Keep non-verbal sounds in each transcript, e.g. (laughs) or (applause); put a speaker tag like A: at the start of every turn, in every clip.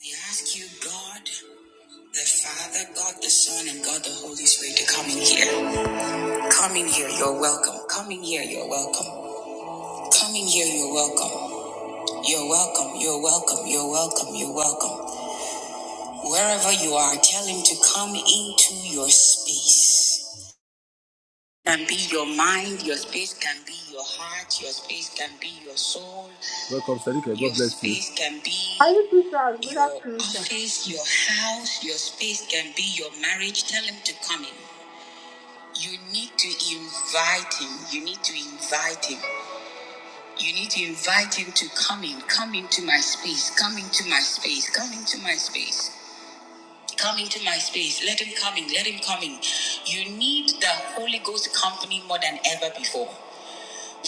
A: We ask you, God, the Father, God the Son, and God the Holy Spirit to come in here. Come in here, you're welcome. Come in here, you're welcome. Come in here, you're welcome. You're welcome, you're welcome, you're welcome, you're welcome. Wherever you are, tell Him to come into your space. Can be your mind, your space can be your heart, your space can be your soul. Welcome, Sadiqa. God your bless you. Your space can
B: Are
A: be
B: you two stars? Good
A: Your
B: afternoon, sir.
A: office, your house, your space can be your marriage. Tell him to come in. You need to invite him. You need to invite him. You need to invite him to come in. Come into my space. Come into my space. Come into my space. Come into my space. Let him come in. Let him come in. You need the Holy Ghost company more than ever before.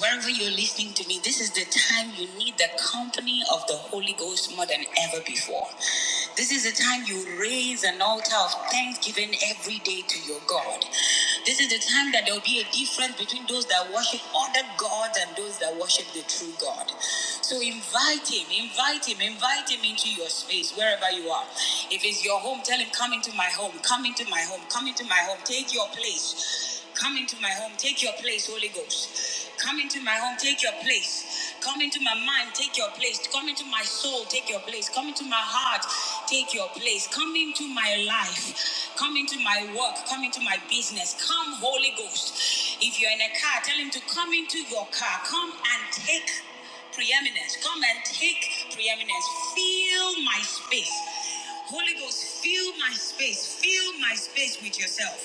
A: Wherever you're listening to me, this is the time you need the company of the Holy Ghost more than ever before. This is the time you raise an altar of thanksgiving every day to your God. This is the time that there will be a difference between those that worship other gods and those that worship the true God. So invite him, invite him, invite him into your space wherever you are. If it's your home, tell him, come into my home, come into my home, come into my home, take your place. Come into my home, take your place, Holy Ghost. Come into my home, take your place. Come into my mind, take your place. Come into my soul, take your place. Come into my heart, take your place. Come into my life. Come into my work. Come into my business. Come, Holy Ghost. If you're in a car, tell him to come into your car. Come and take preeminence. Come and take preeminence. Fill my space. Holy Ghost, fill my space. Fill my space with yourself.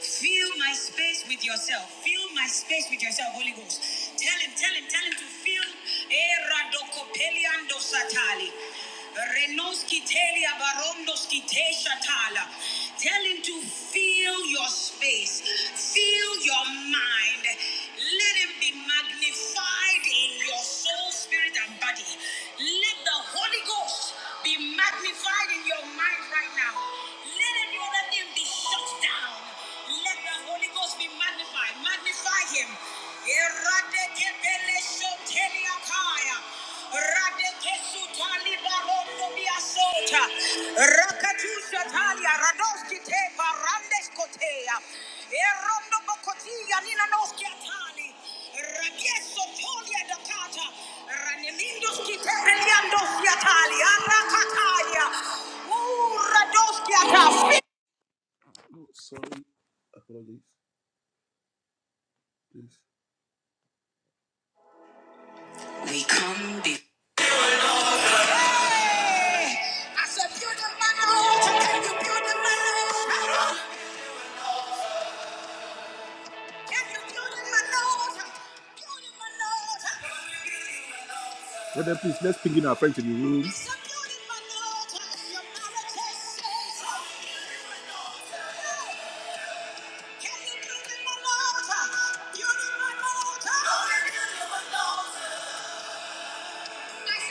A: Fill my space with yourself. Fill my space with yourself, Holy Ghost. Tell him, tell him, tell him to fill. Eh, Renos Tell him to fill your space, fill your mind. Let him be magnified in your soul, spirit, and body. Let the Holy Ghost be magnified in your mind right now. Let every other thing be shut down. Let the Holy Ghost be magnified. Magnify him. Eradekebelesoteliakaya. Radekesutalibaradobiasota. Rakatusatalia radoskite barandeskotea. Erondobokotia ninanoskiatali. Rakiesotolia dakata. Ranelindoskite eliandosiatali. Arakataya. Uradoskiata. Oh, sorry. Apologies. Please. We come be. I said, build up my nose. Can you build up my nose? Can you build up my nose? Build up my nose. Brother, please, let's ping in our friends in the room. I said, build up my nose. Your mama just says, build up my nose. Can you build up my nose? Build up my nose. Voice.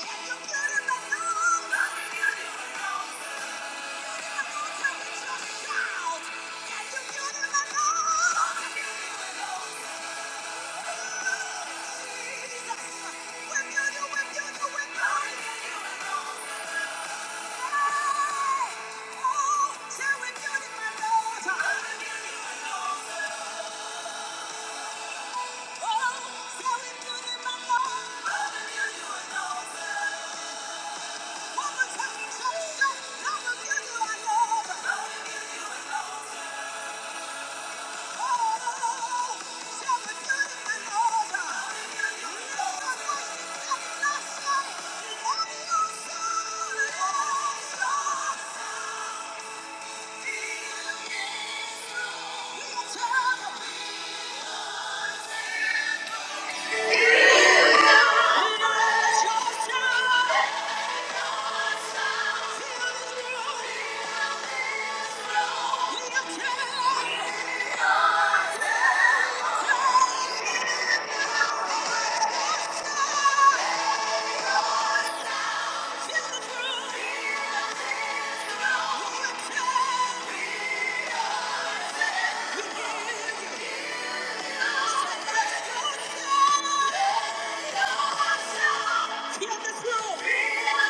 A: Can you build it alone? Oh! Yeah.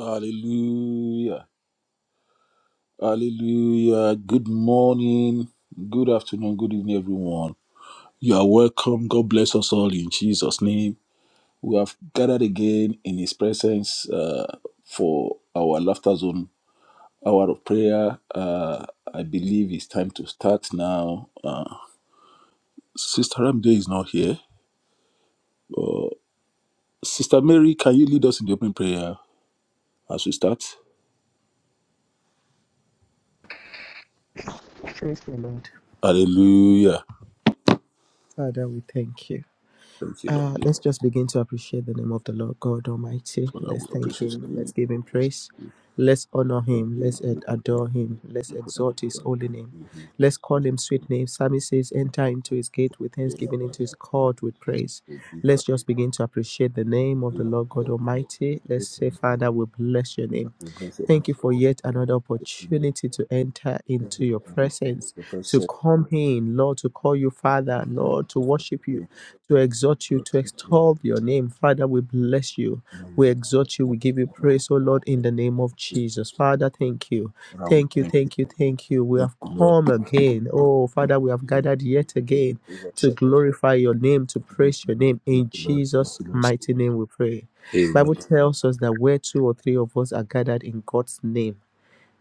A: Hallelujah. Hallelujah. Good morning, good afternoon, good evening, everyone. You are welcome. God bless us all in Jesus' name. We have gathered again in His presence uh, for our laughter zone hour of prayer. Uh, I believe it's time to start now. Uh, Sister Ramde is not here. Uh, Sister Mary, can you lead us in the opening prayer as we start?
C: Praise the Lord.
A: Hallelujah.
C: Father, we thank you.
A: Thank you, Lord.
C: Uh, let's just begin to appreciate the name of the Lord God Almighty.
A: Father,
C: Let's
A: we
C: thank
A: appreciate your
C: Him. Let's
A: name.
C: give Him
A: Yes.
C: praise. Let's honor
A: Thank
C: Him. Let's
A: you.
C: ad- adore Him. Let's exalt His holy name. Let's call Him sweet name. Psalmist says, Enter into His gate with thanksgiving, into His court with praise. Let's just begin to appreciate the name of the Lord God Almighty. Let's say, Father, we bless your name. Thank you for yet another opportunity to enter into your presence, to come in, Lord, to call you Father, Lord, to worship you to exhort you, to extol your name. Father, we bless you. We exhort you. We give you praise, oh Lord, in the name of Jesus. Father, thank you. Thank you, thank you, thank you. We have come again. Oh, Father, we have gathered yet again to glorify your name, to praise your name. In Jesus' mighty name we pray. Bible tells us that where two or three of us are gathered in God's name.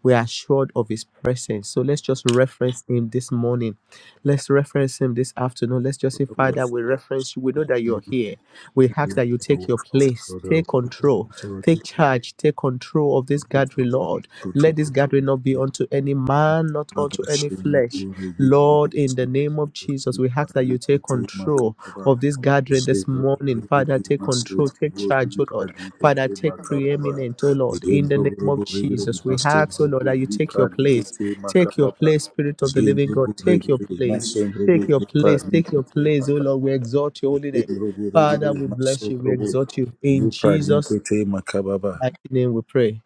C: We are assured of his presence. So let's just reference him this morning. Let's reference him this afternoon. Let's just say, Father, we reference you. We know that you're here. We ask that you take your place, take control, take charge, take control of this gathering, Lord. Let this gathering not be
A: Amen.
C: unto any man, not unto any
A: Mabashimwe
C: flesh. Lord, in the name of Jesus, we ask that you take
A: Rigiramasofarikite
C: control
A: Makaba
C: of this gathering this morning. Father, take control, take charge, oh Lord. Father, take preeminent, oh Lord, in the name of Jesus. We ask, oh Lord, that you take your place. Take your place, Spirit of the living God. Take your place. Take your place. Take your place, oh Lord. We exalt your holy name. Father, we bless you. We exalt you in Jesus' mighty name we pray.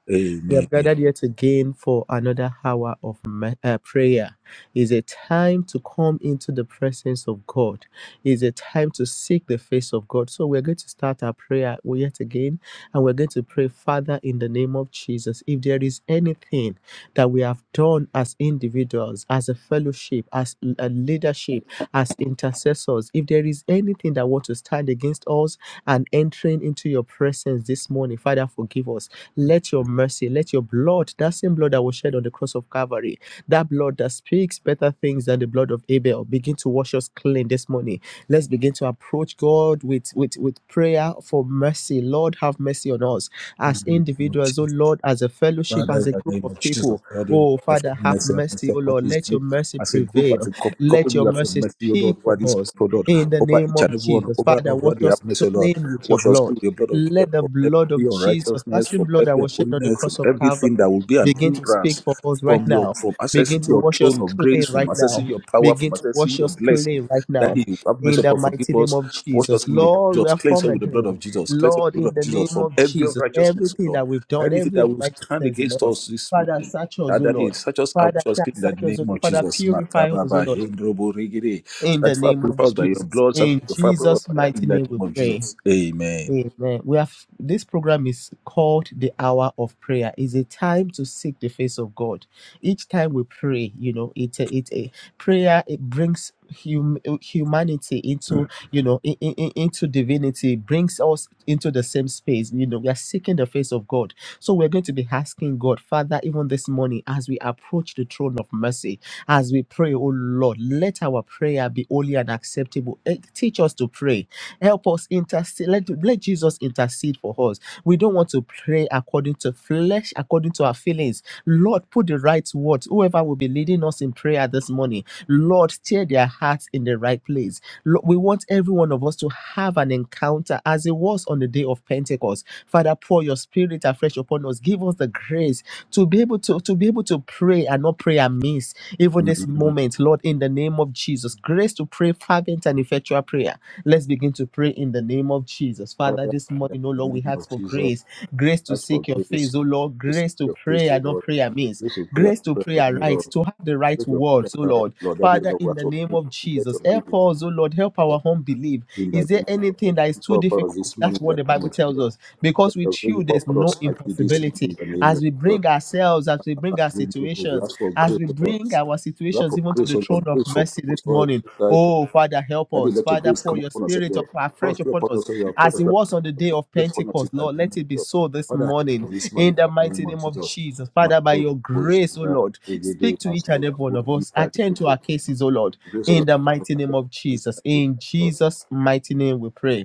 C: We
A: Amen.
C: have gathered yet again for another hour of me- uh, prayer. It's a time to come into the presence of God. It's a time to seek the face of God. So we're going to start our prayer yet again, and we're going to pray, Father, in the name of Jesus, if there is anything that we have done as individuals, as a fellowship, as a leadership, as intercessors, if there is anything that wants to stand against us, and entering into your presence this morning. Father, forgive us. Let your mercy, let your blood, that same blood that was shed on the cross of Calvary, that blood that speaks better things than the blood of Abel, begin to wash us clean this morning. Let's begin to approach God with, with, with prayer for mercy. Lord, have mercy on us
A: In the
C: as
A: name of
C: individuals, oh
A: Jesus.
C: Lord, as a fellowship,
A: Father,
C: as
A: in
C: a
A: the
C: group
A: name
C: of
A: of Jesus,
C: people.
A: Lord, you
C: Oh,
A: have for
C: Father, have
A: mercy, have
C: mercy,
A: mercy
C: oh
A: upon
C: Lord.
A: this
C: Let your
A: group
C: mercy
A: as a group, as
C: prevail.
A: a company,
C: Let
A: company
C: your
A: we have for
C: mercy
A: mercy, O
C: speak
A: Lord, over this
C: for us
A: group, O Lord,
C: in the
A: over
C: name
A: each
C: of
A: and every one,
C: Jesus.
A: over
C: Father,
A: Lord, over
C: wash
A: the
C: us
A: happiness, O Lord.
C: clean with your
A: Wash us
C: blood.
A: through the blood of Jesus
C: Let the
A: from every
C: blood of Jesus, that
A: unrighteousness,
C: same
A: from
C: blood that
A: every
C: was shed on the
A: unholiness, from
C: cross of
A: everything
C: Calvary,
A: that will be an
C: begin to speak
A: hindrance
C: for us right
A: from your
C: now.
A: from
C: Begin
A: accessing
C: to
A: your
C: wash us
A: throne of
C: clean
A: grace, from
C: right now.
A: accessing your power, from
C: Begin to
A: accessing
C: wash
A: your
C: us
A: blessing.
C: clean right
A: That
C: now.
A: you have
C: In
A: mercy
C: the
A: upon, forgive
C: mighty name
A: us,
C: of
A: wash us
C: Jesus.
A: with the blood of
C: Lord, we
A: Jesus,
C: have
A: cleanse us
C: come
A: with the blood
C: again.
A: of Jesus, cleanse us with
C: Lord,
A: the
C: in
A: blood of
C: the
A: Jesus
C: name
A: from
C: of
A: every
C: Jesus,
A: unrighteousness, O
C: everything
A: Lord.
C: that we've done,
A: Anything
C: every
A: that will stand
C: unrighteousness in
A: against
C: us,
A: us this
C: Father,
A: morning.
C: search us,
A: That,
C: O
A: that
C: Lord.
A: is such as I was
C: Father,
A: asking in the
C: search us, O
A: name
C: Lord.
A: of
C: Father,
A: Jesus.
C: purify us, O
A: Makababa,
C: Lord.
A: Hendrobo, Regere.
C: In the
A: Sanctify
C: name
A: purify
C: of
A: us by your
C: Jesus.
A: blood,
C: In
A: sanctify purify us
C: Jesus'
A: by fire
C: mighty
A: in the
C: name we
A: name of
C: pray.
A: Jesus. Amen.
C: Amen. We have this program is called the hour of prayer. It's a time to seek the face of God. Each time we pray, you know, it a- it a prayer. It brings hum, humanity into you know in, in, into divinity. Brings us into the same space. You know, we are seeking the face of God. So we're going to be asking God, Father, even this morning as we approach the throne of mercy, as we pray, oh Lord, let our prayer be holy and acceptable. Eh, Teach us to pray Help us intercede. Let, let Jesus intercede for us. We don't want to pray according to flesh, according to our feelings. Lord, put the right words. Whoever will be leading us in prayer this morning, Lord, steer their hearts in the right place. Lord, we want every one of us to have an encounter as it was on the day of Pentecost Father, pour your spirit afresh upon us. Give us the grace to be able to, to be able to pray and not pray amiss. Even this moment, Lord, in the name of Jesus, grace to pray fervent and effectual prayer. Let's begin to pray in the name of Jesus. Father,
A: Father,
C: this
A: in
C: morning, oh
A: the
C: Lord, we
A: name
C: ask
A: of
C: for
A: Jesus,
C: grace, grace to to
A: Ask for
C: seek your
A: grace
C: face, O Lord,
A: to see
C: grace to
A: your face,
C: pray
A: O
C: and not
A: Lord.
C: pray amiss,
A: This will pray and
C: grace to
A: pray
C: pray
A: for me, Lord.
C: aright, to have the right
A: Let your prayer
C: words, O
A: carry,
C: Lord.
A: Lord, that you
C: Father,
A: Lord,
C: in
A: ask
C: the
A: to
C: name
A: pray.
C: of
A: Let
C: Jesus,
A: your grace be
C: help us, O Lord, help
A: poured out
C: our home believe.
A: in the
C: Is there
A: name of God. Let
C: anything that
A: it
C: is
A: be
C: too
A: poured for us
C: difficult?
A: this
C: That's
A: morning in
C: what
A: the
C: the
A: name
C: Bible
A: of
C: tells
A: Jesus.
C: us.
A: Let
C: Because with
A: your grace be
C: you, there's
A: poured for
C: no
A: us mightily this
C: impossibility.
A: morning in the name
C: As
A: of
C: we bring ourselves, as we bring our
A: Jesus. We
C: situations,
A: ask for
C: as
A: grace,
C: we
A: O Lord.
C: bring our
A: We ask
C: situations
A: for
C: even to
A: grace,
C: the
A: O
C: throne
A: Lord.
C: of
A: Grace for
C: mercy this
A: both
C: morning,
A: of us.
C: oh Father, help
A: Daddy,
C: us.
A: let your
C: Father,
A: grace
C: pour
A: come
C: your
A: upon us,
C: spirit of
A: Lord. Pour
C: afresh
A: through
C: upon
A: upon
C: us
A: us, Lord. Pour
C: as it
A: through
C: was on the day of
A: upon us in
C: Pentecost.
A: the
C: Lord,
A: name
C: let
A: of
C: it be
A: Jesus.
C: so this
A: Father, help
C: morning
A: us this
C: in
A: morning
C: the
A: in the
C: mighty
A: name of
C: name of
A: Jesus.
C: Jesus.
A: My
C: Father, by
A: soul,
C: your
A: oh,
C: grace, O
A: Jehovah,
C: Lord,
A: every day,
C: speak to
A: my
C: each and
A: soul,
C: every one
A: oh,
C: of
A: be
C: us.
A: of
C: Attend to
A: the
C: our cases, O Lord,
A: grace of
C: in
A: the Lord.
C: the mighty name of
A: This is in
C: Jesus.
A: the name
C: In
A: of Jesus.
C: Jesus' mighty name we pray.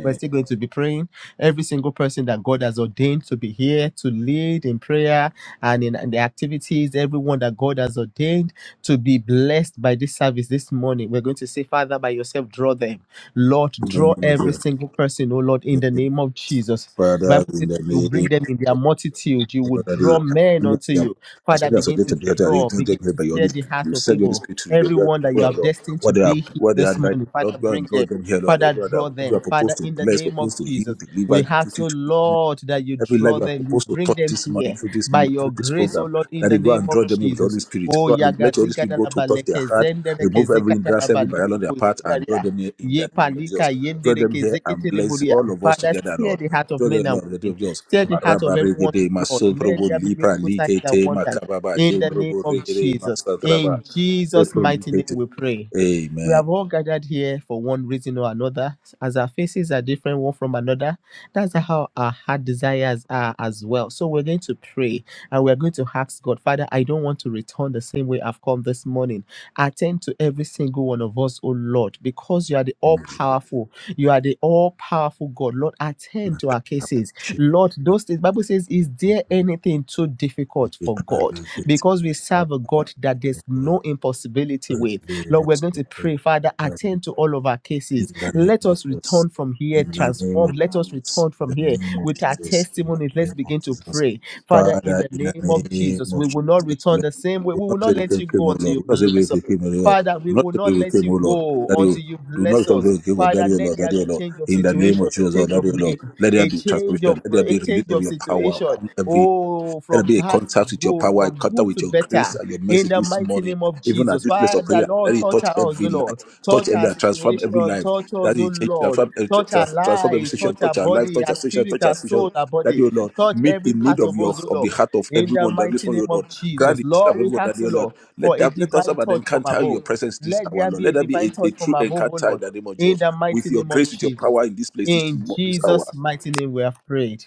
C: We're still going to be praying. Every single person that God has ordained to be here to lead in prayer and in, in the activities, everyone that God has ordained to be blessed by this service this morning, we're going to say, Father, by yourself, draw them. Lord,
A: In the
C: draw
A: name of
C: every single person, oh Lord, in the
A: Jesus.
C: name of Jesus. The
A: Father,
C: Bible
A: in
C: says
A: the
C: that you
A: name
C: bring
A: of
C: them in
A: Jesus.
C: their multitude. You will
A: Already,
C: draw men unto you.
A: as
C: Father,
A: well as
C: begin
A: related
C: to
A: to the already
C: draw,
A: don't
C: begin
A: take her
C: to
A: by your
C: stir
A: already
C: the heart
A: you
C: of
A: said your already
C: people.
A: to the where
C: Everyone that
A: people
C: you
A: are
C: have
A: Lord.
C: destined to
A: What they are
C: be here
A: what they are
C: this
A: right
C: morning,
A: now.
C: Father,
A: Lord go and
C: bring
A: draw
C: them.
A: them here, Lord.
C: Father,
A: Everyone that
C: draw
A: you are
C: them. Father,
A: proposed to
C: in the
A: bless,
C: name of
A: proposed to heal,
C: Jesus,
A: deliver,
C: we
A: give
C: ask,
A: duty
C: oh
A: to this
C: Lord, that you
A: Every life
C: draw
A: you are
C: them, you
A: supposed to
C: bring
A: touch
C: them
A: this money
C: here
A: through this
C: by
A: mi- through
C: your
A: this
C: grace, oh
A: program,
C: Lord, in
A: that
C: the
A: you go
C: name
A: and
C: of
A: draw them in with the Holy
C: Jesus.
A: Spirit.
C: Oh,
A: Go and let the Holy
C: yagazika
A: Spirit go to touch their
C: dalabaleke
A: heart,
C: zendereke
A: remove every hindrance, every barrier
C: zikatalabalito
A: on their path, and draw
C: kozindaria.
A: them here in
C: Ye
A: the name of Jesus.
C: palika
A: Draw them
C: yendereke
A: here and bless
C: zeketeleboria.
A: all of us
C: Father,
A: together,
C: steer
A: Lord.
C: the heart of
A: Draw
C: men
A: them,
C: and
A: Lord, in the name
C: women.
A: of Jesus.
C: Steer the heart
A: Maraba
C: of everyone,
A: regede,
C: Lord. Let
A: masotrobo
C: there be
A: lipra
C: miracle signs and
A: likete,
C: wonders.
A: makababa,
C: In the name
A: jendrobo
C: of
A: regede,
C: Jesus.
A: masatraba,
C: In Jesus'
A: lepro
C: mighty name
A: likete.
C: we pray. We
A: Amen.
C: have all gathered here for one reason or another, as our faces are different one from another. That's how our heart desires are as well. So we're going to pray and we're going to ask God, Father, I don't want to return the same way I've come this morning. Attend to every single one of us, oh Lord, because you are the all powerful. You are the all powerful God. Lord, attend to
A: Makababa,
C: our
A: jendrobo
C: cases.
A: lipra
C: Lord, those things, Bible says, is there anything too difficult for God?
A: likete,
C: Because we serve a
A: makababa,
C: God that there's
A: jendrobo
C: no impossibility
A: Praise
C: with.
A: be
C: Lord, we're
A: must
C: going
A: be
C: to
A: so
C: pray, Father,
A: carried
C: attend to all of our
A: in
C: cases.
A: the name
C: Let
A: of
C: us
A: Jesus.
C: return from here
A: In the name of
C: transformed. Let us
A: Jesus.
C: return
A: In
C: from
A: the
C: here
A: name of
C: with our
A: Jesus. In the
C: testimonies. Let's
A: name of
C: begin to
A: Jesus.
C: pray. Father, in
A: Father,
C: the
A: in the
C: name of
A: name
C: Jesus,
A: of
C: we will not
A: Jesus, O
C: return
A: Lord.
C: the same way.
A: We
C: We will
A: not say
C: not
A: you
C: let you
A: came, came,
C: go
A: O
C: until
A: Lord.
C: you
A: We not say we
C: bless us.
A: came, O Lord.
C: Father, we
A: We not
C: will
A: say
C: not
A: we
C: let
A: came,
C: you
A: O Lord.
C: go
A: That you
C: until you
A: do
C: bless
A: not say
C: us.
A: we came, O
C: Father,
A: Daddy, O
C: let
A: Lord,
C: there
A: Daddy, O
C: be
A: Lord.
C: change of
A: In the name
C: situation,
A: of
C: a
A: Jesus, O
C: change
A: Daddy,
C: of
A: O Lord.
C: name,
A: Let there
C: a
A: be
C: change of
A: transformation. Let there
C: a
A: be release
C: change
A: of
C: of
A: your power
C: situation.
A: upon every
C: Oh,
A: let there
C: from
A: be a
C: bad to
A: contact with your
C: good,
A: power, a
C: from
A: contact
C: good
A: with
C: to
A: your
C: better
A: grace and your
C: in
A: mercy
C: the
A: this
C: mighty
A: morning,
C: name of
A: even at
C: Jesus.
A: this place of
C: Father,
A: prayer.
C: Lord,
A: Let it
C: touch
A: touch
C: us, oh
A: every
C: Lord.
A: life, touch
C: Touch
A: every
C: our
A: life, transform
C: situation,
A: every life.
C: touch
A: That
C: us, oh
A: it change,
C: Lord.
A: transform, eh,
C: Touch our
A: trans- transform every
C: lives,
A: situation,
C: touch our
A: touch our life,
C: body,
A: touch
C: our
A: our situation,
C: spirit,
A: touch our
C: our soul,
A: situation.
C: our
A: That
C: body.
A: you, Lord,
C: Touch
A: meet
C: every
A: the need
C: part
A: of
C: of
A: your
C: us, oh
A: of the
C: Lord.
A: heart of
C: In the
A: everyone that this
C: mighty name
A: morning, O
C: of
A: Lord.
C: Jesus.
A: Grant it of
C: Lord, we
A: everyone that
C: ask, oh
A: dear Lord.
C: Lord, for
A: Let
C: a
A: that let us
C: divine
A: have an
C: touch from
A: encounter in
C: above.
A: your presence this
C: Let
A: hour,
C: there
A: Lord.
C: be a
A: Let that be
C: divine
A: a, a
C: touch from
A: true
C: above, oh
A: encounter in
C: Lord.
A: the name of
C: In
A: Jesus.
C: the
A: With
C: mighty
A: your
C: name of
A: grace, with your
C: Jesus.
A: power in this place this
C: In
A: mo- this hour.
C: Jesus' mighty name we have prayed.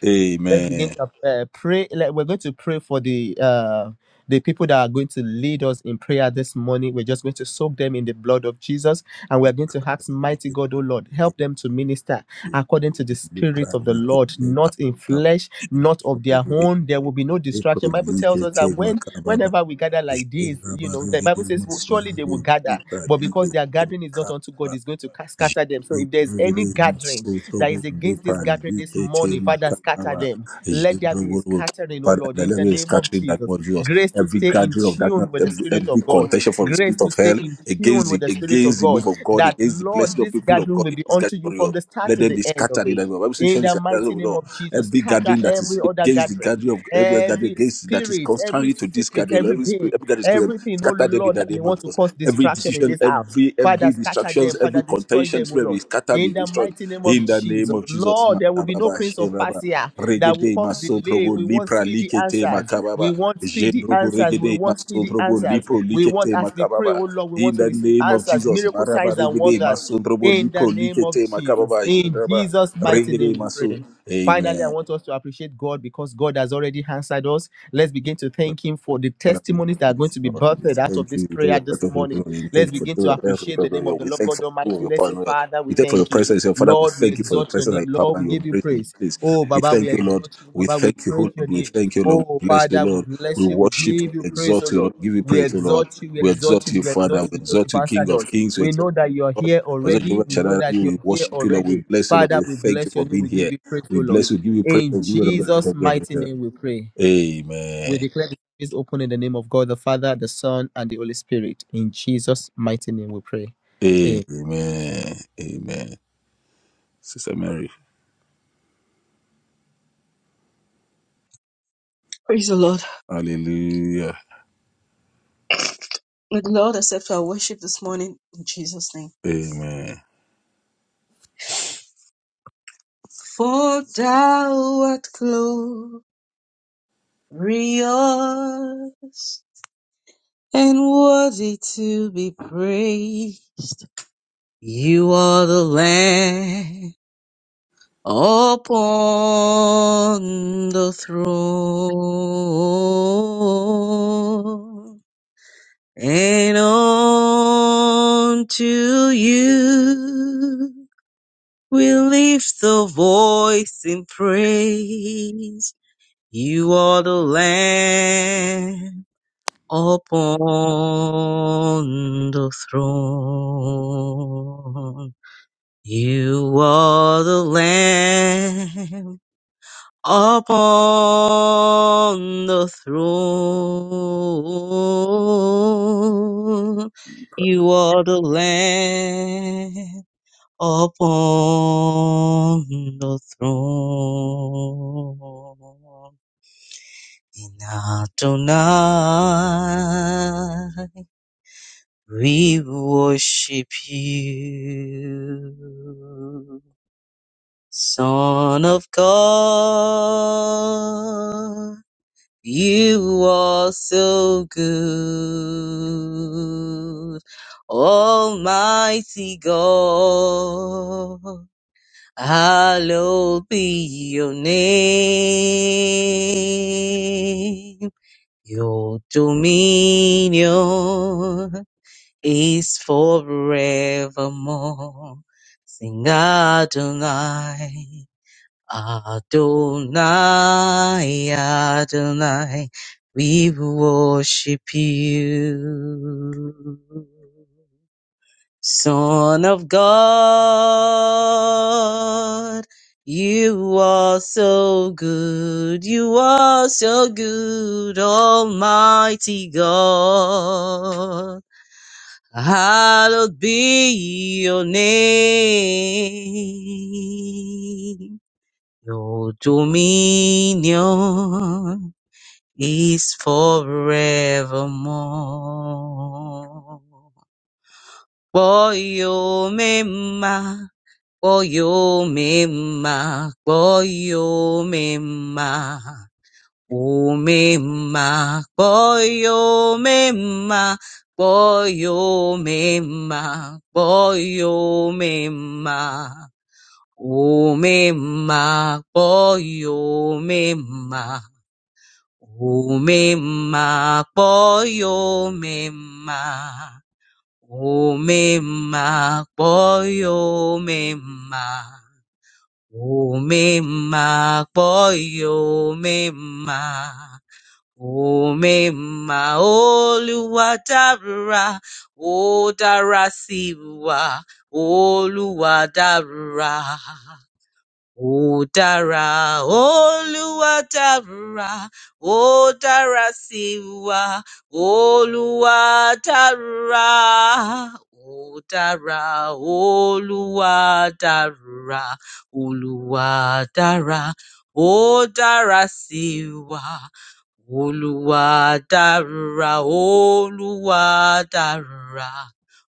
C: Let's begin
A: Amen.
C: to uh, pray. Let, we're going to pray for the uh, the people that are going to lead us in prayer this morning. We're just going to soak them in the blood of Jesus, and we're going to ask, Mighty God, oh Lord, help them to minister according to the
A: Lepra
C: Spirit of the Lord,
A: likete
C: not in
A: makababa
C: flesh,
A: shino
C: not of their
A: borigede
C: own. There will be no
A: lepro
C: distraction. Bible tells us
A: likete
C: that when
A: makababa
C: whenever we gather like this,
A: jenda
C: you know, the
A: barigede
C: Bible says will
A: masoro
C: surely they
A: bo
C: will gather,
A: lepra
C: but because their
A: likete
C: gathering is not unto
A: makababa
C: God, it's going to ca- scatter them. So if there is any
A: Zhindovhuruviri
C: gathering that is
A: masothovhuri
C: against this gathering this
A: parivhitete
C: morning, Father, scatter
A: makava.
C: them. Let there be a
A: Zhindovhuruviri
C: scattering, oh
A: Father,
C: Lord,
A: in
C: in
A: the
C: the
A: name is
C: name of
A: scattering that
C: Jesus.
A: word Jesus.
C: Grace to
A: Every
C: stay in
A: gathering of darkness,
C: tune with the
A: every,
C: Spirit
A: every
C: of God.
A: contention for the
C: Grace
A: spirit
C: to
A: of
C: stay
A: hell
C: in tune
A: against
C: with
A: the,
C: the Spirit of
A: against the
C: God.
A: move of God,
C: That
A: against the
C: Lord,
A: blessing of
C: this
A: people of
C: gathering
A: God
C: will
A: in
C: be
A: this
C: unto you
A: gathering.
C: from
A: Lord,
C: the start
A: Let
C: to
A: them
C: the
A: be
C: end of
A: scattered in
C: it.
A: the name of- Bible says,
C: In
A: "Surely
C: the
A: the gathering
C: mighty
A: of the
C: name
A: Lord."
C: of Jesus,
A: Every
C: scatter
A: gathering that
C: every
A: is
C: other
A: against the
C: gathering,
A: gathering of every gathering
C: every
A: against that is
C: spirit, every
A: contrary to this
C: spirit,
A: gathering,
C: every
A: every spirit,
C: being,
A: every gathering spirit,
C: everything, oh
A: scatter them in
C: Lord,
A: the
C: that may
A: name of
C: want to
A: Jesus.
C: cause
A: Every
C: distraction in
A: decision,
C: this house.
A: every
C: Father,
A: every
C: scatter
A: distractions,
C: them.
A: every
C: Father, destroy
A: contention,
C: them, oh
A: spirit be
C: Lord.
A: scattered,
C: In
A: be
C: the
A: destroyed.
C: mighty name of
A: In the
C: Jesus,
A: name of Jesus,
C: Lord, there will be no
A: Makababa,
C: prince of
A: Shebaba,
C: Persia that will
A: Regede,
C: cause delay.
A: Masotrobo,
C: We want
A: Lipra,
C: speedy
A: Likete,
C: answers. We
A: Makababa,
C: want speedy
A: Jendrobo,
C: answers. We
A: Regede,
C: want speedy
A: Masotrobo,
C: answers.
A: Lipro,
C: We want,
A: Likete,
C: as we pray, oh
A: Makababa.
C: Lord, we want
A: In
C: to
A: the
C: receive
A: name of
C: answers,
A: Jesus,
C: miracle
A: Maraba,
C: signs and
A: Regede,
C: wonders.
A: Masotrobo,
C: In the
A: Lipro,
C: name of
A: Likete,
C: Jesus.
A: Makababa,
C: In
A: Jendraba,
C: Jesus' mighty
A: Regede,
C: name we
A: Maso.
C: pray. Finally, I
A: Amen.
C: want us to appreciate God because God has already answered us. Let's begin to thank Him for the
A: Father, we
C: testimonies that are
A: thank
C: going
A: you,
C: to be
A: Lord. We
C: birthed out of
A: thank
C: this
A: you. We thank you for
C: prayer
A: the
C: this
A: breath of your
C: morning.
A: glory. We
C: Let's
A: thank you for
C: begin
A: doing
C: to
A: the best of
C: appreciate the
A: your
C: name
A: glory.
C: of the
A: We
C: Lord
A: thank you
C: God
A: for the move of
C: Almighty.
A: your
C: Let's
A: power,
C: say,
A: Lord.
C: Father, we
A: We thank you for your
C: thank you.
A: presence, your Father. We
C: Lord, we
A: thank you for your
C: exalt your
A: presence
C: name.
A: and your
C: Lord,
A: power
C: we
A: and your
C: give you
A: grace in
C: praise.
A: this place.
C: Oh,
A: We
C: Baba, we
A: thank you, Lord.
C: exalt you.
A: We
C: Baba, we
A: thank you, O
C: praise your
A: Lord. We
C: name.
A: thank you, Lord.
C: Oh,
A: We bless you,
C: Father, we
A: Lord. We
C: bless you. We
A: worship you,
C: give you
A: we
C: praise, oh
A: exalt you,
C: Lord.
A: Lord. Give you
C: We
A: praise, O Lord.
C: exalt you. We
A: We
C: exalt
A: exalt
C: you.
A: you,
C: We
A: Father.
C: exalt you
A: We
C: because
A: exalt
C: you've
A: you, King
C: answered
A: of
C: us.
A: Kings. We
C: We
A: exalt
C: know
A: you,
C: that you're
A: Lord.
C: here
A: Also,
C: already.
A: Jehovah
C: We know
A: Shaddai,
C: that you're
A: we
C: here
A: worship you, Lord. We
C: already.
A: bless you, Lord.
C: Father,
A: We
C: we
A: thank you
C: bless
A: for
C: your name.
A: being
C: We give
A: here.
C: you praise, oh
A: We
C: Lord.
A: bless you. Give you praise. We
C: In
A: give you
C: Jesus'
A: the
C: mighty
A: glory.
C: name, we pray. We
A: Amen.
C: declare the service open in the name of God, the Father, the Son, and the Holy Spirit. In Jesus' mighty name, we pray. Amen.
A: Amen. Amen. Sister Mary.
D: Praise the Lord.
A: Hallelujah.
D: May the Lord accept our worship this morning in Jesus' name.
A: Amen.
D: For thou art glorious and worthy to be praised. You are the Lamb upon the throne. And unto you we lift the voice in praise. You are the Lamb upon the throne. You are the Lamb upon the throne. You are the Lamb upon the throne. In Adonai we worship you, Son of God. You are so good, Almighty God. Hallowed be your name. Your dominion is forevermore. Sing Adonai, Adonai, Adonai. We worship you. Son of God, you are so good, you are so good, Almighty God. Hallowed be your name. Your dominion is forevermore. For your Koyomema, koyomema, umema, koyomema, koyomema, koyomema, umema, koyomema, umema, koyomema, umema, koyomema. Umema boyo mema Umema Oluwa dara O odara siwa oluwadara Ó dára, Olúwa dára, ó dára sí wa, Olúwa dára. Ó dára, Olúwa dára, Olúwa dára, ó dára sí wa. Olúwa dára, Olúwa dára,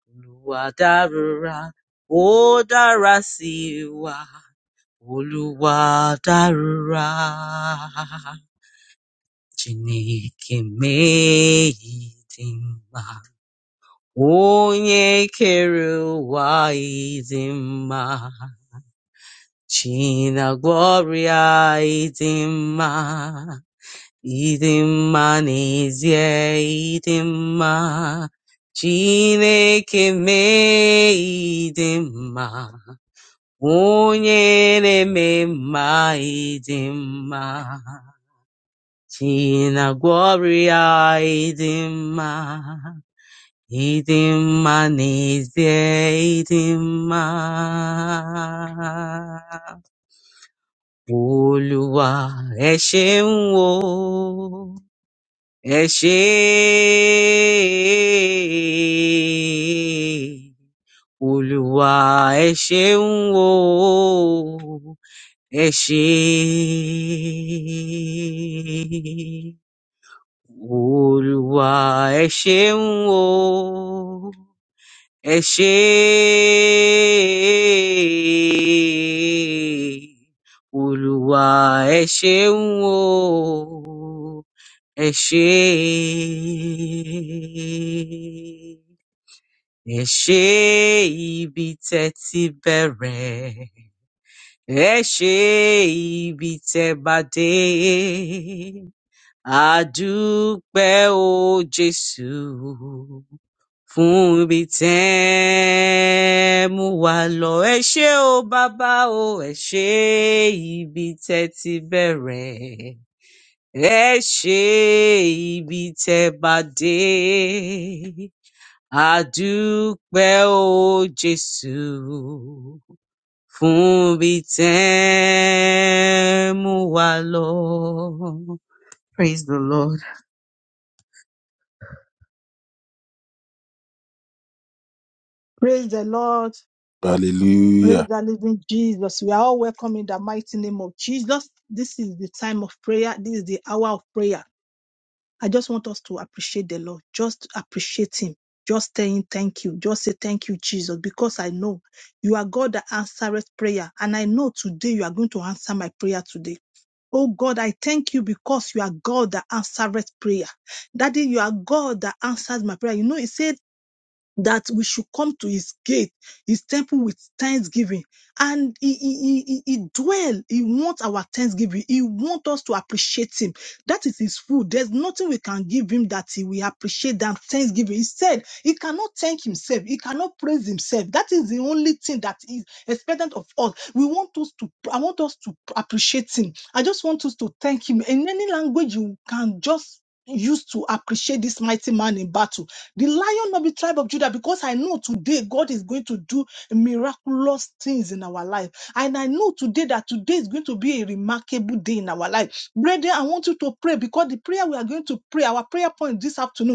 D: Olúwa dára, ó dára sí wa. Oluwadara Chineke mee ịdị mma, onye kere ụwa ịdị mma, China Gloria ịdị mma, ịdị mma n'ezie ịdị mma, Chineke mee ịdị mma, onye na-eme mma ịdị mma. Tina Gloria Idima Idima Nizye Idima Olúwa ẹ ṣeun o ẹ ṣé Olúwa ẹ ṣeun o ẹ ṣé Olúwa ẹ ṣeun o, ẹ ṣé. Olúwa ẹ ṣeun o, ẹ ṣé. Ẹ ṣé ibi tẹ́ ti bẹ̀rẹ̀, ẹ ṣé ibi tẹ́ bá dé. Adúpẹ́ o Jésù fún ibi tẹ́ mú wa lọ. Ẹ ṣé o bàbá o, ẹ ṣé ibi tẹ́ ti bẹ̀rẹ̀. Ẹ ṣé ibi tẹ́ bá dé. Adúpẹ́ o Jésù fún ibi tẹ́ mú wa lọ. Praise the Lord.
B: Praise the Lord. Praise
A: Hallelujah.
B: the living Jesus. We are all welcome in the mighty name of Jesus. This is the time of prayer. This is the hour of prayer. I just want us to appreciate the Lord. Just appreciate Him. Just saying thank you. Just say thank you, Jesus, because I know you are God that answereth prayer. And I know today you are going to answer my prayer today. Oh God, I thank you because you are God that answereth prayer. Daddy, you are God that answers my prayer. You know, it says. that we should come to his gate, his temple with thanksgiving. And he, he, he, he dwell, he wants our thanksgiving. He wants us to appreciate him. That is his food. There's nothing we can give him that he will appreciate than thanksgiving. He said he cannot thank himself. He cannot praise himself. That is the only thing that is expected of us. We want us to, I want us to appreciate him. I just want us to thank him in any language you can just use to appreciate this mighty man in battle. The lion of the tribe of Judah, because I know today God is going to do miraculous things in our life. And I know today that today is going to be a remarkable day in our life. Brethren, I want you to pray because the prayer we are going to pray, our prayer point this afternoon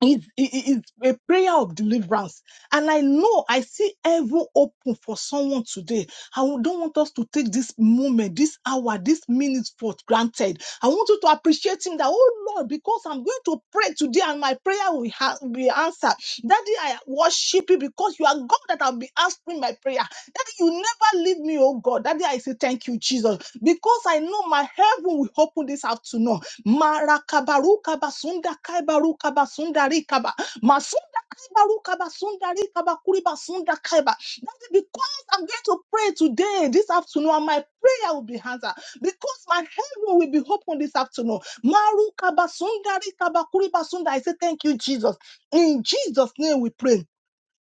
B: it's, it's a prayer of deliverance. And I know I see heaven open for someone today. I don't want us to take this moment, this hour, this minute for granted. I want you to appreciate him that, oh Lord, because I'm going to pray today and my prayer will ha- be answered. Daddy, I worship you because you are God that I'll be answering my prayer. Daddy, you never leave me, oh God. Daddy, I say thank you, Jesus, because I know my heaven will open this afternoon. Marakabaruka basunda kaibaruka basunda rikaba. Masunda kaibaruka basunda rikaba kuriba kaiba. That is because I'm going to pray today, this afternoon, and my prayer will be answered. Because my heaven will be open this afternoon. Maruka basunda rikaba kuriba I say thank you, Jesus. In Jesus' name we pray.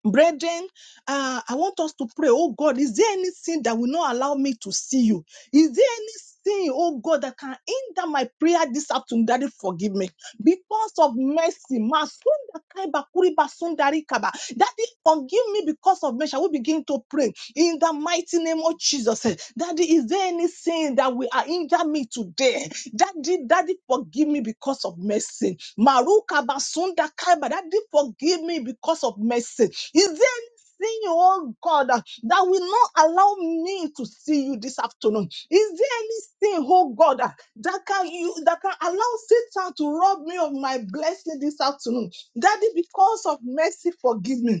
B: Brethren, uh, I want us to pray, oh God, is there anything that will not allow me to see you? Is there anything, oh God, that can hinder my prayer this afternoon? Daddy, forgive me. Because of mercy, Masunda Kaiba Kuriba Sundari Kaba. Daddy, forgive me because of mercy. I will begin to pray in the mighty name of Jesus. eh. Daddy, is there anything that will uh, hinder me today? Daddy, Daddy, forgive me because of mercy. Maruka Basunda Kaiba, Daddy, forgive me because of mercy. Is there anything, oh God, that will not allow me to see you this afternoon? Is there anything, oh God, that that can you that can allow Satan to rob me of my blessing this afternoon? Daddy, because of mercy, forgive me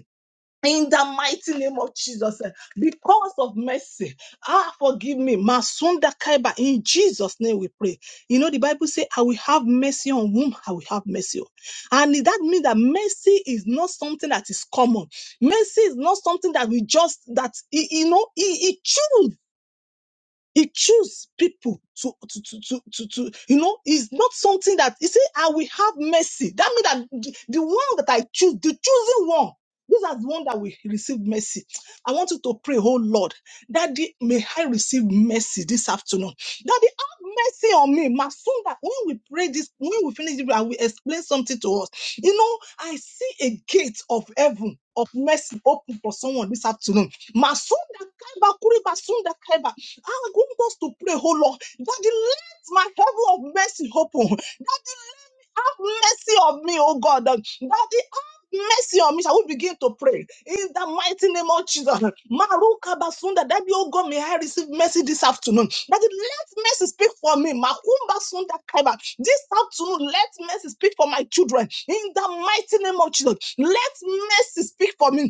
B: in the mighty name of Jesus, eh, because of mercy, ah, forgive me, Masunda Kaiba. In Jesus' name, we pray. You know, the Bible says, "I will have mercy on whom I will have mercy on," and that means that mercy is not something that is common. Mercy is not something that we just that y- you know He, he choose. He choose people to, to, to, to, to, to, you know, it's not something that, you see, I will have mercy. That means that the, the one that I choose, the chosen one, those are the one that will receive mercy. I want you to pray, oh Lord, that may I receive mercy this afternoon. Daddy, have mercy on me. Masunda, when we pray this, when we finish this, I will explain something to us. You know, I see a gate of heaven of mercy open for someone this afternoon. Masunda kaiba kuri basunda Kaiba. I want us to pray, oh Lord, Daddy, let my heaven of mercy open. Daddy, let me have mercy on me, oh God. Daddy, have mercy on me. Shall we begin to pray in the mighty name of Jesus? Maruka basunda, Daddy, oh God, may I receive mercy this afternoon. Daddy, let mercy speak for me. Makumba sunda kaiba. This afternoon, let mercy speak for my children in the mighty name of Jesus. Let mercy speak for me.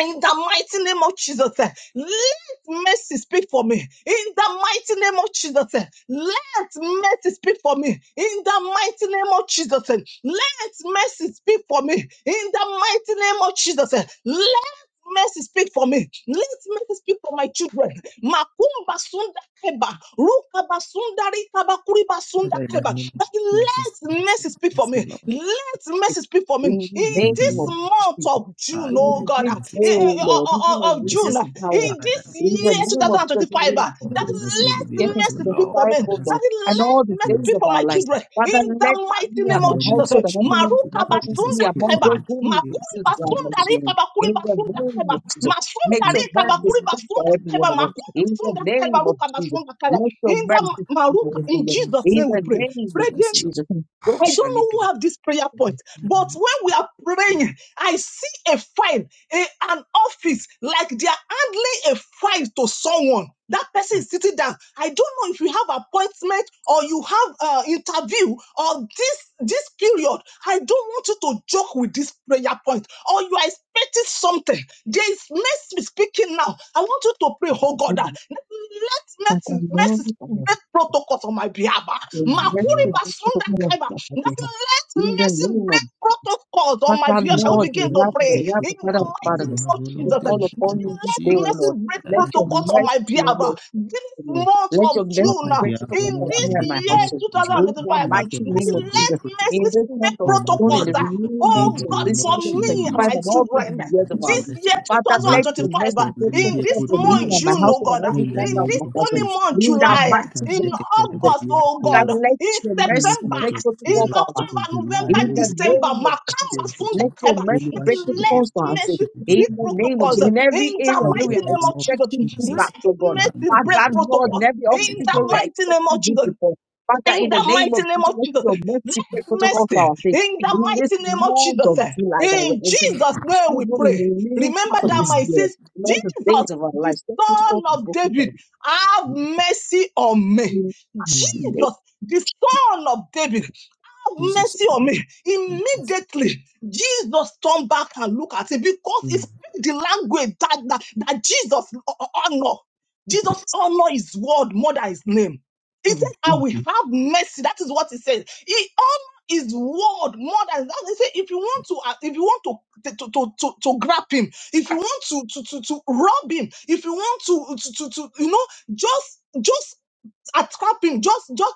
B: In the mighty name of Jesus, eh, let mercy speak for me. In the mighty name of Jesus, eh, let mercy speak for me. In the mighty name of Jesus, eh, let mercy speak for me. In the mighty name of Jesus, eh, let mercy speak for me. Let mercy speak for my children. Makumba sunda keba, ruka basunda rika bakuri basunda
C: Father, in the
B: keba.
C: name of
B: That
C: Jesus, we
B: let
C: bless you.
B: mercy speak for me.
C: Lord.
B: Let let
D: perfect
B: mercy speak for me
D: in the
B: in
C: In the
B: this
D: name of
C: name of
B: month
D: Jesus.
B: of June,
C: God, and may
B: oh
D: In
B: God,
D: this
C: the
B: ah,
C: blessed
B: eh,
D: day,
B: eh,
C: speak.
D: O
B: o-
D: Lord,
B: o-
D: even
B: of
D: on
C: Mercy
B: June,
D: this
B: ah,
C: speak,
D: hour,
B: in this
C: Father.
D: in the
B: year
C: Mercy speak
D: name of
C: for
D: Jesus,
B: 2025.
D: we will
B: ah,
D: keep
B: That
C: us
D: in-
C: as
D: we just
B: let
D: get
C: individuals, O
D: into
B: mercy
D: the
B: speak for me.
D: fight,
C: Lord.
D: O
C: As
D: Lord,
B: That
D: and
C: worship,
B: let
D: all
C: let
D: the
B: mercy
D: days
B: speak
C: mercy
D: of
B: for my
D: our
C: speak.
D: lives.
B: children
D: Father,
B: in the
D: let
B: mighty
D: me and
B: name
C: In
B: of
D: my
C: the name
B: Jesus.
C: of
B: eh.
D: household and
C: Jesus,
D: every man who
B: Maruka
C: let your
D: matters will
C: mercy
D: be
B: basunda
C: speak
D: among
C: for
B: kaiba,
D: those
C: my
D: whom you will
C: children,
B: makuri
D: choose to
C: for
D: have
C: my
B: basunda
D: mercy
C: business,
B: rika
D: on.
C: O
B: bakuri
C: Lord,
D: In the
C: for
B: basunda
C: my
D: name
B: kaiba,
D: of Jesus,
B: masunda
D: make your
B: rika
D: mercy
B: bakuri
C: children.
D: speak for
B: basunda
D: every
B: kaiba,
D: one of us.
B: makuri
D: In the
B: basunda kaiba,
D: name of
B: ruka
D: Jesus,
B: basunda kaiba.
D: let your
B: In the
C: Ah,
D: mercy
B: ma-
D: speak
C: In
D: for
C: the
B: maruka,
D: us,
C: name
D: O
B: in
D: Lord.
C: of
B: Jesus'
C: Jesus,
D: In
B: name we
D: the
B: pray.
D: name
C: let your
D: of
B: Pray
C: mercy, Lord.
D: Jesus, and so
B: I don't
D: shall it
B: know who
D: be.
B: have this prayer point, but when we are praying, I see a file, a- an office, like they are handling a file to someone. That person
C: In
B: is sitting down. I don't know if you have appointment or you have uh, interview or this this period. I don't want you to joke with this prayer point or you are expecting something. There is mercy speaking now. I want you to pray, oh God, that let
D: Father,
B: mercy,
D: Lord,
B: mercy
D: we
B: activate protocols on my behalf. ah.
C: the
D: bless
B: Makuri
D: you
C: name
D: this
B: basunda
D: morning, Father
B: kaiba.
D: God. that
B: That
D: you have.
B: let
D: In the
B: mercy
D: name of
B: break
D: Jesus.
B: protocols on my
C: of
D: Father,
B: behalf.
C: Father,
B: Shall
D: Lord,
B: we
C: let
D: we
B: begin to
D: love
C: mercy
D: you,
B: pray
C: break
D: I love
C: forth,
B: in
D: you,
B: the
D: Father,
C: like
B: mighty
D: Father,
C: you
B: name
C: have,
B: of
C: O
D: we
B: Jesus? ah.
C: Lord,
B: That
C: in
D: call
C: the name
D: upon you
C: of
D: this day,
B: let
C: Jesus.
D: O
B: mercy
D: Lord.
B: break
C: Father,
D: Let
C: let
D: your
B: protocols
C: mercy.
B: on my
D: mercy, O
B: behalf.
D: Lord,
B: ah. This
D: Amen.
B: month
D: Let your
B: of
C: on
D: mercy
B: June,
C: my
B: ah,
D: break
C: behalf,
D: through
C: O
B: in
D: for
C: Lord,
B: this
D: me
C: in
D: and
C: the
D: my
B: year
C: name of
D: household.
B: 2025,
C: Jesus.
B: ah,
D: In
C: Father,
D: the
B: that
C: let your
D: mighty name
C: mercy
D: of
C: break
D: Jesus,
B: let
C: protocol.
D: in
B: mercy
D: this
B: break
D: month of
C: On my
D: June, in
B: protocols.
C: behalf,
D: the
C: O
B: ah.
C: Lord,
D: remaining
C: in
D: months
B: Oh
C: the
D: of
B: God,
C: name
D: this
B: for
D: year,
C: of
B: me and
D: 2025,
B: my
D: and
C: Jesus.
D: all
C: Oh,
D: through the
B: children,
D: years
C: Father,
D: of
C: let
D: our
C: your
B: this
D: life,
B: year
C: mercy
D: Father,
C: break
D: let your
B: 2025,
D: mercy
B: uh,
C: protocol.
D: break
C: Let me
D: through
B: in
C: hear
B: this
C: good
D: for me
B: month,
C: news.
D: and my
B: June,
C: Oh,
B: oh
D: household and
B: God, uh,
D: every
C: in the
B: in
D: member of
C: name
B: this
D: my
C: of
D: household.
B: coming
C: Jesus.
B: month,
D: In the
B: July, uh,
D: mighty
C: Malaka
B: in
D: name
C: sheke
D: of Jesus,
B: August,
C: telebedia.
B: oh
D: Father,
C: Oh,
B: God, uh,
D: let
B: in
D: your
C: in this
D: mercy
B: September,
C: month
D: break
C: of
D: through
C: June,
D: for
B: in
C: this
D: our
C: month of
B: October,
C: July,
D: in
B: November,
C: oh
D: the
C: God,
B: December,
D: name of
C: Oluwa ṣe
D: Jesus,
B: Makamba Sunda
D: let
C: òtútù,
D: your
B: Kaiba,
D: mercy
C: Oluwa
D: break
C: ṣe
B: let
C: òtútù,
D: protocols for
C: Oluwa
D: our sake.
C: ṣe
B: mercy
D: In
B: break
D: the name of
B: protocols
D: Jesus,
B: uh,
C: òtútù,
D: in
B: in
D: every area
B: the
C: in
D: where we
C: the
B: mighty
D: are
B: name
C: name
B: of
C: of
D: expecting
B: Jesus.
D: feedback
C: Jesus.
B: Let
D: from God,
B: mercy
C: Malika,
B: break
D: Father, Lord, in
B: protocols
D: every
B: in
D: office
B: the
D: where we are
B: mighty name
D: expecting
B: of
D: good
B: Jesus
D: report, Father,
B: in
D: in the
B: the
D: name
B: mighty
D: of
B: name
D: Jesus,
B: of
D: let
B: Jesus.
D: your
B: Let
D: mercy break protocols for
B: mercy
D: our sake.
B: in the
D: In this
B: mighty name of
D: month
B: Jesus.
D: of July that we're
B: In
D: entering into,
B: Jesus' name we
D: even in the
B: pray.
D: remaining
B: Remember
D: part of
B: that
D: this
B: my
D: year,
B: says,
D: in all the
B: Jesus,
D: days of our
B: the
D: lives, let
B: son
D: protocols be
B: of
D: broken for
B: David, have mercy on me.
D: In the name of Jesus, let us
B: Jesus, the son of David, have
C: Jesus.
B: mercy on me. Immediately, Jesus turned back and looked at him because he
C: Mm,
B: speak the language that, that, that Jesus uh, uh, honor. Jesus honor his word more than his name. He said,
C: mm,
B: I will have mercy. That is what he said. He honor his word more than that. He said, if you want to, uh, if you want to, to, to, to, to grab him, if you want to, to, to, to rob him, if you want to, to, to, to you know, just, just attract him. Just, just,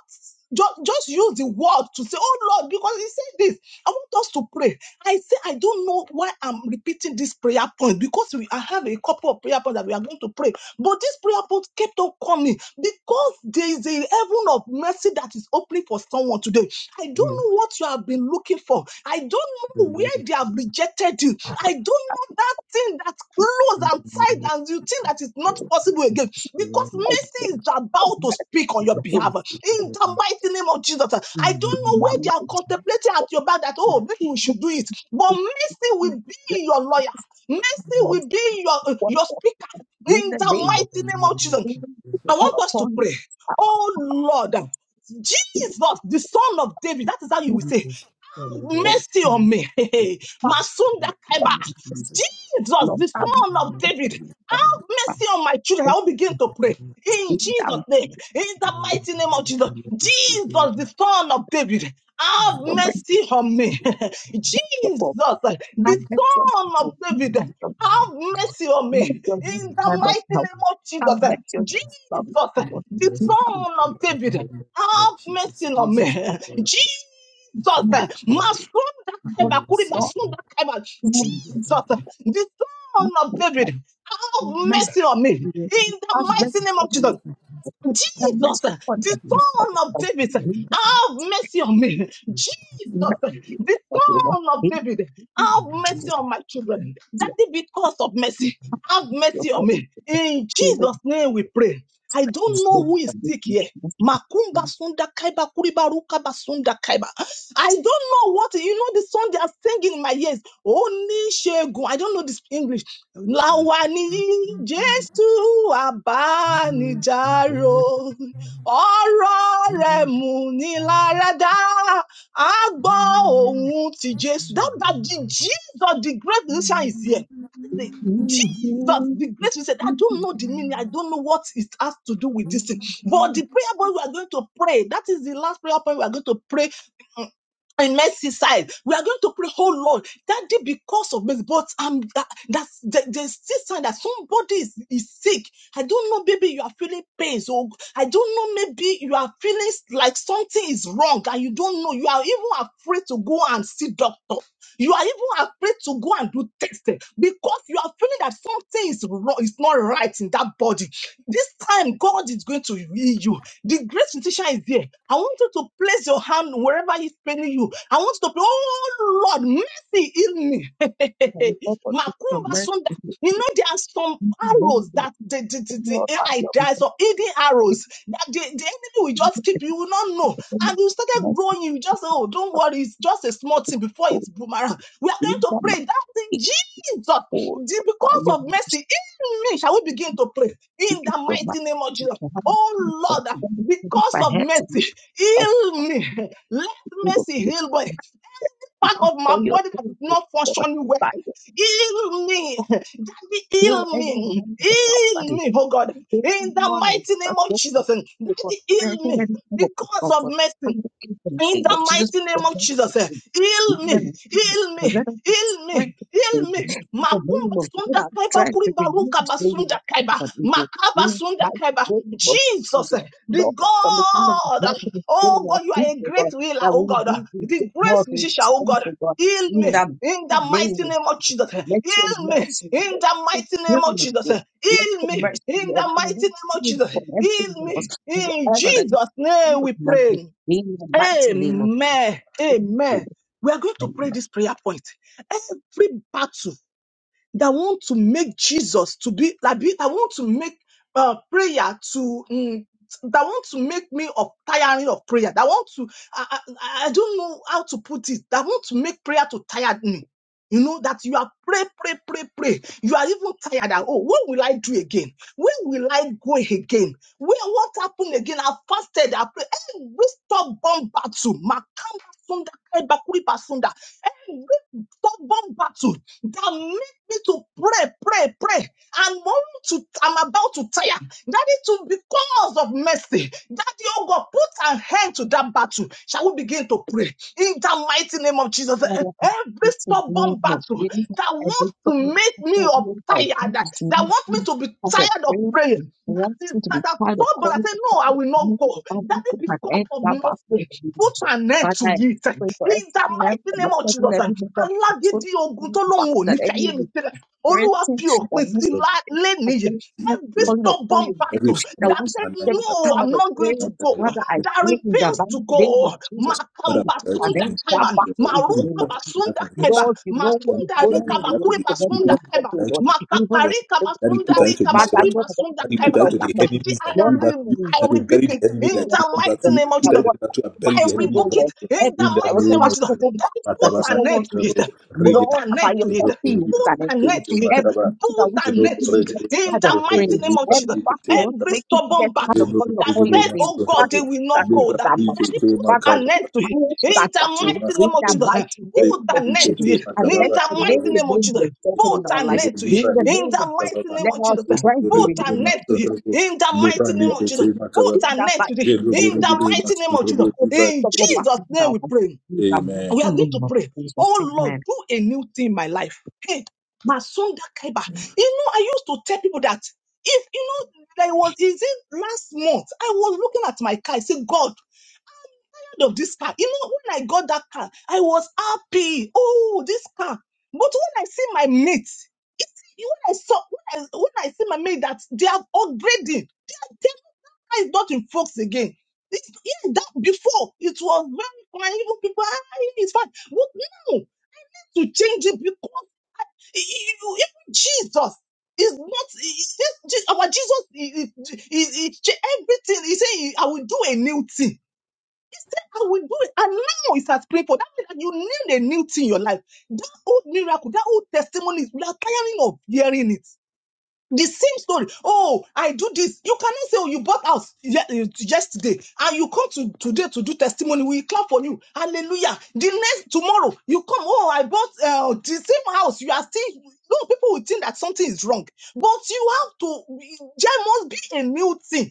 B: just, just use the word to say, "Oh Lord," because He said this. I want us to pray. I say, I don't know why I'm repeating this prayer point because we I have a couple of prayer points that we are going to pray, but this prayer point kept on coming because there is a heaven of mercy that is opening for someone today. I don't
C: mm.
B: know what you have been looking for. I don't
C: The
B: know where
C: name
B: they have rejected you. I don't know that thing that's close and
C: the name
B: tight and you think that it's not possible again
C: the
B: because
C: name
B: mercy is about to speak on your behalf in the mighty name of Jesus. I don't
C: the
B: know
C: name
B: where they are contemplating at your back that, oh, maybe we should do it. But mercy will be your lawyer, mercy will be your,
D: watch
B: your
D: out.
B: speaker
D: in
B: in
D: the
B: the
D: name
C: in the
B: mighty name of
C: name of
B: Jesus.
D: freedom to
B: I
C: Jesus,
D: fall
B: want
C: Father.
B: us to
D: upon you.
B: pray, oh Lord. Jesus, the son of David, that is how you will
D: You
B: say,
C: Jesus, Son of
D: will
C: David,
B: mercy on
C: have
B: me. (laughs)
C: your
D: find
C: hand
B: Masunda
C: in the
B: Kaiba.
C: name of
D: this
C: Jesus.
B: Jesus,
D: love
B: the
D: have
C: Jesus,
B: son of
C: Son
D: of
C: of
D: the
B: David,
C: David, have
B: have
D: Father,
B: mercy on my children.
D: and
B: I'll begin
C: in
B: to
C: the
B: pray.
C: name of
B: In
C: Jesus.
B: Jesus'
D: freedom
B: name, in the
C: Let
D: of
B: mighty name of
C: your
B: Jesus,
C: mercy speak
B: Jesus,
C: to us.
B: the son of David, have
C: Let
D: woman,
B: mercy on me. (laughs) Jesus,
D: of
B: the
D: Let your
B: son
D: mind to
B: of
D: be
B: David,
C: your mercy
D: from
C: speak
B: have mercy on me.
D: let your little
B: In the
C: to
D: members
B: mighty
D: now.
B: name of
D: And let
B: Jesus,
D: your little
C: us.
B: Jesus,
D: members
C: Let
D: because
C: the
B: the
D: you
C: mercy
D: can
C: speak
B: son
C: O
B: of
C: Lord, in
B: David,
C: the name of
B: have mercy
C: Jesus.
B: on me. (laughs)
C: Jesus, the Son of
B: Jesus.
C: the Son
B: eh,
C: of David,
B: Masunda
C: have
D: never
B: Kaiba,
C: mercy
B: Kuriba
D: stop
C: upon
B: Sunda Kaiba.
C: me.
D: doing this Lord. No
C: In
D: reason
B: Jesus. eh,
D: for
B: The son
D: you.
B: of David.
D: Like
B: Have
C: the
D: mess,
B: mercy on me. In
C: name of
B: the
D: and mess
C: Jesus,
B: mighty name
D: for
B: of
C: thank you,
D: them,
B: Jesus.
C: Jesus.
B: Jesus,
D: and
C: David,
D: mess
B: the
D: for them.
C: have
D: You
C: mercy
D: know,
B: son
C: upon
B: of
D: of
B: David,
C: me. In the
D: freedom, you know,
B: have mercy on me.
C: name of Jesus,
B: Jesus,
C: Son
D: you know,
B: the
C: of
D: you
C: David,
D: the
B: son of
D: you
B: David,
D: know,
B: have mercy
D: Jesus,
B: on my children.
D: your,
B: Daddy, because of
D: people,
B: mercy, have
D: your
B: mercy
D: God,
B: on me. In
D: In the
B: Jesus' name we pray. I don't know
D: So,
B: who
C: amen.
D: I
B: is
D: don't
B: sick
D: think
B: here.
D: she wants to be
B: Makumba
D: like,
B: sunda kaiba kuriba ruka basunda kaiba. I don't know what you know. The song they are singing in my ears. Oni shegun. I don't know this English. Láwa ní Jésù àbánidárò, ọ̀rọ̀ rẹ̀ mú ni láradá, a gbọ́ ohùn ti Jésù. That, that the Jesus, the great musician is here. The-
D: "Mhm,
B: Jesus,
D: mhm,
B: the great musician. I
D: and
B: don't know the meaning. I don't know what it has to do with this thing. But the prayer point we are going to pray, that is the last prayer point we are going to pray mm, in Merseyside. We are going to pray, Oh Lord. Daddy, because of me, but I'm that, that's there- there's still sign that somebody is, is sick. I don't know, maybe you are feeling pain. So I don't know, maybe you are feeling s- like something is wrong and you don't know. You are even afraid to go and see doctor. You are even afraid to go and do testing because you are feeling that something is wrong, is not right in that body. This time, God is going to heal you. The great physician is here. I want you to place your hand wherever He's paining you. I want you to pray, oh Lord, see healing. (laughs)
D: I thought, "But it's your
B: Makumba
D: mercy,
B: Sunda.
D: it's your
B: You know, there are some
D: kindness, and your love,
B: arrows
D: and your
B: that
D: mercy,
B: the, the,
D: and
B: the, the AI dies or hidden arrows that the, the enemy will just keep. You will not know. And you started growing. You just, oh, don't worry. It's just a small thing before
D: so
B: it's boomerang. We are
D: great
B: going to
D: that
B: pray. That's in
D: is
B: Jesus. The-
D: full of your
B: because of mercy
D: mercy,
B: in me, shall we begin to pray
D: to
B: in
D: build
B: the
D: the market
B: mighty name of
D: is
B: Jesus?
D: all for value is to give your mercy, to have you
B: Oh, Lord,
D: confirm it
B: because of mercy,
D: by
B: heal
D: what
B: me. (laughs) Let
D: you will
B: mercy
D: do,
B: heal me
D: you
B: part
D: have
B: of my
D: for your
B: body that is
D: things,
B: not
D: God,
B: functioning well.
D: by your
B: Heal me. Daddy,
D: will,
B: heal
D: anyone
B: me.
D: with the
B: Heal
D: problem
B: me, oh God. In
D: Good
B: the
D: morning.
B: mighty
D: Our
B: name of
D: good
B: Jesus.
D: people.
B: Daddy, heal
D: Everything
B: me.
D: that is able to
B: Because
D: go
B: of
D: for. I'm
B: mercy.
D: looking for the
B: In
D: people.
B: the
D: She just
B: mighty
D: the
B: name of
D: best of
B: Jesus, eh,
D: them. And
B: heal me,
D: then The
B: heal
D: let
B: me,
D: us be
B: heal me, heal
D: strengthened, Lord,
B: me.
D: in The name
B: Makumba
D: of God.
B: sunda
D: I'm
B: kaiba
D: trying
B: kuri
D: to be
B: baruka
D: used, lady,
B: basunda
D: like
B: kaiba,
D: you can evil.
B: makaba
D: You
B: sunda
D: might
B: kaiba.
D: the name of
B: Jesus,
D: Jesus.
B: eh, the
D: Lord, from the crown of the
B: God,
D: head
B: eh,
D: to the sole
B: oh
D: of our
B: God, you
D: feet,
B: are a
D: oh
B: great
D: God,
B: healer,
D: that we
B: oh
D: will
B: God,
D: be
B: eh,
D: in
B: the
D: good
B: great
D: health and
B: physician, oh
D: strength,
B: God.
D: oh God,
B: Heal me
D: in that
B: in the
D: name,
B: mighty name of Jesus. eh,
D: let your
B: Heal me
D: mercy
B: in
D: Lord,
B: the
D: be
B: mighty name of
D: healing,
B: Jesus. eh,
D: Lord. Let
B: Heal
D: your
B: me
D: mercy,
B: in
D: Lord,
B: the mighty
D: believe
B: name of
D: healing
B: Jesus. eh,
D: from every
B: Heal
D: loss,
B: me in
D: whoever that is
B: Jesus'
D: in
B: name.
D: the
B: We pray.
D: moment, in the mighty name of
B: Amen. Amen.
D: Jesus.
B: We are going to pray this prayer point. Every battle that want to make Jesus to be like be- that want to make uh, prayer to mm, that want to make me of tiring of prayer. That want to I, I, I I don't know how to put it. That want to make prayer to tire me. You know that you are pray, pray, pray, pray. You are even tired. That, oh, what will I do again? Where will I go again? Where what happened again? I fasted, I prayed. Every stubborn battle, Makamba Sunda, Kebakuri Basunda, every stubborn battle that make me to pray, pray, pray. I'm want to, I'm about to tire. That it will be because of mercy. That oh God put an end to that battle. Shall shall we begin to pray in the mighty name of Jesus?
D: Father, in
B: Every
D: the mighty
B: stubborn
D: name of
B: battle
D: Jesus,
B: that
D: every
B: wants
D: to
B: to
D: you
B: make me up
D: that
B: tired,
D: wants to
B: that
D: use
B: wants me
D: me
B: to be
D: as a
B: tired of
D: friend,
B: praying, that
D: wants
B: is
D: me to be
B: that I told
D: tired of
B: stubborn. I
D: calling
B: say,
D: the
B: No, I
D: kind of
B: will not
D: you,
B: go.
D: I want
B: That
D: to put
B: is
D: my
B: because
D: head
B: of
D: down back of the
B: nothing. Put
D: religion.
B: an end
D: Father,
B: to
D: I
B: it. In
D: pray for every
B: the
D: member,
B: mighty name
D: like
B: of
D: every every
B: Jesus.
D: member of the food,
B: Alágídí ogun
D: every
B: tó
D: back
B: lóun ò ní
D: that
B: fi
D: any
B: ayé
D: of
B: mi
D: the
B: sílẹ̀. Olúwa fi
D: experiences that
B: òpin sí
D: wants to
B: lá-
D: be
B: lénìí
D: against me,
B: Every
A: Lord,
D: calling upon
B: stubborn
D: you, any
A: every
B: battle
D: that
A: sorrow
B: that
A: in
D: wants to
A: my
B: said,
A: life
D: get me
A: that I
B: No, I'm
D: tired of
B: not going
A: put
B: to
A: out
D: praying.
A: that you-
B: go,
D: Father, I
A: you
B: that
D: pray in the
A: put out
B: refused
D: mighty
B: to
D: name of
B: go.
D: Jesus
A: to us. Father, I pray to
D: and
A: the
B: Makambasunda
D: then
A: name
D: start
B: kaiba,
A: of Jesus.
D: battle in the
A: Every
D: name
B: maruka
D: of
A: battle in the
D: Jesus.
A: life
B: basunda kaiba,
D: Lord, you know
A: for
D: what
A: me,
D: is
A: my
B: masunda
D: going
A: life
D: on
A: in
B: rika
D: in
A: the
D: the
A: life
D: lives
A: of
B: bakuri
A: the
D: of
A: people
B: basunda
D: everyone,
A: who put
D: here,
B: kaiba,
D: oh
A: her into
D: Lord.
A: the
D: (laughs) Even
A: world.
B: makakarika
D: the-
A: That he
B: basunda
A: put
D: for
A: her into
B: rika
D: bad
A: this ever
B: bakuri
D: and Lord, for
B: basunda
A: that
D: every
A: he put
B: kaiba.
A: her
D: member of
A: into
D: that
A: the
B: That
D: person.
A: enemies that
B: I,
D: Lord,
A: do
D: I
A: back to
D: pray
B: re-
A: you,
D: in
B: I
A: that will
B: rebuke
A: bury the
D: this
B: it
A: enemy
D: season,
B: in
A: that
D: Lord,
A: will
B: the
D: of
A: back to
B: mighty
D: Jesus,
A: you,
B: name of
A: put
D: that
A: her
B: Jesus.
A: into
D: what
A: the battle and
D: battle,
A: bury
B: I
A: the
D: oh
A: enemy
B: rebuke
D: Lord,
A: involved
B: it
D: Lord.
A: in
B: in
D: every,
A: you. In
B: the
A: the
B: mighty name
A: name
D: whatever
B: of
A: of
B: Jesus.
A: Jesus.
D: struggle
B: That
D: battles, that for
B: put
A: Matababa,
B: an
D: someone
B: end to it.
A: Shirabo,
B: Put
A: Regede,
D: Lord,
B: an
D: by
B: end
D: your
B: to it.
D: mercy, you put
B: Put
D: an
B: an end
D: it.
B: to it.
D: Every thing that wants
B: Put
D: to
B: an
D: make
B: end to
D: people
B: it.
D: get
B: In
D: tired
B: the
D: of
B: mighty
D: praying,
A: Masotrobo,
B: name of
A: Lipa,
B: Jesus.
D: every part that
A: Dikete,
D: wants to
B: Every
A: Mataba,
D: make people
B: stubborn
D: get tired of
B: battle
A: Shirabo,
D: calling
A: Regede, Masotrobo, Lipa, Dikete, Mataba, Shirabo,
B: that
D: upon your
A: Regede,
B: said,
D: name,
B: Oh
D: Father,
B: God, they
A: Masotrobo,
B: will
D: put
B: not
D: an end
B: go.
D: to
A: Lipa,
B: That,
D: that
B: that
D: battle.
B: it put
A: Dikete,
D: Father,
B: an
A: Makaba,
B: end to it.
D: close
B: In
D: that
B: the
D: battle
B: mighty
D: in
B: name of
D: the
A: Masotrobo,
B: Jesus.
D: mighty name
B: Put
D: of
B: an end to
D: Jesus.
A: Leparikete
B: it.
D: And let
B: In
A: makababa
B: the
D: your name
B: mighty
A: sorobo.
B: name of
D: remain be
B: Jesus.
D: exalted in
B: Put
D: our
B: an
D: lives.
A: Robo
B: end to it.
D: In the
B: In
D: name
A: liparikete
D: of
B: the
D: Jesus,
B: mighty
A: makababa.
B: name
D: let
B: of
D: our
B: Jesus.
A: Jerobo
D: strength be
B: Put
A: regule
B: an
D: renewed.
B: end to it.
A: masorobo.
B: In the
D: In the
B: mighty
D: name
B: name
D: of
B: of Jesus
A: Leparikete
D: Jesus.
B: both
A: makababa.
D: In
B: and
D: the
B: net
D: mighty
B: today
D: name of
A: Jerobo
B: in
D: Jesus.
B: the
A: regule
B: mighty name of Jesus.
A: masorobo.
D: Every
B: In
D: double
A: Liparikete.
B: Jesus'
D: battle in
B: name
D: our
B: we
D: lives.
B: pray.
D: In the
A: Amen.
B: We are
D: mighty
B: going
D: name
B: to
D: of
B: pray.
D: Jesus.
B: Oh Lord,
D: Amen.
B: do a new thing in my life. Hey, Masunda Kaiba. You know, I used to tell people that if you know there was is it last month I was looking at my car. I said, God proud of this car. You know, when I got that car, I was happy. Oh, this car. But when I see my mate, it, when I saw when I, when I see my mate that they are upgrading, they are, they car is not in folks again. It's, yeah, that before it was very fine. Even people, ah, yeah, it's fine. But now to change it because e- e- you- even Jesus is not is, our Jesus. is is he, he, everything he say, I will do a new thing said, I will do it. And now it's as painful. That means that you need a new thing in your life. That old miracle, that old testimony, we are tiring of hearing it. The same story. Oh, I do this. You cannot say, oh, you bought house ye- eh, yesterday and you come to today to do testimony. We clap for you. Hallelujah. The next tomorrow, you come, oh, I bought uh, the same house. You are still, no, people will think that something is wrong. But you have to, eh, there must be a new thing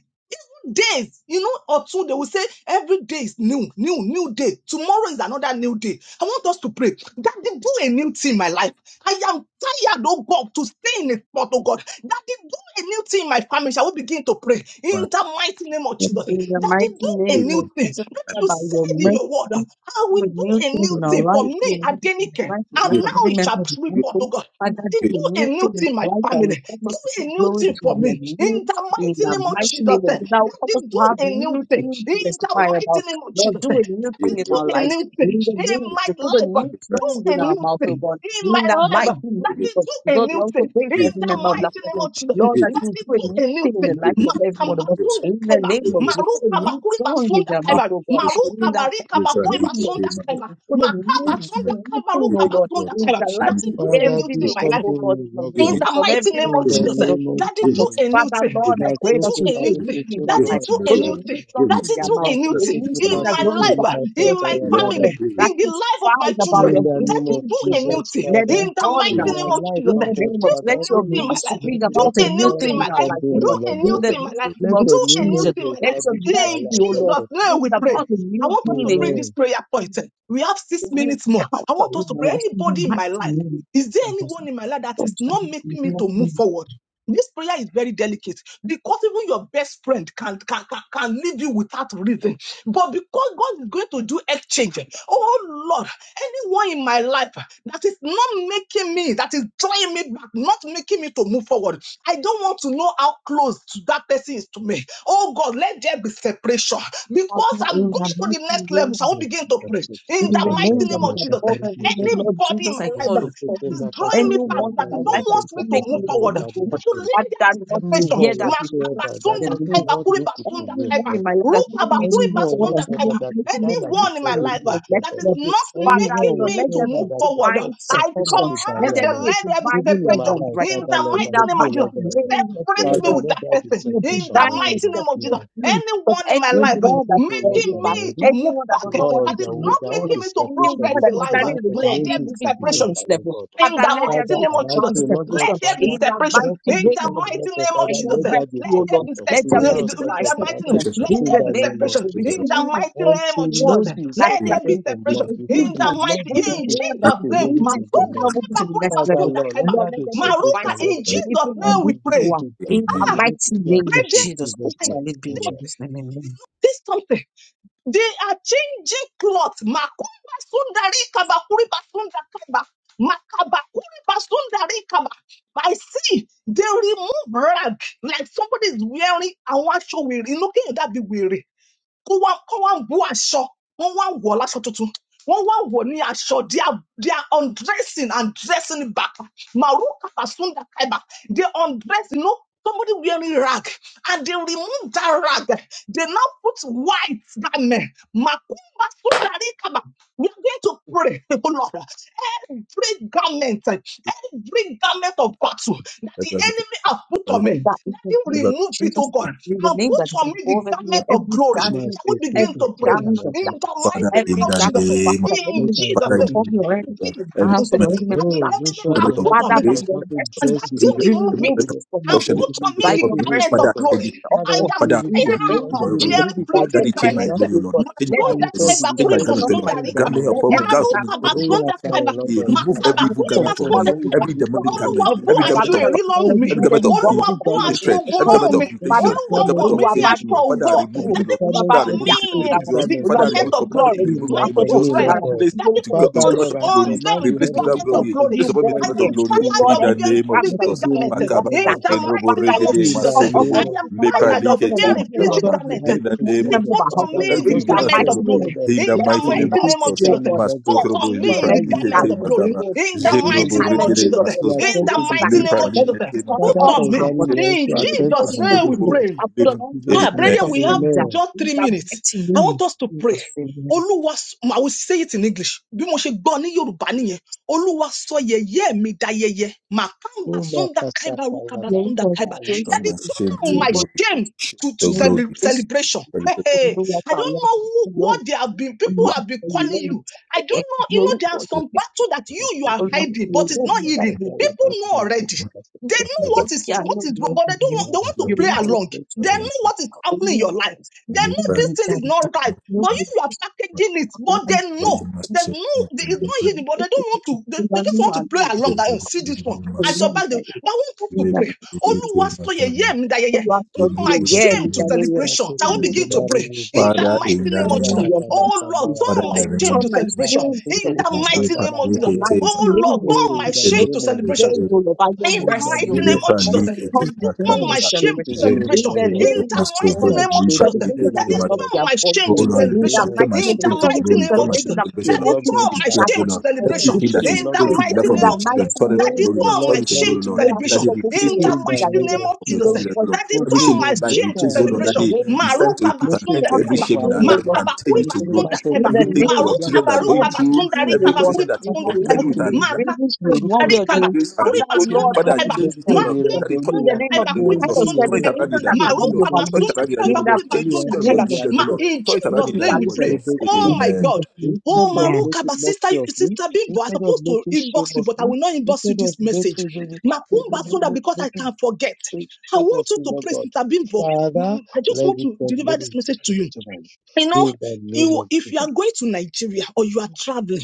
B: days, you know, or two, they will say every day is new, new, new day. Tomorrow is another new day. I want us to pray that they do a new thing in my life. I am tired, oh God, to stay in a spot, oh God. That they do a new thing in my family. Shall we begin to pray in
A: Father,
B: the mighty name of
D: In
B: Jesus?
D: the
B: That they
D: mighty
B: do
D: name
B: a
A: give
D: of
A: me
B: new thing.
D: Jesus,
B: That
D: Father,
B: you
D: by
B: said
D: your
B: in
D: mercy,
A: your
B: your word, I
D: do
B: will
D: a
B: do
D: new
B: a
D: thing
B: new
D: in our
A: family,
B: thing for
D: life, do a
B: me,
D: new thing in the
B: Adenike.
D: life, in the
B: And
D: life
A: give
D: of
A: me
B: now
D: every
B: it
D: member
B: shall
D: of the
B: be
A: your
B: forth,
D: council.
B: oh God. That
D: Father,
A: good gift,
B: they
D: do
A: give
D: a
B: do a
D: new
B: new
D: thing in
B: thing in my
D: our life
A: me
D: that
A: your
B: family.
D: will help
B: Do
D: us to
B: a
D: give
B: new
D: glory
B: thing
D: to
B: for
A: good
D: your
B: me in
D: name.
B: the
D: In
B: mighty
D: the
B: name of
D: mighty
B: Jesus.
D: name of
B: eh,
D: Jesus, that will help
B: Daddy,
D: us to
B: do
D: have
B: a new
D: new
B: thing
D: things to
B: in the
A: gift.
D: testify
B: mighty
D: about.
B: name of
D: Lord,
B: Jesus. eh,
D: do a new thing
B: Daddy,
D: in
A: Jerobo regule liparikete. Give me
B: do
A: your
D: our
A: good
B: a
A: gift,
D: lives.
B: new thing
D: In the
B: in
D: name, to
B: my
D: put a
B: life. ah,
D: new
B: Do
D: song
B: a
D: in our
B: new
D: mouth, oh
B: thing
D: God.
B: in
D: In
B: my
D: the
B: life.
D: mighty
B: ah,
D: name
B: Daddy,
D: of
B: do
D: Jesus,
B: a
D: Lord,
B: new
D: I also
B: thing
D: pray
B: in
D: for every member
B: the
D: of
B: mighty
D: Laughter
B: name
D: Zone.
B: of Jesus. eh,
D: Lord, that you
B: Daddy,
D: do a
B: do
D: new
B: a
D: thing
B: new
D: in the
B: thing.
A: give
D: life of every one of us.
A: me
B: Makambasunda
D: In the
B: kaiba,
D: name of
A: your good
D: Jesus,
B: maru
D: put a
A: gift.
D: new
B: kabakuri
D: song in
B: basunda
D: their
A: Amen.
D: mouth,
B: kaiba,
D: oh God.
B: maru
D: In their
B: kabari
D: hearts
B: kabakuri
D: forgiveness,
B: basunda
D: Jesus.
B: kaiba,
D: Put a
B: makaba
D: new, a
B: sunda
D: new
B: kaiba, ru
D: thing, oh Lord.
B: kabasunda
D: In
B: kaiba.
D: their lives,
B: Daddy,
D: in
B: do a
E: Father,
B: new
D: every
E: do
B: thing in my life
D: life, oh
E: something
D: Lord.
E: new, Lord
B: in
E: God,
B: the
D: From every
B: mighty name
E: in
B: of
E: the
B: Jesus,
D: limited
B: eh,
D: of
E: name of
D: this
B: Daddy,
D: battle.
B: do
E: Jesus.
B: a new
D: Father,
B: thing.
D: Lord, I
B: Daddy,
D: pray that
B: do
E: Nagrete
D: you
B: a
D: do a
B: new
D: new
B: thing.
E: karibu
D: thing in their
E: tuntu
B: Daddy,
D: lives.
B: do a
D: Put a
B: new
E: rakashana.
D: new
B: thing.
D: song in
B: Daddy,
D: their
B: do a
D: mouth.
B: new
D: A
B: thing
E: Nakite
D: new song
B: in
D: that
B: my
E: kipasi kwenye
B: life, ah,
D: glorifies your
B: in
E: katata
B: my
E: ya
D: name, oh
E: baba.
D: Lord.
B: family,
D: That
B: in the life of my
D: testifies about
E: In
D: your
B: children.
E: the
D: good
E: name
B: Daddy,
E: of
B: do
D: deeds, oh
B: a
D: God.
B: new
E: Jesus,
B: thing
D: Let it
E: Father,
B: in
D: be
B: the
D: done in
E: in
B: mighty
D: our
E: my
B: name of
D: lives.
E: life,
B: Jesus.
D: In
B: eh,
E: Lord
D: the
E: God,
D: name of,
B: Do a
E: Father,
D: let
B: new
D: your
E: even
B: thing in
E: in
B: my
E: this
D: mercy
B: life.
E: country,
D: bring
B: Do
D: about
E: Lord
D: a
B: a
E: God,
D: new
B: new
E: Father,
B: thing in
D: thing
E: do
B: my
D: in our
B: life.
D: life,
E: something
D: oh
E: new,
B: Do
D: God.
B: a
E: Lord
D: In
B: new
E: God.
B: thing
D: the
B: in my life.
D: name
E: Let
D: of
E: your
B: Do a new
E: newness
D: Jesus.
B: thing
E: be
B: in my
D: Let
B: life.
D: your
E: established in my
B: In
D: mercy,
E: life,
D: O
E: Lord
D: Lord,
B: Jesus'
E: God.
B: name
D: bring
B: we pray.
D: about a
B: I
D: new
B: want us to pray this
D: meaning,
E: Amen.
B: prayer
D: a
B: point. eh. We have six
D: new
B: minutes more. I
D: encounter
B: want
D: in
B: us to pray.
D: our lives. In the
B: Anybody in
D: mighty
B: my life.
D: name
B: Is there
D: of Jesus.
B: anyone in my life that
D: Father,
B: is not
D: in
B: making me to move forward? This prayer is very delicate because even your best friend can, can, can, can leave you without reason. But because God is going to do exchange, oh Lord, anyone in my life that is not making me, that is drawing me back, not making me to move forward, I don't want to know how close to that person is to me. Oh God, let there be separation
D: the
B: because
D: mighty
B: I'm going
D: name
B: to the next level. So I will
E: Thank
B: begin
E: you,
B: to pray
E: Pastor.
B: in
D: It is
B: the
D: the
E: Pastor, Pastor,
B: mighty
D: name
B: name
D: that is
B: of
E: Pastor,
B: Jesus.
D: above
E: Pastor,
D: every name,
E: Pastor.
D: Lord
B: Anybody in
D: Jesus, I
B: my life
D: call
B: that
D: upon
B: that
D: you.
B: is drawing me back,
D: Anyone in
B: that
D: my
B: don't
D: life that
B: want
D: is
B: me
D: not
B: to
D: making
B: move
D: me to
B: forward,
D: move
B: that
D: forward,
B: will
D: add
B: lead there
D: that
B: to
D: not to
B: separation.
D: hear
E: Anyone
D: that
E: whatsoever
D: relationship in
E: that
D: the
B: Makabasunda
D: name of
E: doesn't
B: kaiba,
E: want
D: Jesus.
E: me to
B: kuribasunda
E: progress,
D: Anyone
B: kaiba,
D: in
E: Lord
D: my life
E: God.
D: that's not making
B: rukaba,
D: me to move
E: Anyone
D: forward,
B: kuribasunda
D: that's not
B: kaiba.
E: whatsoever
D: making
E: that is
D: making me
E: stand
D: to
E: as a
D: move
B: Anyone in
D: to
B: my
E: stumbling
B: life uh,
D: the
E: block, Lord
D: next
B: that
E: God.
B: is
D: level.
B: not
D: Father,
E: Anyone
B: making
D: Lord,
B: me
D: let
B: to
D: there
E: whatsoever
B: move
D: be a
E: that is
B: forward,
E: that
D: divine
B: I
E: stand as a
D: separation. Let
B: command
E: barrier,
D: there
B: the
E: Lord.
D: be a
B: let there be
D: divine
E: Even in my
B: separation
D: severance
E: life,
D: right
B: in
D: now.
E: Father
B: the
E: Lord,
D: In
E: I
B: mighty
D: the
B: name
E: pray,
B: of Jesus.
E: Lord
D: mighty
E: God.
D: name of
B: Separate me
E: Father,
D: Jesus,
B: with
E: Lord,
B: that
E: that
D: I
E: is
B: person
D: see a
B: in
E: separation,
B: the
E: Lord
D: divine
E: God,
B: mighty
E: in
B: name of Jesus.
E: Jesus.
D: separation from
B: Anyone in my
E: Same
B: life uh,
E: thing
D: anyone
E: happens
D: that's
E: to life
D: very
B: making
E: and
D: bad
B: me
E: love.
B: to move
D: Anyone that
B: back.
D: does not want
E: Lord,
B: That
D: me
B: is
D: to
E: there wa-
D: move
B: not
E: there was
D: forward,
B: making
E: a
B: me to
E: separation
D: anyone
B: progress in
D: that is
E: before
B: life.
E: the life
D: standing in the
E: of
D: way of
B: Let
D: me
B: there be
E: Moses
D: moving
E: could
D: to
E: be
D: my
B: separation.
D: next
E: better, Lord
D: level,
E: God.
B: In the
D: Father, let there
E: Father,
B: mighty
D: be
B: name
E: and
B: of
E: I
B: Jesus,
D: divine
E: pray, Lord
B: let
E: God,
D: separation
B: there be
E: Father,
D: in the
B: separation.
E: don't
D: mighty
B: In
E: such a
B: the
D: name of
E: person,
B: mighty
E: Lord
D: Jesus.
E: God,
B: name of
D: I
E: Father,
B: Jesus,
D: will
B: let
E: let there be a
D: rescue, O
B: there
D: Lord.
B: be
E: separation.
B: se-
D: Let there
B: the,
E: Prepare
D: be a
E: us,
B: the-
E: Lord
D: divine
E: God,
B: the mighty
E: Father,
B: name.
D: separation
B: Let
D: in
E: in
B: there
D: the
B: be
E: the
D: name
E: name
D: of
E: of
B: separation.
D: Jesus.
B: In
D: Between
E: Jesus.
B: the
D: you and
B: mighty name of
E: Until
B: Jesus,
E: Moses
D: everyone
E: is
D: that,
B: let there
D: that
B: be
E: separated
D: is
E: from
D: is
E: Lord,
B: separation.
D: a
E: before
B: In
E: the
B: the
D: hindrance,
E: Lord
B: mighty
E: begins
B: in
E: to
D: anyone
E: speak
D: that
B: Jesus'
D: is
E: to
D: the
B: name,
E: Moses
D: reason for
E: again,
D: me
B: Masunda
E: Lord.
D: not moving
B: Kaiba
D: to the
B: Kuri
D: next
E: Father,
D: level,
B: Basunda
E: Lord, let
B: Kaiba.
D: Lord,
E: there be
D: let
E: a
D: there be a
E: separation,
B: Maruka,
D: divine
E: Lord
B: in Jesus'
E: God,
D: separation even in
E: and
B: name we
D: this
E: we begin
B: pray.
D: hour.
E: to, uh,
D: In the
E: we
B: Ah,
E: begin to
D: mighty
E: see
D: name of
E: afresh
B: brethren,
E: in
D: Jesus,
E: Jesus'
D: oh,
B: I
E: name.
D: shall it be in
E: Amen.
B: see
D: Jesus' name. Amen.
B: something. They are changing cloth. Makumba sundari kaba kuri basunda kaba. Makaba kuri sundari kaba. I see they remove rag like somebody is wearing a one show weary. Looking at that be weary kó wá kó wá bú aṣọ wọ́n wá wọ̀ láṣọ tuntun wọ́n wá wọ̀ ní aṣọ they are they are undressing and dressing it back maruka kasunda kaiba they undress you know somebody wearing rag and they remove that rag they now put white garment makumba sundari kaba we are going to pray (laughs) oh lord every garment every garment of battle that the enemy has put on
D: of
B: me
D: that in
B: that
D: the
B: he
D: name of
B: remove it oh
D: Jesus,
B: god
D: in the
B: and
D: name that
B: put
D: is
B: on me the
D: above every name,
B: garment of
D: every
B: glory.
E: My
D: garment,
B: Shall we
E: people,
B: begin
D: every
B: to pray
D: garment of
B: in
D: that,
B: the mighty
A: Father,
E: to
A: in
B: name
D: every
B: of
A: the
B: Jesus?
D: garment of
A: name
D: battle that the
B: In
E: You
D: enemy has
E: can
B: Jesus'
A: Father,
E: go
D: put
A: in
E: to
B: name,
D: upon
A: the
D: me
E: me.
D: or anything
A: name of Jesus,
B: every
D: in my
A: every
B: garment that
D: household or
A: moment of
D: any member
E: No,
D: of
B: the
D: that
B: enemy
E: Joshua
D: household.
B: has
A: every
E: the
A: moment of
B: put
E: high
B: on me.
D: Father,
E: priest
D: by
A: disgrace,
E: was
D: your
A: every
E: also
A: moment
D: mercy,
A: of
B: And that
E: dressed in
B: you
E: a
A: failure,
B: remove
A: every
E: in
B: it
D: remove
E: in
A: moment of
D: it from my
B: and
E: a
A: social
E: in a
B: put
D: body.
E: in
B: on me
A: space
E: a
D: By
A: upon
B: the
D: your
A: me,
E: dirty way,
B: garment
D: mercy,
E: Lord
A: Father,
B: of
E: God.
A: change it
B: glory.
E: Why
B: I
E: don't
D: Oh,
B: am
E: you
A: Father,
E: you
D: in
E: give
A: remove
D: the
A: it.
E: you
D: name
B: tired
E: also
A: Remove
B: of
D: of
A: it,
E: you
A: Lord.
D: Jesus,
B: wearing
E: remove it,
D: by
E: Lord
D: your
E: God,
A: Daddy,
B: fleeting
A: change
D: breath,
A: my
E: Father?
B: garments.
A: glory, O
D: oh
A: Lord.
D: God,
A: Change my
D: let
E: I
A: garment,
D: it be
B: Masunda
E: you
A: O Lord.
E: will
B: kaiba
E: be
A: Change
D: still
B: kuri
A: my
E: dressed
D: torn
A: garment, O
D: off
E: in a
D: by
B: masunda
A: Lord.
E: clean
D: God.
A: Grant
B: rikaba.
A: me
E: garment
D: Let
A: upon me,
E: because
D: every
A: grant upon me
B: Maruka
D: garment
E: the
A: garment
D: of
A: of
E: day
A: glory.
B: masunda
D: of-
E: after
B: kaiba.
E: a lot
D: let
A: He
E: of
A: remove
E: Father.
B: Makaba
A: every evil
D: every
B: kuri
D: garment of-
E: That
A: garment
E: was
A: from
D: that
B: masunda
A: me,
E: when you
B: kaiba.
A: every
D: represents
E: begin to
A: demonic
D: wrath,
E: relate
B: Olúwa
E: with
A: garment,
D: every
B: bó
E: his
A: every
B: aṣọ
A: garment
E: Father.
D: garment
A: of
D: that
B: èrí lọ́rùn
A: vanity,
B: mi.
A: every
E: Every,
D: represents
A: garment
D: every
A: of
D: walk
B: Olúwa
A: fear,
D: of
E: every
B: bó
A: eh,
E: garment
D: darkness
B: aṣọ
D: is
E: of
A: hatred,
B: ogun
A: every
E: shame,
D: before
A: garment
B: lọ́rùn
D: thee.
B: mi.
A: of
E: every
A: mutation,
B: Olúwa
D: Father,
A: every
B: wọ̀
E: garment
A: garment of
E: of
D: you
B: mí
D: are
B: ní
A: failure.
D: bad.
B: aṣọ
E: desolation,
B: ògo.
A: Father, remove
D: Jọ́kúrò
A: it, O
E: every
B: Daddy
A: Lord.
D: you are
B: put
E: garment,
D: bad
A: Father,
B: on
D: mi
A: remove
D: yá
B: me
E: every
A: it in the
D: kúrò
A: name of
E: filthy
D: lára mi,
A: Jesus.
B: the
E: garment,
D: olúwa
A: Father,
E: Lord
D: jẹ́
B: garment
A: remove,
D: kí
E: God,
B: of
D: iná
A: command it
B: glory.
A: to
D: rẹ̀
A: be
E: in
D: jó
A: removed in
B: My
E: my
A: the
D: aṣọ
A: name of
E: and
D: náà
A: Jesus.
E: me,
D: kúrò
B: children,
A: And
E: Lord
D: lára mi,
E: God.
A: replace
B: Daddy
A: it
D: lórúkọ
A: with God-
B: put
A: with
E: Father,
B: on, the,
A: garment
D: Jésù
E: Lord, I
A: of
B: on
D: Kristì.
A: glory.
E: command the
B: them the
A: Replace
D: Even
A: with God
E: heavenly
B: garment of
D: myself,
E: host
A: glory.
E: to
B: glory.
D: only
A: Place upon
D: one
A: me
E: destroy
A: the
B: I
E: it
A: garment
D: here.
B: am
A: of
E: in
A: glory
D: Oh
E: Jesus'
D: Lord,
A: in
B: tired of
A: the
E: name.
D: every
B: wearing
A: name of
D: garment
E: Let
D: that
B: fleeting
E: it
A: Jesus.
E: be
D: represents
B: garments
D: the
B: eh,
E: removed,
D: walk
A: Makaba,
D: of
E: Lord
B: in
D: darkness,
B: the
E: God.
A: Shenrobo,
B: mighty
D: Father,
B: name
D: let
B: of
D: it
A: Regede,
D: be
E: In
B: Jesus.
E: the
D: out
B: eh.
D: of
B: I
A: Masodrobo,
E: name of
D: every
B: am
D: member,
A: Lepa,
D: bless
B: tired
E: Jesus.
D: us
B: of
A: Leke,
D: in every
A: Te,
D: member
B: wearing
D: of our
B: fleeting
E: Joshua
A: Matababa.
E: the
D: household,
B: garments.
E: high
A: In
D: in
A: the
B: Then
E: priest,
D: every
A: name
B: they
E: Lord
A: of
D: member
E: God,
D: of
B: put
D: our
A: Jesus.
B: on
E: Father,
D: household,
B: me
A: That
E: was
A: will
D: in
A: fill
B: the
E: also
A: you
D: the
E: the
A: out
B: garment
A: of
D: mighty
E: first,
B: of
D: name
A: glory.
E: Lord
D: of
B: glory
A: In
D: Jesus.
E: God,
B: in
A: the
D: Let
B: the
E: in
D: the
A: mighty
E: a
A: name of
B: mighty name
E: filthy
B: of
D: mercy,
A: Jesus.
D: O
B: Jesus. eh.
E: garment,
D: God,
E: Lord God.
D: set
B: Put
D: us
A: Masotrobo,
B: on
D: free from
B: me
A: Lepa,
E: Father,
B: the
D: every
E: you
A: Leke,
B: garment
A: Te,
B: of
D: garment of
E: interceded,
B: glory
A: Mataba.
D: God,
B: in the
E: you stood
D: every
E: in
B: mighty
E: the
A: Jendrobo,
B: name
D: garment,
B: of
E: gap,
D: O
A: Regere,
B: Jesus.
D: Lord,
B: eh.
D: that
E: you
D: represents
B: In
D: the
E: attend
A: Masotrobo.
E: to
D: loss
B: the
D: of
E: the
B: mighty
E: faith,
D: darkness.
B: name
A: Lepa,
B: of
E: Lord
D: Let
E: God.
B: Jesus.
D: it
A: Leke,
D: be
B: eh.
A: Te,
D: torn
E: Father,
B: Put
D: off
A: Matababa.
B: on
D: our
B: me.
E: concerning
A: Jendrobo,
E: me,
D: body
E: also
B: In
D: in the
A: Regere,
E: attend
B: Jesus'
E: to my
D: name of
B: name we
E: faith,
D: Jesus.
A: Masotrobo.
E: Lord.
B: pray.
D: And put
E: In
A: Lepa.
D: on every
E: Jesus'
B: Ah,
D: garment
E: name,
B: brethren,
D: of
A: Amen.
B: we have
D: praise uh,
E: amen.
B: just
D: in
B: three
D: the
B: minutes.
D: mighty
B: I
D: name
B: want
D: of
B: us to pray.
D: Jesus. Amen.
B: Olúwa, s- I will say it in English. Bí mo ṣe gbọ́ ní Yorùbá nìyẹn. Olúwa sọ yẹ̀yẹ́ mi dayẹyẹ. Màkàmbà
E: Kuma
B: Sunda
E: kasa
B: Kaiba Rukaba
E: kayaba.
B: Sunda
D: Lórúkọ
B: Kaiba.
E: Ah, you
B: That
A: Turn
E: go
D: Jésù
B: is
A: my
E: to
D: Kristi,
A: shame
E: church,
A: to
B: turn
E: but
B: my
D: lórúkọ
A: glory.
B: shame
D: Jésù,
A: Shame
B: to, to
A: to
D: lórúkọ
B: celeb-
A: glory.
D: Jésù,
B: celebration. Hey, hey.
D: olúwa
B: I
D: tó
B: don't
D: àwọn
B: know who,
D: ọmọ
B: what they have been,
D: when
B: people
D: you are
B: have been calling you. I don't
D: praying,
B: know, you
D: you
B: know,
D: look
B: there are
D: for
B: some
D: this
B: battle that you,
E: not
B: you
E: to
B: are
D: people must
E: it,
B: hiding,
D: be
E: you
B: but
E: should
B: it's
E: go
B: not
D: ready
E: to
D: that
B: hidden.
E: church,
D: you do
E: I
B: People
D: this
E: have to
B: know
E: go
B: already. They know
D: to
B: what
D: get
A: Matababa,
B: is
D: your
B: what is wrong, but they don't want
D: money.
B: they
E: Mark,
B: want to
D: You
B: play
E: you
A: Matababa.
E: can't
D: look
B: along.
E: speak
B: They
E: to
B: know
E: Mark,
B: what is
D: for
B: happening in your
D: only
B: life.
D: this
B: They know
A: Lepa,
B: this
D: people
B: thing is
D: that
A: Leke,
D: you
B: not right.
A: Te,
D: look
B: But
D: for
B: if you are
D: this
B: packaging it,
D: people
B: but
D: and
B: they
D: for
B: know.
D: this
B: There's no, there is no
A: Matababa.
B: hidden, but they don't want
D: people.
B: to, they,
D: You
B: they
D: are
B: just
D: new
B: want to
D: and
B: play
D: new.
A: Father,
B: along that and
A: in
B: see this one.
D: For the
B: At
A: the
B: your
D: money
B: back, they,
D: that
B: but I want to
D: you
A: name
D: have
B: pray.
D: to see.
B: Only so
A: of
B: ye ye mi da ye ye.
D: You are for
B: Turn my
D: the year,
B: shame
D: me
B: to
D: that
B: celebration.
E: Mato
B: I will
E: kutu
D: you.
B: begin to
E: mari
B: pray in
E: muzunto
B: the
A: Father,
B: mighty
E: kutu
A: in
B: name of
D: Lord,
E: kubra
D: by
A: the
B: Jesus.
D: your
E: kata
B: Oh
E: mashamba
B: Lord,
D: mercy,
E: ya
B: turn
D: that
E: baba.
B: my
D: you
B: shame
A: name
D: turn
B: to
A: of
D: my
B: celebration
D: shame to
B: in
E: Makasituru
B: the
D: celebration.
E: kashanda
B: mighty name of
D: In
B: Jesus.
D: the
E: makasete.
D: mighty
B: Oh Lord,
D: name of
E: Oh,
B: turn my
E: in
D: Jesus,
E: the
B: shame to
E: name of
D: even
B: celebration
D: again,
E: Jesus.
D: O
A: Jesus,
D: Lord, by
E: Christ.
D: your
B: in the
E: In the
D: mercy,
B: mighty
D: O
E: name
B: name
E: of
B: of
A: Lepa
D: that
B: Jesus,
E: Jesus.
D: you
A: leke te makabendo, lepa leke
E: Christ.
A: te
B: that
D: turn my
B: you
E: Turn
B: turn
D: shame
E: my
B: my
D: to
A: makababa,
E: shame
B: shame to
E: to
D: celebration.
A: jendo
E: glory,
B: celebration.
D: In
E: Lord
D: the
A: leke
E: God.
A: te
B: In
D: name
B: the
D: of Jesus,
A: masto,
E: Turn
B: mighty
D: turn
E: my
D: it
B: name
D: to
B: of
E: shame
A: lepa
B: Jesus,
E: to
A: leke
D: celebration
E: glory,
B: that
D: that
A: te
B: you
E: Lord
D: cannot
A: makababa,
E: God.
D: be
B: turn my shame
A: Oh
D: avoided.
B: to
E: In the
A: Lord,
D: In
A: in the name
B: celebration.
E: name
D: the
E: of
A: turn
D: mighty
A: my
D: name
B: In
D: of
B: the
A: shame
D: Jesus,
E: Jesus.
A: to
D: turn it
B: mighty
E: Christ.
D: to
A: glory.
B: name
A: Turn
B: of
A: my shame
D: celebration
B: Jesus,
E: Every
A: to
D: that
A: celebration,
B: that
E: shame,
B: you
D: all
A: Lord.
E: Lord God,
D: people
B: turn
A: In
D: to
B: my
A: prayer,
E: Father.
B: shame
A: dear
D: gather
B: to
A: Lord.
D: and
B: celebration.
E: Every
D: celebrate
A: Everything that
E: shame,
A: is
B: In
D: with
E: Lord
B: the
D: you.
E: God,
A: shameful in the
B: mighty
A: life
D: In
A: of
E: Father,
B: name
D: the
A: your
B: of
E: my
B: Jesus,
A: children,
E: Lord,
D: mighty
A: turn them
B: that
E: Father.
A: to
B: you
D: name
A: glory,
D: of
A: Lord.
B: turn
E: Lord,
A: Turn it
B: my
A: to
D: Jesus,
E: come
A: glory,
B: shame to
E: to
A: Lord.
D: we
E: your
D: are
A: That
B: celebration.
A: they
E: glory.
D: celebrating
A: replace
B: In
D: your
B: the
E: In
A: every
E: the
D: kingdom,
B: mighty
A: shame in
E: name
D: your
B: name
A: the
E: of
B: of
A: life of your
B: Jesus,
D: kingdom,
E: Jesus.
B: that
A: children,
E: Christ.
A: oh
D: your
A: Lord.
B: you
D: kingdom,
A: Every
E: Gbogbo
B: turn
A: shame in
D: your
B: my
A: their
D: kingdom.
A: life,
E: yẹ̀yẹ́
B: shame
E: tí
B: to
E: àwọn
A: replace, oh
D: In
A: Lord.
D: the name
E: ènìyàn
D: of
A: That
B: celebration.
E: kan
A: they,
E: fi
D: Jesus,
E: ń
A: it's
E: ṣe.
A: time to
B: Maruka
E: Ó
A: put an
E: pè é
A: end
B: basunda
A: to
D: all my
A: every
B: kaba,
E: péjọpọ̀
A: shame in
E: àwọn
A: our
D: shame, O
A: life
D: Lord,
E: ènìyàn
A: and turn
B: makabakuri
A: you
D: in
A: to
B: basunda
A: glory.
E: nípasẹ̀
B: kaba,
D: the
E: tèmi
A: Everything that
E: láti
D: name
A: our
D: of
B: maruka
D: Jesus.
E: láti
A: children are
E: ṣe
A: going
B: baruka
E: láti
A: through,
E: ní
B: basunda
E: ìfẹ́
D: Everything,
B: rika
D: O
A: every
E: ọ̀fẹ́
D: Lord,
A: Christian
B: bakuri
A: that is
D: in
E: láti
D: my
B: basunda
E: fi mí
D: life,
A: contending
B: kaba,
E: ṣe
A: with
D: I've
A: our
D: been
A: life,
E: yẹ̀yẹ́
D: bringing
E: ní orúkọ
D: one way or the
B: maka
D: other.
A: grace
E: jésù
A: and
B: Kuri
D: Father,
A: reproach.
D: Lord,
B: basunda
E: olúwa
A: Father,
D: turn
E: ti
B: kaiba.
D: it
E: lọ
D: to
A: change this,
E: fún
A: O
E: ẹ̀mí
A: Lord.
E: rẹ
B: Makum
D: celebration.
A: That
E: gbọ́
A: it turn
D: In
B: basunda
D: the
E: olúwa
D: name
A: it
D: of
B: kaiba.
A: in the
E: kó
D: this
A: name
B: Kuri
A: of
D: kind
E: gbó
A: Jesus.
D: of
B: basunda
A: Turn it
E: yẹ̀yẹ́
B: kaiba.
E: kí
A: around
E: a
A: in
D: celebration
A: the
D: that
E: gbé
A: name
E: ní
A: of
D: cannot be
A: Jesus.
B: Maruka
E: orúkọ
A: Turn it
D: overlooked.
B: basunda
E: jésù
A: around in the name
B: kaiba.
D: In
A: of
D: the
A: Jesus.
B: Kuri
A: Change the
D: mighty
E: olúwa
B: basunda
A: situation of
E: sọ
A: your
B: kaiba.
D: name
E: di
D: of
A: children, O
B: Ma
D: Jesus,
A: Lord.
E: ayẹyẹ
B: in
A: Turn it
E: let
A: around
B: Jesus'
D: it
A: in the
B: name
E: people
D: shall
B: we
A: name
D: it
A: of
D: be
B: pray.
A: Jesus.
E: celebrate me
B: Oh
D: in
E: love
B: my
A: Amen.
D: Jesus'
B: God.
D: name.
B: Oh
E: instead of
B: Maruka,
E: making
B: but sister,
E: mockery of me
B: sister Bimbo, I
E: instead of
B: supposed to
E: making shame
B: inbox you,
E: of
B: but I
E: me
B: will not inbox you
E: instead of
B: this message.
E: making making
B: Makum
E: making
B: basunda because
E: making
B: I
E: making
B: can forget. I
E: shame of
B: want you
E: me
B: to
E: lord
B: pray,
E: god
B: Sister Bimbo.
E: father
B: Mm, I just
E: let
B: want
E: me
B: to
E: come
B: deliver
E: let me
B: this message to
E: speak
B: you
E: to
B: you know,
E: in the name
B: you
E: of
B: if you are
E: jesus
B: going to Nigeria or you are traveling,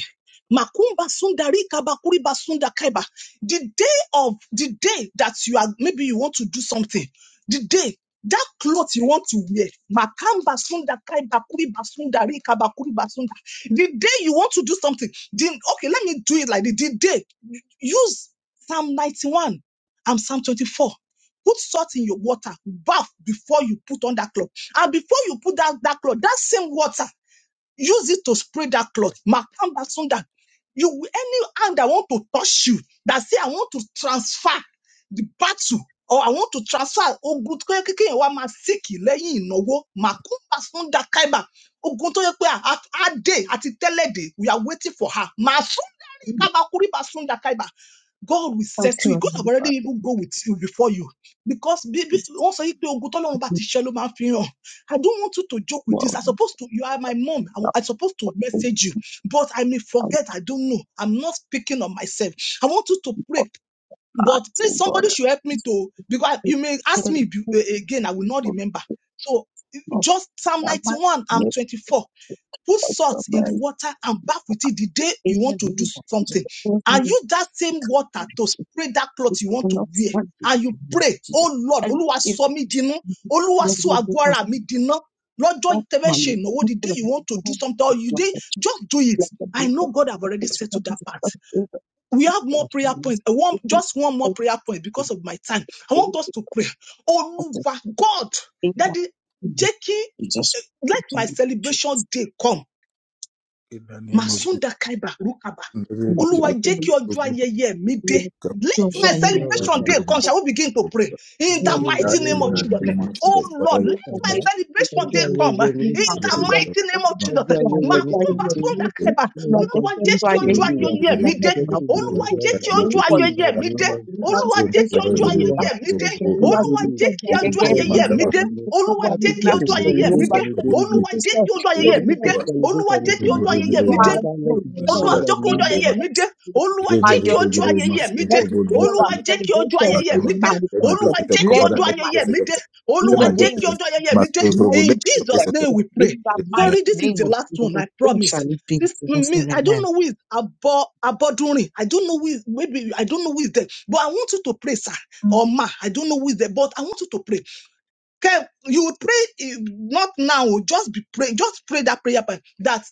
B: Makumba Sunda Rikaba Kuriba Sunda Kaiba, the day of the day that you are maybe you want to do something, the day that cloth you want to wear, Makamba Sunda Kaiba Kuriba Sunda Rikaba Kuriba Sunda, the day you want to do something, the, okay, let me do it like this, the day use Psalm 91 and Psalm 24. Put salt in your water, bath before you put on that cloth. And before you put down that cloth, that same water, use it to spray that cloth. Makamba sunda. You any hand that want to touch you, that say I want to transfer the battle, or I want to transfer ogun tó yẹ kékeré wa máa síkì lẹ́yìn ìnáwó. Makamba sunda kaiba. Ogun tó yẹ pé a a dé àti tẹ́lẹ̀dẹ̀, we are waiting for her. Masunda rí
D: Amen.
B: kabakuri basunda kaiba. God will
D: Thank
B: settle
D: you,
B: you. God have
D: Heavenly
B: already
D: Father.
B: even go with you before you. Because bí bí wọ́n sọ yí pé ogun tọ́lọ́run bá ti ṣẹ́ ló máa ń fi hàn I don't want you to joke with this.
D: Well,
B: I supposed to, you are my mom. I, I supposed to
D: we thank you
B: message you, but I may
D: for
B: forget. I don't know. I'm not speaking on myself. I want you to pray
D: that,
B: but please,
D: oh God.
B: somebody should help me to because
D: We
B: you may ask
D: thank
B: me
D: you
B: be- a- again, I will not
D: for
B: remember. So eh,
D: that.
B: just Psalm 91, I'm
D: make
B: 24. Put
D: us
B: salt
D: your
B: in the
D: mercy.
B: water and bath with it the day you want to do something. And use
D: Amen.
B: that same water to spray that cloth
D: It's
B: you want to
D: not
B: wear.
D: one
B: And you pray,
D: Jesus.
B: oh Lord,
D: And
B: Olúwa
D: if
B: sọ mí dinú, Olúwa
D: you
B: sọ àgọ́
D: because
B: ara mi dinú. Lọ́jọ́
D: not
B: tẹ́fẹ́ ṣe
D: money,
B: ìnáwó,
D: not
B: the
D: for
B: day
D: the
B: you want to do something, or you
D: blood
B: day,
D: of Jesus,
B: just do it.
D: like the
B: I
D: blood of
B: know God have
D: Jesus,
B: already
D: it's for
B: settled that part
D: of Jesus,
B: we
D: it's
B: have more
D: for the
B: prayer points.
D: beast,
B: I want
D: it's
B: just one
D: for
B: more
D: the
B: prayer point
D: beast,
B: because of my time. I want us to pray. Oh,
D: the
B: God,
D: thing
B: that
D: that
B: the
D: we do.
B: Jackie,
D: Jesus,
B: let
D: it's for
B: my
D: the
B: celebration day come.
A: In the name of Jesus.
B: Masunda Kaiba Rukaba.
A: In the name of
B: Oluwa
A: Jesus.
D: like to
B: jẹ́ kí ọjọ́ ayẹyẹ mi dé.
D: you
B: Let
D: feel who
B: my
E: Olúwa
B: celebration
E: bàbá
B: day come. Shall we begin to pray? In
D: Yes,
B: the
E: lárí in
D: that's
E: the
B: mighty
A: Father,
D: the
B: name
E: name
A: in the
B: of
E: of
B: Jesus.
A: name of
E: Jesus.
D: thing.
B: Oh
A: Jesus. Father,
B: Lord,
A: in
D: Being
B: let my
E: Bàbá
D: subject to
B: celebration
E: ọjọ́
B: day
D: the
B: come.
E: ayẹyẹ mi
D: being
E: ti
B: In
A: the
E: dé.
D: harmful
B: the
D: them.
B: mighty name of
A: name
B: Jesus.
E: Ọjọ́
D: Yeah,
E: ayẹyẹ
D: that's
E: mi
D: why
E: ti
B: Makumba
D: we are
E: dé.
A: of
B: Sunda
D: beautiful.
B: Kaiba.
E: Ní
A: Jesus.
D: Not
E: orúkọ
D: just
B: Oluwa
D: for
B: jẹ́ kí
E: Jésù
D: trying
A: Let
B: ọjọ́
D: to
A: my job
E: Olúwa
D: be
A: is
B: ayẹyẹ mi
D: not
B: dé.
E: jẹ́ kó
D: about.
A: must go
E: mọ
A: through.
B: Oluwa
E: mi
D: Okay,
B: jẹ́ kí
E: lọ́wọ́.
D: very
B: ọjọ́
E: In the
B: ayẹyẹ
D: positive
B: mi
D: to
B: dé.
E: name of
D: be. I'm
B: Olúwa
E: Jesus.
B: jẹ́
D: super
B: kí
D: sorry
B: ọjọ́
D: that
E: Olúwa
B: ayẹyẹ mi
D: that's it.
B: dé.
E: ọjọ́
D: We are
E: gbogbo
B: Olúwa
E: ni
D: just for
B: jẹ́ kí
D: trying
B: ọjọ́
E: ọjọ́
D: every
B: ayẹyẹ
E: ayẹyẹ
B: mi dé.
D: every
E: tèmi.
D: single
B: Olúwa
E: I
D: one
B: jẹ́
D: in
B: kí
D: the
E: begin to
D: after
B: ọjọ́
D: the
B: ayẹyẹ
D: new
B: mi
E: celebrate
B: dé.
E: on
D: one.
E: a
D: That's
E: daily
D: how it
B: Olúwa
E: basis.
D: is.
B: jẹ́ kí ọjọ́
E: I
D: You
B: ayẹyẹ mi
E: begin
D: are
B: dé
E: to
D: subject
E: celebrate
D: to
B: olúwa
E: on
D: be.
E: a
B: jẹ́ kí
E: daily
B: ọjọ́ ayẹyẹ
E: basis.
B: mi
D: You
B: dé
D: are
E: Father, let it be
D: you
E: so
D: are
B: olúwa
E: in the
B: jẹ́ kí
D: being
B: ọjọ́
E: name
D: your
B: ayẹyẹ mi dé
D: best.
B: olúwa
D: By
B: jẹ́ kí
D: your
B: ọjọ́
D: best,
B: ayẹyẹ mi dé
D: let the day of our
B: olúwa jẹ́ kí ọjọ́
D: celebration
B: ayẹyẹ
D: be
B: mi dé
D: manifested.
B: olúwa jẹ́ kí
D: Let
B: ọjọ́
D: him right
B: ayẹyẹ mi dé
D: in
A: Let
B: olúwa
D: the
A: my
B: jẹ́
A: job
D: name
A: is
B: kí
A: a
D: of
A: job.
B: ọjọ́ ayẹyẹ
D: Jesus.
B: mi dé
D: Let
B: in
D: him
B: jesus
D: respect
B: name
D: him.
B: we pray
D: in the mighty
A: Amen.
B: sorry this is
D: name
B: the
D: of
B: last
D: Jesus.
B: one
D: And
B: i
D: so
B: promise.
D: shall it be. In
B: This,
D: Jesus'
B: me,
D: name,
B: I don't
D: amen.
B: know who is abo, Abodunrin. I don't know who is, maybe, I don't know who is there. But I want you to pray, sir, or ma. I don't know who is there, but I want you to pray. Okay, you will pray, eh, not now, just be pray, just pray that prayer point. that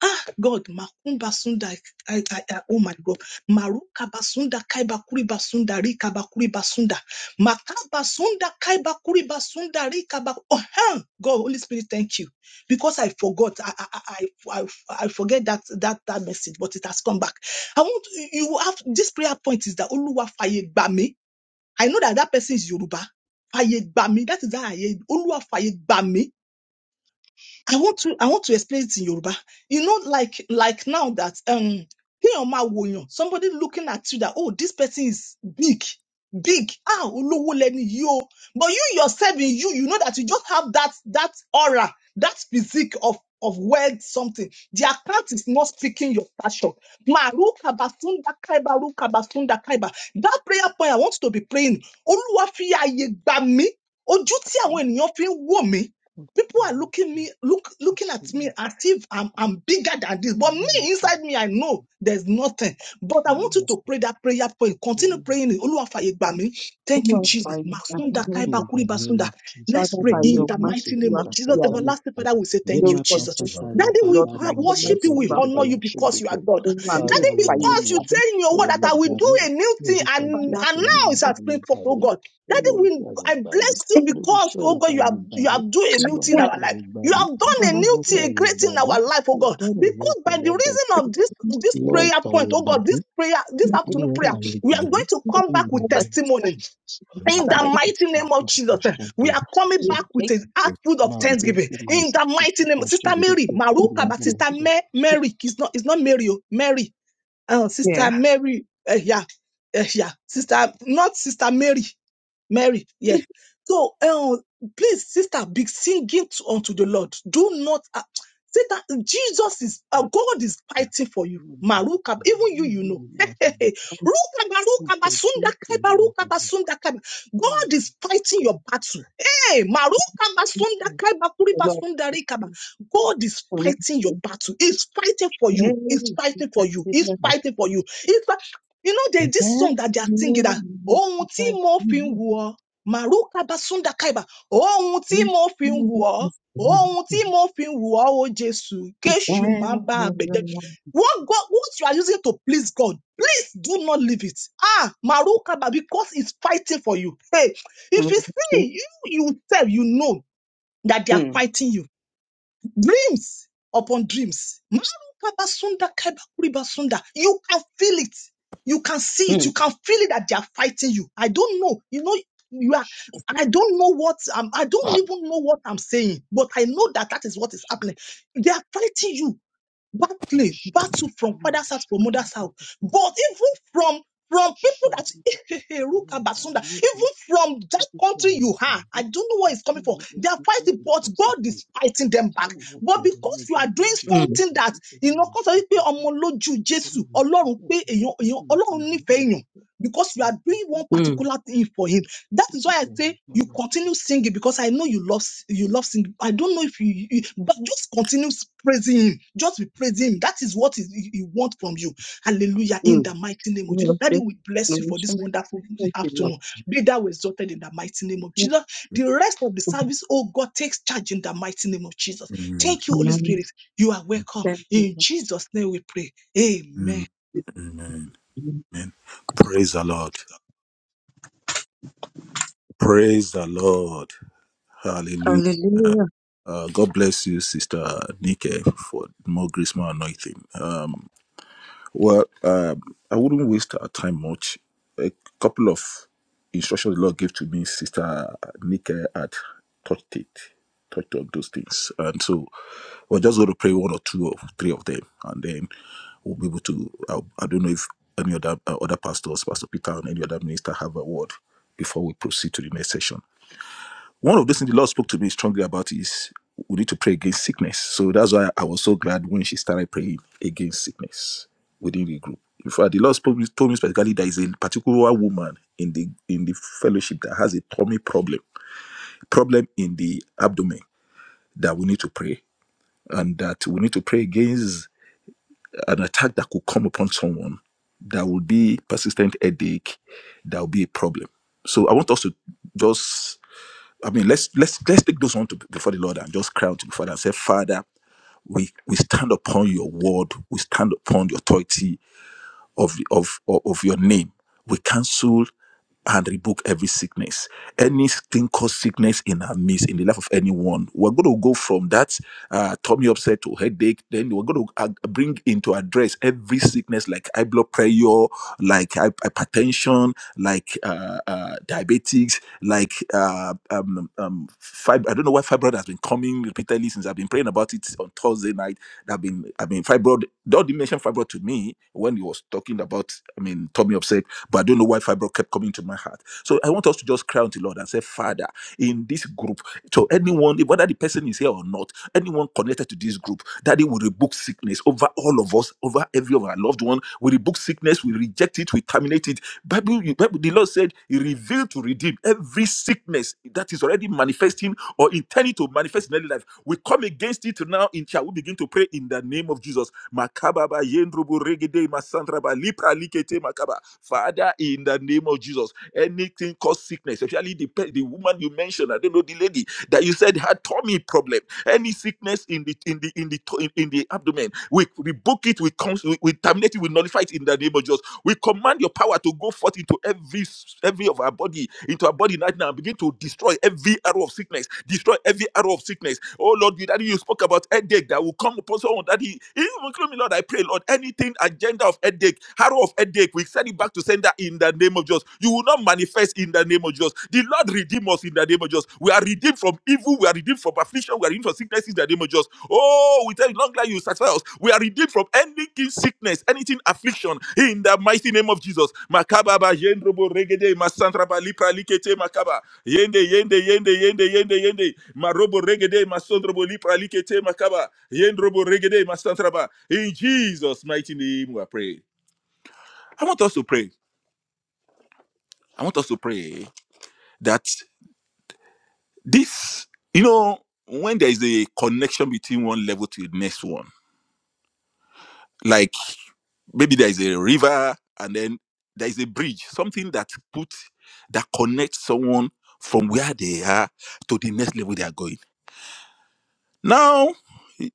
B: Ah, God, Makumba Sunda, I, I, I, oh my God, Maruka Basunda, Kaiba Kuri Basunda, Rika Bakuri Basunda, Makaba Sunda, Kaiba Basunda, Rika Bak- Oh, huh. God, Holy Spirit, thank you. Because I forgot, I, I, I, I, I I forget that, that, that message, but it has come back. I want, you have, this prayer point is that Oluwa Faye Bami. I know that that person is Yoruba. Faye Bami. that is that I, Oluwa Faye Gbami. I want to I want to explain it in Yoruba. You know, like like now that um Kéèyàn máa wòyàn, somebody looking at you that oh this person is big, big, ah olówó lẹni yìí o. But you yourself in you, you know that you just have that that aura, that physique of of word something. The account is not speaking your passion. Maru kabasunda kaiba, ru kabasunda kaiba. That prayer point I want you to be praying. Olúwa fi àyè gbà mí. Ojú tí àwọn ènìyàn fi ń wò mí
E: of
B: people are looking me look looking
E: Jesus.
B: at me as if I'm I'm bigger than this. But me
E: Olúwa,
B: inside me, I know there's nothing. But I want you
E: Olúwa,
B: to pray that prayer point.
E: Olúwa,
B: Continue
E: Olúwa.
B: praying. it. Oluwafaye gbà mí. Thank you,
D: Lord, by
B: Jesus.
D: your
B: Masunda
E: In
D: mercy,
B: Kaiba
E: the
B: Kuriba
E: name
B: basunda.
E: of
B: Let's
E: Jesus,
D: Father,
B: pray
D: by
B: in
D: your
B: the
E: Malepo
D: mercy,
B: mighty
E: Soto
D: you
B: name
D: are
B: of Jesus.
E: Kasata,
D: here.
B: Everlasting
A: That
B: Father,
A: is
B: we say thank you,
E: Lema
D: Lórúkọ
B: Jesus.
A: the
D: Jésù,
A: Lord.
E: Kasata, Ya
B: Daddy, we
D: Lord,
E: Papa,
D: by
B: ha-
E: Remo
D: your
B: worship you,
E: Soto,
D: mercy, you
B: we
D: are
E: Pego de
B: honor
D: here.
B: you because you are
E: Mashodepo,
B: God.
D: Nínú
E: Father
D: àmì
B: Daddy,
D: ọ̀pá
E: Lord,
D: yóò
B: because
E: you
B: you
D: gbà
E: are
D: mí.
B: say in your
E: you
B: word
E: are
B: that
D: Lórúkọ
B: I
E: in
B: will
D: Jésù,
E: the
B: do a
E: name.
B: new thing
E: Lórúkọ
B: and,
D: Father,
B: and
E: Jésù
B: now it's
E: Olúwa
D: by your mercy,
B: has
E: fààyè
B: been for
E: gbà
B: oh
E: mí,
B: God. Daddy,
E: Olúwa
B: we,
E: fààyè
B: I
E: gbà mí,
B: bless you
D: you are here.
E: lórí
B: because,
E: iṣẹ́
B: oh
E: rẹ̀
B: God, you
E: fààyè
B: have
E: gbà
B: you
E: mí,
B: have done a new
E: Olúwa
B: thing in
E: ní
B: our
E: fààyè
B: life.
E: gbà
B: You
E: mí,
B: have done
E: ní
B: a
E: gbogbo
B: new thing, a
E: fààyè
B: great
E: gbà
B: thing in
E: mí,
B: our life, oh God.
E: return against
B: Because
E: the
B: by the
E: Lord God,
B: reason of
E: Father.
B: this this
E: Lord
B: prayer point,
E: fààyè
B: oh
E: gbà
B: God,
E: mí.
B: this prayer, this afternoon prayer,
E: Olúwẹ̀fà yé
B: we
E: gbà
B: are
E: mí
B: going to come
E: ní
B: back
E: in the
B: with
E: name of
B: testimony
E: Jesus.
B: in
D: Father,
B: the
E: Máa
D: let it
E: kó
B: mighty
E: fún
B: name of
E: orúkọ
B: Jesus. eh,
E: ṣọ́dọ̀
B: We are coming
D: be
E: tó
B: back with an output of
E: máa tí ń
B: thanksgiving
E: kú máa
B: in
E: sì
B: the
E: kó
B: mighty name
E: púpọ̀
B: of
E: ṣe
B: Sister
A: Amen.
B: Mary,
E: kété kété
B: Maruka,
E: máa
B: but
E: mú mi
B: Sister
E: sọ.
B: Ma- Mary, it's not it's not Mary, oh, Mary, uh,
D: clear.
B: Sister Mary, eh, yeah, eh, yeah, Sister, not Sister Mary. Mary, yeah. So, um, please, sister, be singing to, unto the Lord. Do not, uh, Satan, Jesus is, uh,
E: Má
B: God is
E: gbà
B: fighting for you.
E: Olúwẹ̀fà yé
B: Maruka,
E: gbà mí
B: even
E: ní
B: you, you
E: ìlú
B: know.
E: mi
B: (laughs)
E: Olúwẹ̀fà yé gbà mí.
B: Ruka ba, Basunda, ba,
E: Nǹkan tí
B: sunda
E: ó sì
B: kai ba, ruka
E: Olúwẹ̀fà
B: ba,
E: yé gbà mí
B: sunda
E: Olúwẹ̀fà yé
B: God is fighting
E: gbà
B: your battle. Hey, Maruka Basunda, sunda
E: mí.
B: kuri Basunda, sunda rika
E: Ṣé
B: God is
D: Hallelujah.
B: fighting your battle. He's fighting for you. He's fighting for you. He's fighting for you. He's fi- you know, there's this song that they are singing that ohun tí mo fi ń wù ọ́ màrúkà bá súndà káìbà ohun tí mo fi ń wù ọ́ ohun tí mo fi ń wù ọ́ o jésù kéṣù má bá a bẹ̀jẹ́ what god what you are using to please god please do not leave it ah màrúkà but because it's fighting for you hey if you see you you sef you know that they are fighting you Dreams upon dreams. Marukabasunda kaibakuriba You can feel it. You can see it. You can feel it that they are fighting you. I don't know. You know, you are,
E: ṣe
B: and I don't know what, um, I don't even know what I'm saying, but I
E: ṣe ṣe ṣe ṣe
B: know that that is what is happening. They are fighting you. Battle, battle from
E: lẹ́yìn
B: father's house,
E: ìṣẹ́
B: from mother's
E: nígbà
B: house,
E: tó fi àyè
B: but even from from
E: ṣe
B: people that
E: Olúwẹ̀fà
B: (laughs)
E: yé
B: Ruka
E: gbà mí
B: Basunda,
E: níbi
B: even from that
E: tó fi
B: country
E: àyè
B: you
E: gbà
B: are,
E: mí.
B: I don't know where it's
E: Ìtú
B: coming from.
E: mi ó
B: They are
E: ti ṣe
B: fighting, but God
E: ìbọ̀sẹ̀
B: is fighting them back.
E: Sẹ́wọ̀n
B: But
E: bẹ̀rẹ̀
B: because you
E: lọ́jọ́
B: are doing
E: Mọ́ńdè
B: something
E: nígbà tí
B: that you know,
E: Olúwa
B: because
E: ṣe
B: I pé
E: bẹ́ẹ̀
B: ọmọ lójú Jésù,
E: Olúwa ṣe
B: Ọlọ́run
E: bẹ́ẹ̀
B: pé
E: fún
B: èèyàn,
E: Sábàtì
B: èèyàn,
E: mo ṣe
B: Ọlọ́run nífẹ̀ẹ́
E: ìwúrí
B: èèyàn
E: ṣe bẹ́ẹ̀
B: because you
E: fún
B: are
E: orúkọ
B: doing one
E: Jésù
B: particular thing for him. That
E: ó
B: is why I
E: dìbò
B: say
E: ẹ̀yìn
B: you
E: lọ́wọ́.
B: continue singing because I know you love s- you love singing. I don't know if you, you- but just continue s- praising him. Just be praising him. That is what he, he he want from you. Hallelujah! In the mighty name of Jesus, Daddy, we bless you for this wonderful afternoon. Be thou exalted in the mighty name of Jesus. The rest of the service, oh God, takes charge in the mighty name of Jesus.
A: Mm,
B: Thank you, Holy Spirit. You are welcome. In Jesus' name, we pray.
A: mm.
B: Amen.
A: Amen. Amen. Praise the Lord. Praise the Lord. Hallelujah. Uh, God bless you, Sister Nike, for more grace, more anointing. Um, Well, um, I wouldn't waste our time much. A couple of instructions the Lord gave to me, Sister Nike had touched it, touched on those things. And so we're just going to pray one or two or three of them, and then we'll be able to. I, I don't know if any other uh, other pastors, Pastor Peter, and any other minister have a word before we proceed to the next session. One of those things the Lord spoke to me strongly about is we need to pray against sickness. So that's why I was so glad when she started praying against sickness within the group. In fact, the Lord spoke, told me specifically there is a particular woman in the in the fellowship that has a tummy problem, problem in the abdomen that we need to pray, and that we need to pray against an attack that could come upon someone that will be persistent headache, that will be a problem. So I want us to just I mean, let's let's let's take those on to before the Lord and just cry out to the Father and say, Father, we we stand upon your word, we stand upon your authority, of, of, of your name. We cancel and rebuke every sickness. Anything cause sickness in our midst, in the life of anyone. We're going to go from that uh, tummy upset to headache. Then we're going to uh, bring into address every sickness like high blood pressure, like hy- hypertension, like uh, uh, diabetics, like uh, um, um, fib- I don't know why fibroid has been coming repeatedly since I've been praying about it on Thursday night that have been I mean fibroid. Dodi mentioned fibroid to me when he was talking about I mean Tommy upset, but I don't know why fibroid kept coming to my heart. So I want us to just cry unto the Lord and say, Father, in this group, to anyone, whether the person is here or not, anyone connected to this group, that it will rebuke sickness over all of us, over every of our loved one. We rebuke sickness, we reject it, we terminate it. Bible, Bible the Lord said He revealed to redeem every sickness that is already manifesting or intending to manifest in daily life we come against it now in church. we begin to pray in the name of Jesus. Makababa yendrubu regede masandraba lipra likete makaba. Father, in the name of Jesus, anything cause sickness, especially the, pe- the woman you mentioned, I don't know the lady that you said had tummy problem, any sickness in the in the in the to- in, in the abdomen, we we book it, we comes, we, we terminate it, we nullify it in the name of Jesus. We command your power to go forth into every every of our body, into our body right now, and begin to destroy every arrow of sickness, destroy every arrow of sickness. Oh Lord, you- Daddy, you spoke about headache that will come upon someone. Daddy, even include me, Lord, I pray, Lord, anything agenda of headache, arrow of headache, we send it back to sender in the name of Jesus. You will not manifest in the name of Jesus. The Lord redeem us in the name of Jesus. We are redeemed from evil. We are redeemed from affliction. We are redeemed from sickness in the name of Jesus. Oh, we tell you, long life you will satisfy us. We are redeemed from anything sickness, anything affliction in the mighty name of Jesus. Makaba ba yendrobo regede masantra ba lipra likete makaba. Yende yende yende yende yende yende. Marobo regede masondrobo lipra likete makaba. Yendrobo regede masantra ba. In Jesus' mighty name we are praying. I want us to pray. I want us to pray that This, you know, when there is a connection between one level to the next one, like maybe there is a river and then there is a bridge, something that put that connects someone from where they are to the next level they are going. Now,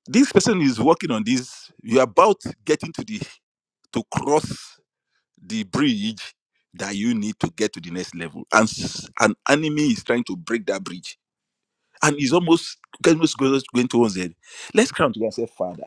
A: this person is working on this. You're about getting to the to cross the bridge that you need to get to the next level, and s- an enemy is trying to break that bridge and it's almost almost going towards it. Let's come together and say, Father,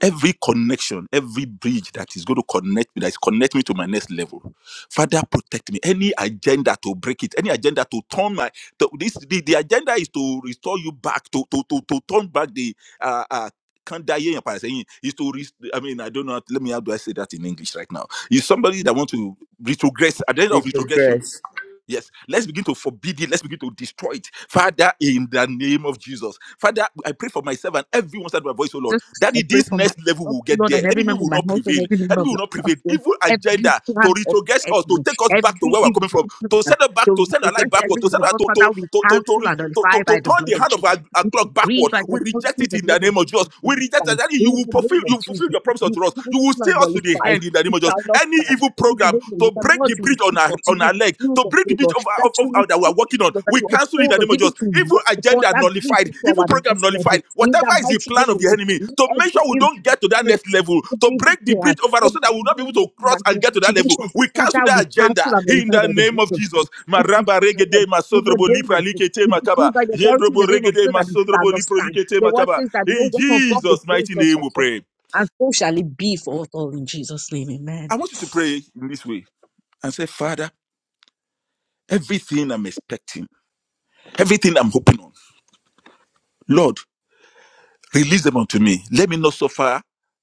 A: every connection, every bridge that is going to connect me, that is connect me to my next level, Father, protect me. Any agenda to break it, any agenda to turn my to, this the, the agenda is to restore you back to to to, to turn back the uh, uh, can't die here, Papa, saying is to rest, I mean, I don't know. Let me how do I say that in English right now? Is somebody that want to retrogress at the end of
C: Little
A: retrogression
C: grace.
A: Yes, let's begin to forbid it. Let's begin to destroy it. Father, in the name of Jesus. Father, I pray for myself and everyone that my voice, oh Lord,
D: Just
A: that
D: I
A: in
D: pray
A: this
D: for my
A: next level
D: oh,
A: will get
D: Lord
A: there.
D: and every
A: Enemy
D: member of
A: will
D: my
A: not
D: household,
A: prevail.
D: every member of
A: Enemy will
D: the
A: not prevail.
D: household,
A: Evil
D: every
A: agenda to
D: plan of the
A: retrogress us, to
D: enemy,
A: take us back to
D: every
A: where we're coming from,
D: evil
A: to
D: plan,
A: send us back,
D: to
A: to send
D: to
A: our life
D: rest
A: backward,
D: every
A: to
D: one
A: send
D: of
A: us
D: us,
A: to,
D: Father,
A: to,
D: we
A: to, to,
D: cancel
A: to,
D: and
A: to,
D: nullify
A: to, to
D: by the
A: turn
D: blood
A: the
D: of
A: hand of
D: Jesus.
A: our, our
D: We
A: clock
D: decree
A: backward.
D: by
A: We
D: the
A: reject
D: authority in
A: it
D: the
A: in the
D: name of
A: name of Jesus.
D: Jesus. In
A: We
D: the
A: reject that.
D: stand.
A: Daddy, you
D: In
A: will
D: the
A: fulfill
D: name of
A: you will fulfill
D: Jesus,
A: your promise
D: we
A: unto us. You will
D: cancel
A: stay
D: and
A: us to the
D: nullify.
A: hand in the
D: It
A: name of Jesus.
D: shall not
A: Any
D: stand.
A: evil
D: In the name
A: program
D: of Jesus,
A: to break
D: Lord,
A: the
D: you
A: bridge
D: will
A: on
D: keep
A: our
D: us. You
A: on
D: will
A: our leg,
D: shield
A: to
D: us,
A: break
D: O
A: the bridge
D: Lord.
A: of, our-
D: That
A: of,
D: you
A: of
D: will
A: our- that we are
D: people,
A: working on,
D: Lord, that
A: we
D: you
A: cancel in
D: uphold
A: the
D: us,
A: name of
D: even
A: Jesus.
D: to
A: Evil
D: walk upon
A: agenda
D: that bridge
A: nullified
D: to
A: evil
D: our
A: program
D: next level.
A: nullified.
D: In
A: Whatever
D: the
A: is the
D: mighty
A: plan
D: name
A: of
D: of
A: the
D: Jesus,
A: enemy
D: in
A: to make
D: every
A: sure we
D: evil
A: don't get to that next
D: conspiracy,
A: level, to
D: every evil
A: break the
D: plan,
A: bridge over us so that
D: every
A: we'll not be able to
D: evil
A: cross and get to that level.
D: imagination,
A: We cancel
D: Father,
A: that
D: we
A: agenda
D: cancel and
A: in
D: nullify
A: the
D: by the
A: name
D: blood
A: of
D: of
A: Jesus.
D: Jesus. We
A: Maraba
D: destroy them
A: regede
D: in the
A: masodrobo
D: name
A: lipra
D: of Jesus.
A: likete
D: We decree
A: makaba.
D: by the authority in
A: Yendrobo
D: the name of
A: regede
D: Jesus that it shall
A: masodrobo
D: not
A: lipro
D: stand.
A: likete
D: The word
A: makaba.
D: says that no
A: In
D: weapon formed
A: Jesus' mighty
D: against us
A: name
D: shall
A: we
D: prosper.
A: pray.
D: And so shall it be for us all in Jesus' name.
A: I
D: Amen.
A: want you to pray in this way and say, Father, everything I'm expecting, everything I'm hoping on, Lord. Release them unto me. Let me not suffer.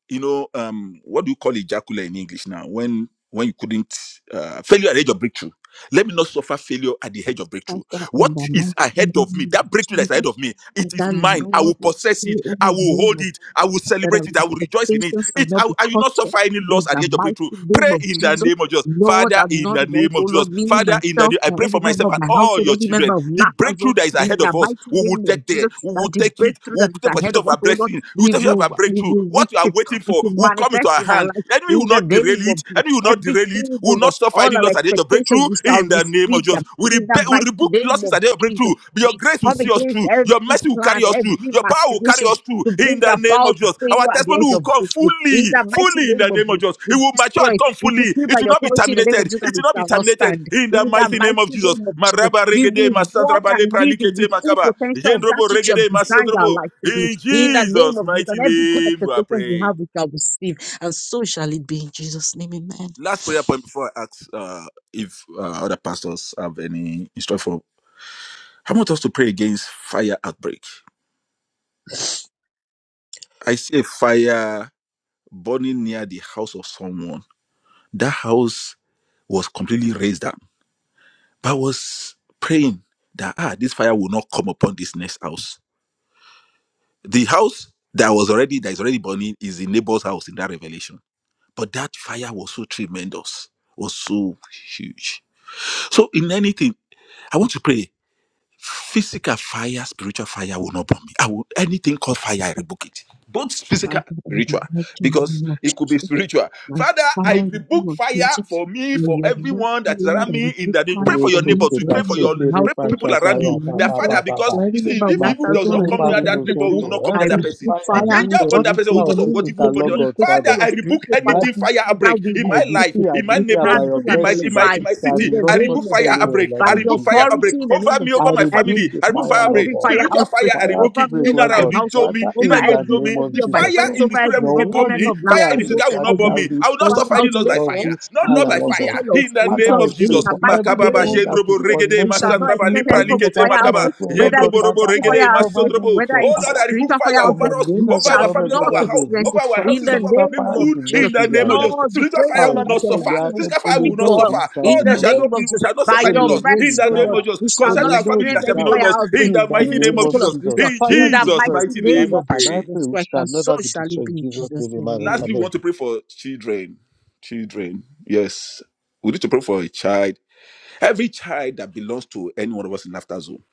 A: You know, um, what do you call ejaculate in English now? When when you couldn't uh, failure at the edge of breakthrough. Let me not suffer failure at the edge of breakthrough.
D: Father, in
A: What
D: the
A: is
D: mighty
A: ahead of me?
D: name of
A: That breakthrough
D: Jesus.
A: that's ahead of me, it is
D: Father,
A: mine. I will
D: Lord, we
A: possess
D: pray
A: it.
D: in
A: I
D: the
A: will
D: name
A: hold
D: of
A: it. I will
D: that our
A: celebrate it. I will rejoice in it.
D: expectations shall
A: It
D: not
A: I,
D: be
A: I will
D: cut
A: not
D: short
A: suffer any
D: in
A: loss at
D: the
A: the edge of breakthrough.
D: mighty
A: Pray
D: name of
A: in the
D: Jesus.
A: name of Jesus.
D: Lord,
A: Father,
D: I'm
A: in
D: not
A: the
D: lost,
A: name
D: oh
A: of
D: Lord,
A: Jesus.
D: me,
A: Father, in the
D: myself,
A: name, I
D: my
A: pray for
D: every member
A: myself
D: of
A: and
D: my
A: all
D: household,
A: your
D: every
A: children.
D: member of
A: The
D: Laughter Zone,
A: breakthrough that is
D: in
A: ahead
D: the
A: of us,
D: mighty
A: we will
D: name of
A: take
D: Jesus,
A: there. We
D: that
A: will
D: the
A: take it.
D: breakthrough
A: We will
D: that is
A: take
D: ahead
A: pursuit
D: of
A: of
D: us,
A: our
D: oh Lord,
A: blessing. We will
D: we
A: take pursuit of
D: will,
A: our
D: we
A: breakthrough.
D: will reach
A: What we are
D: it,
A: waiting
D: we
A: for
D: will
A: will come into
D: manifest
A: our
D: in our
A: hand.
D: life,
A: Enemy
D: in
A: will
D: the
A: not derail
D: name of
A: it.
D: Jesus.
A: Enemy will not derail it.
D: Everything,
A: We
D: oh
A: will
D: Lord,
A: not suffer any
D: all
A: any
D: our
A: loss at the edge of
D: expectations,
A: breakthrough
D: we shall
A: in the name of
D: receive
A: Jesus.
D: them,
A: We,
D: in the
A: rebe- we
D: mighty
A: rebuke
D: name
A: losses
D: of
A: at the edge of
D: Jesus.
A: breakthrough. Your
D: We
A: grace will
D: come
A: see us
D: against
A: through. Your
D: every
A: mercy will
D: plan,
A: carry us through.
D: every
A: Your power will carry
D: machination
A: us through
D: to
A: in
D: bring
A: the name
D: about
A: of Jesus. Our
D: failure at the
A: testimony
D: edge
A: will
D: of
A: come
D: victory. In
A: fully,
D: the mighty
A: fully in
D: name
A: the
D: of
A: name of
D: Jesus,
A: Jesus.
D: we
A: It will mature
D: destroy,
A: and
D: it.
A: come
D: we
A: fully.
D: decree by
A: It will
D: the
A: not be
D: authority in the name of
A: terminated.
D: Jesus
A: It
D: and it
A: will not be
D: shall not
A: terminated
D: stand.
A: in the
D: In the
A: mighty name of
D: mighty
A: Jesus.
D: name of Jesus,
A: Maraba
D: we
A: regede,
D: will walk
A: masandraba
D: and
A: lepra
D: live in
A: likete
D: the full
A: makaba.
D: potential of that
A: Yendrobo
D: which you have
A: regede,
D: designed our
A: masandrobo.
D: life to be.
A: In
D: In the name
A: Jesus'
D: of Jesus,
A: mighty
D: and every good
A: name, we
D: expectation
A: pray.
D: we have, we shall receive. And so shall it be in Jesus' name. Amen.
A: last prayer point before I ask uh, if uh, other pastors have any instruction for. I want us to pray against fire outbreak. I see a fire burning near the house of someone. That house was completely raised up. But I was praying that ah, this fire will not come upon this next house. The house that was already that is already burning is the neighbor's house in that revelation. But that fire was so tremendous, was so huge. So in anything, I want to pray. Physical fire, spiritual fire will not burn me. I will anything called fire, I rebuke it. Both physical
D: Father,
A: and
D: in the
A: spiritual,
D: mighty
A: because
D: name of
A: it could be spiritual.
D: My
A: Father,
D: Father,
A: I
D: in the name
A: rebuke
D: of
A: fire
D: Jesus,
A: for me,
D: may
A: for
D: your
A: everyone
D: mercy,
A: that is
D: O Lord,
A: around
D: I
A: me. In
D: rebuke
A: that
D: fire
A: pray for
D: for
A: your neighbor
D: me,
E: Mosotho
A: too.
D: for every
A: Pray for
D: member of
A: your
D: my
E: katetere
A: pray for
D: household,
A: people around
D: for
E: pashataya
D: my
A: you.
E: ba ba
A: That
E: ba
D: neighbors,
A: father,
E: ba ba.
A: because
D: for
A: you
D: every
A: see,
D: member of
A: if evil
D: Laughter
A: does
D: Zone
A: not
E: Maketere
D: and
A: come
D: everyone
A: near
E: pari
A: that
D: connected
A: neighbor,
D: to
A: we
D: us.
E: mozonto.
A: will not come
D: I
A: near
E: Every
A: that person.
D: rebuke
E: spy
A: The
E: has
D: fire
E: been
A: danger
D: for
A: upon
D: us
A: that person will
D: in
E: spiritual
D: the
E: or
A: cause of
D: name of
A: what evil
E: physical,
D: Jesus,
A: upon them
E: Lord
A: the
D: be it
E: God,
A: Father,
D: physical
E: Father.
D: or
A: I rebuke
D: spiritual fire.
A: anything
E: Daddy,
A: fire
D: Father,
A: outbreak
D: we
A: in
E: I
A: my
D: rebuke
A: life,
E: decree,
D: it.
E: I
A: in my
D: We
E: declare by
A: neighborhood,
E: your
D: cancel
A: in
D: and
A: my
E: mercy
A: in my
E: that
D: nullify
A: in
E: it
D: it
A: my
E: shall
D: in
A: city.
D: the
E: not
A: I
E: touch
D: name
A: rebuke
D: of
A: fire
D: Jesus.
E: anyone,
A: outbreak.
E: Lord,
D: By
A: I
E: in
D: the
A: rebuke fire
E: Jesus' name.
A: outbreak
D: authority in the
A: over
D: name of
A: me,
E: I
D: Jesus,
A: over my
D: I
E: rebuke
A: family.
E: the
A: I rebuke
D: rebuke
E: fire,
A: fire
E: Lord
D: every
A: outbreak.
E: God.
D: fire
A: Spiritual
D: outbreak
A: fire, I
E: Fire
A: rebuke
D: over
A: it.
D: me,
E: break,
A: In
D: over
E: Lord
D: my
A: around
E: God.
A: you join
D: household,
A: me,
E: Father,
A: in
D: over
E: in
A: around
E: the
A: you
D: every
A: join
E: name
A: me.
E: of
D: every
A: The
D: of my
E: Jesus,
A: fire
D: friends,
E: Lord.
A: in
D: over
A: the spirit
D: every
A: will
E: Lord,
A: not
D: every
A: burn
E: what this
D: member
A: me.
D: of
A: Fire
E: year
D: Laughter
A: in the
E: is
D: Zone.
A: physical will
E: that
D: I
A: not
E: there
A: burn
E: will
A: me.
D: rebuke
E: be
A: I will not
D: one
A: suffer any loss
E: intensity
D: outbreak,
A: by
E: of
A: fire.
E: this
A: Not loss
D: be
E: fire,
D: it
A: by
E: Lord God.
D: physical
A: fire.
D: or
A: In the name
D: spiritual,
E: Father, I
A: of
D: in
E: pray
A: Jesus.
D: the
E: for
D: mighty
A: Makababa
E: everyone
D: name
E: that
D: of
E: is
A: robo
D: Jesus,
A: regede
D: we shall
E: connected with
D: not
A: masandraba
E: me
D: experience
A: lipra
D: any
E: on
D: form
E: this
D: of
A: likete
D: fire
E: platform as
A: makaba
D: outbreak,
E: well, Lord
D: whether
E: God.
D: it
A: yendrobo
D: is
A: robo
E: Father,
D: physical
E: I
A: regede
D: fire
E: cover
D: outbreak,
E: them with
A: masondrobo.
D: whether
E: your
D: it
A: Oh
D: is
A: Lord,
E: power.
A: I rebuke
D: spiritual
A: fire
D: fire
E: With
A: over
E: the
D: outbreak,
A: us,
E: name
D: we
E: that's
A: over
D: shall
A: our
E: above
A: family, over
E: every
D: not
A: our
E: other
A: house,
E: name,
D: experience
A: over
D: it
E: this
A: our
D: in
A: houses,
D: the
A: over our
E: physical
D: name
E: fire, it
D: of
A: neighborhood.
E: will not
D: Jesus.
A: In the
E: give you
A: name
E: a
A: of
E: lot.
A: Jesus,
D: Lord, we
A: spiritual
D: pray, oh
A: fire
E: Àwọn
A: will
D: Lord,
E: òdì
D: that
A: not
D: your
A: suffer.
E: olè
D: mercy will
A: Physical fire
E: olè
D: speak
A: will
E: iná
A: not
E: ò
D: for us
E: ní
A: suffer.
E: já
D: in
A: Oh,
D: the
A: there shall
E: ẹnì
D: name
A: not
D: of
A: be, we
D: Jesus.
A: shall not
D: By
A: suffer any
E: olè
D: your
A: loss.
E: ẹ̀mí ò
A: In
E: ní
D: mercy,
A: the
D: oh
E: já
A: name
D: Lord,
E: wá
A: of Jesus,
D: we shall
A: concern
E: olè
D: not
A: our
E: iná ò
A: family,
E: ní
D: experience
A: there shall be
D: any
E: já
A: no
E: wá
D: fire
A: loss. In
D: outbreak,
E: in
A: the
E: the
D: be
A: mighty
D: it
A: name
E: name
A: of
E: of
D: physical or
A: Jesus,
E: jesus
D: spiritual,
A: in
E: fire
D: in
E: the
D: the
A: Jesus'
E: first
D: mighty
A: mighty
D: name
A: name, we
E: father
D: of
E: and i
A: pray.
E: pray
D: Jesus
E: we
D: Christ,
E: shall
D: and so
E: never be
D: shall it
E: destroyed
D: be
E: in
D: in
E: jesus
D: Jesus'
E: name
D: name.
E: amen
D: Amen.
A: Lastly, we
E: amen
A: want to pray for children. Children, yes, we need to pray for a child. Every child that belongs to any one of us in Laughter Zone.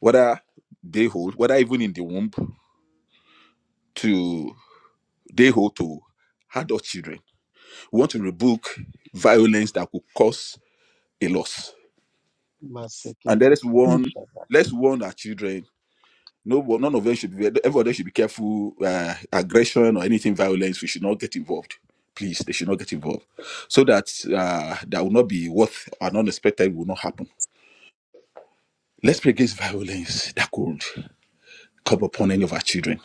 A: whether they hold, whether even in the womb to they hold to adult children. We want to rebuke violence that could cause a loss. And there
E: Masekete
A: is one,
E: kabashaba.
A: let's warn our children. No, one- none of them should be. Everybody should be careful. Uh, aggression or anything violence, we should not get involved. Please, they should not get involved, so that uh, that will not be what an unexpected will not happen. Let's pray against violence that could come upon any of our children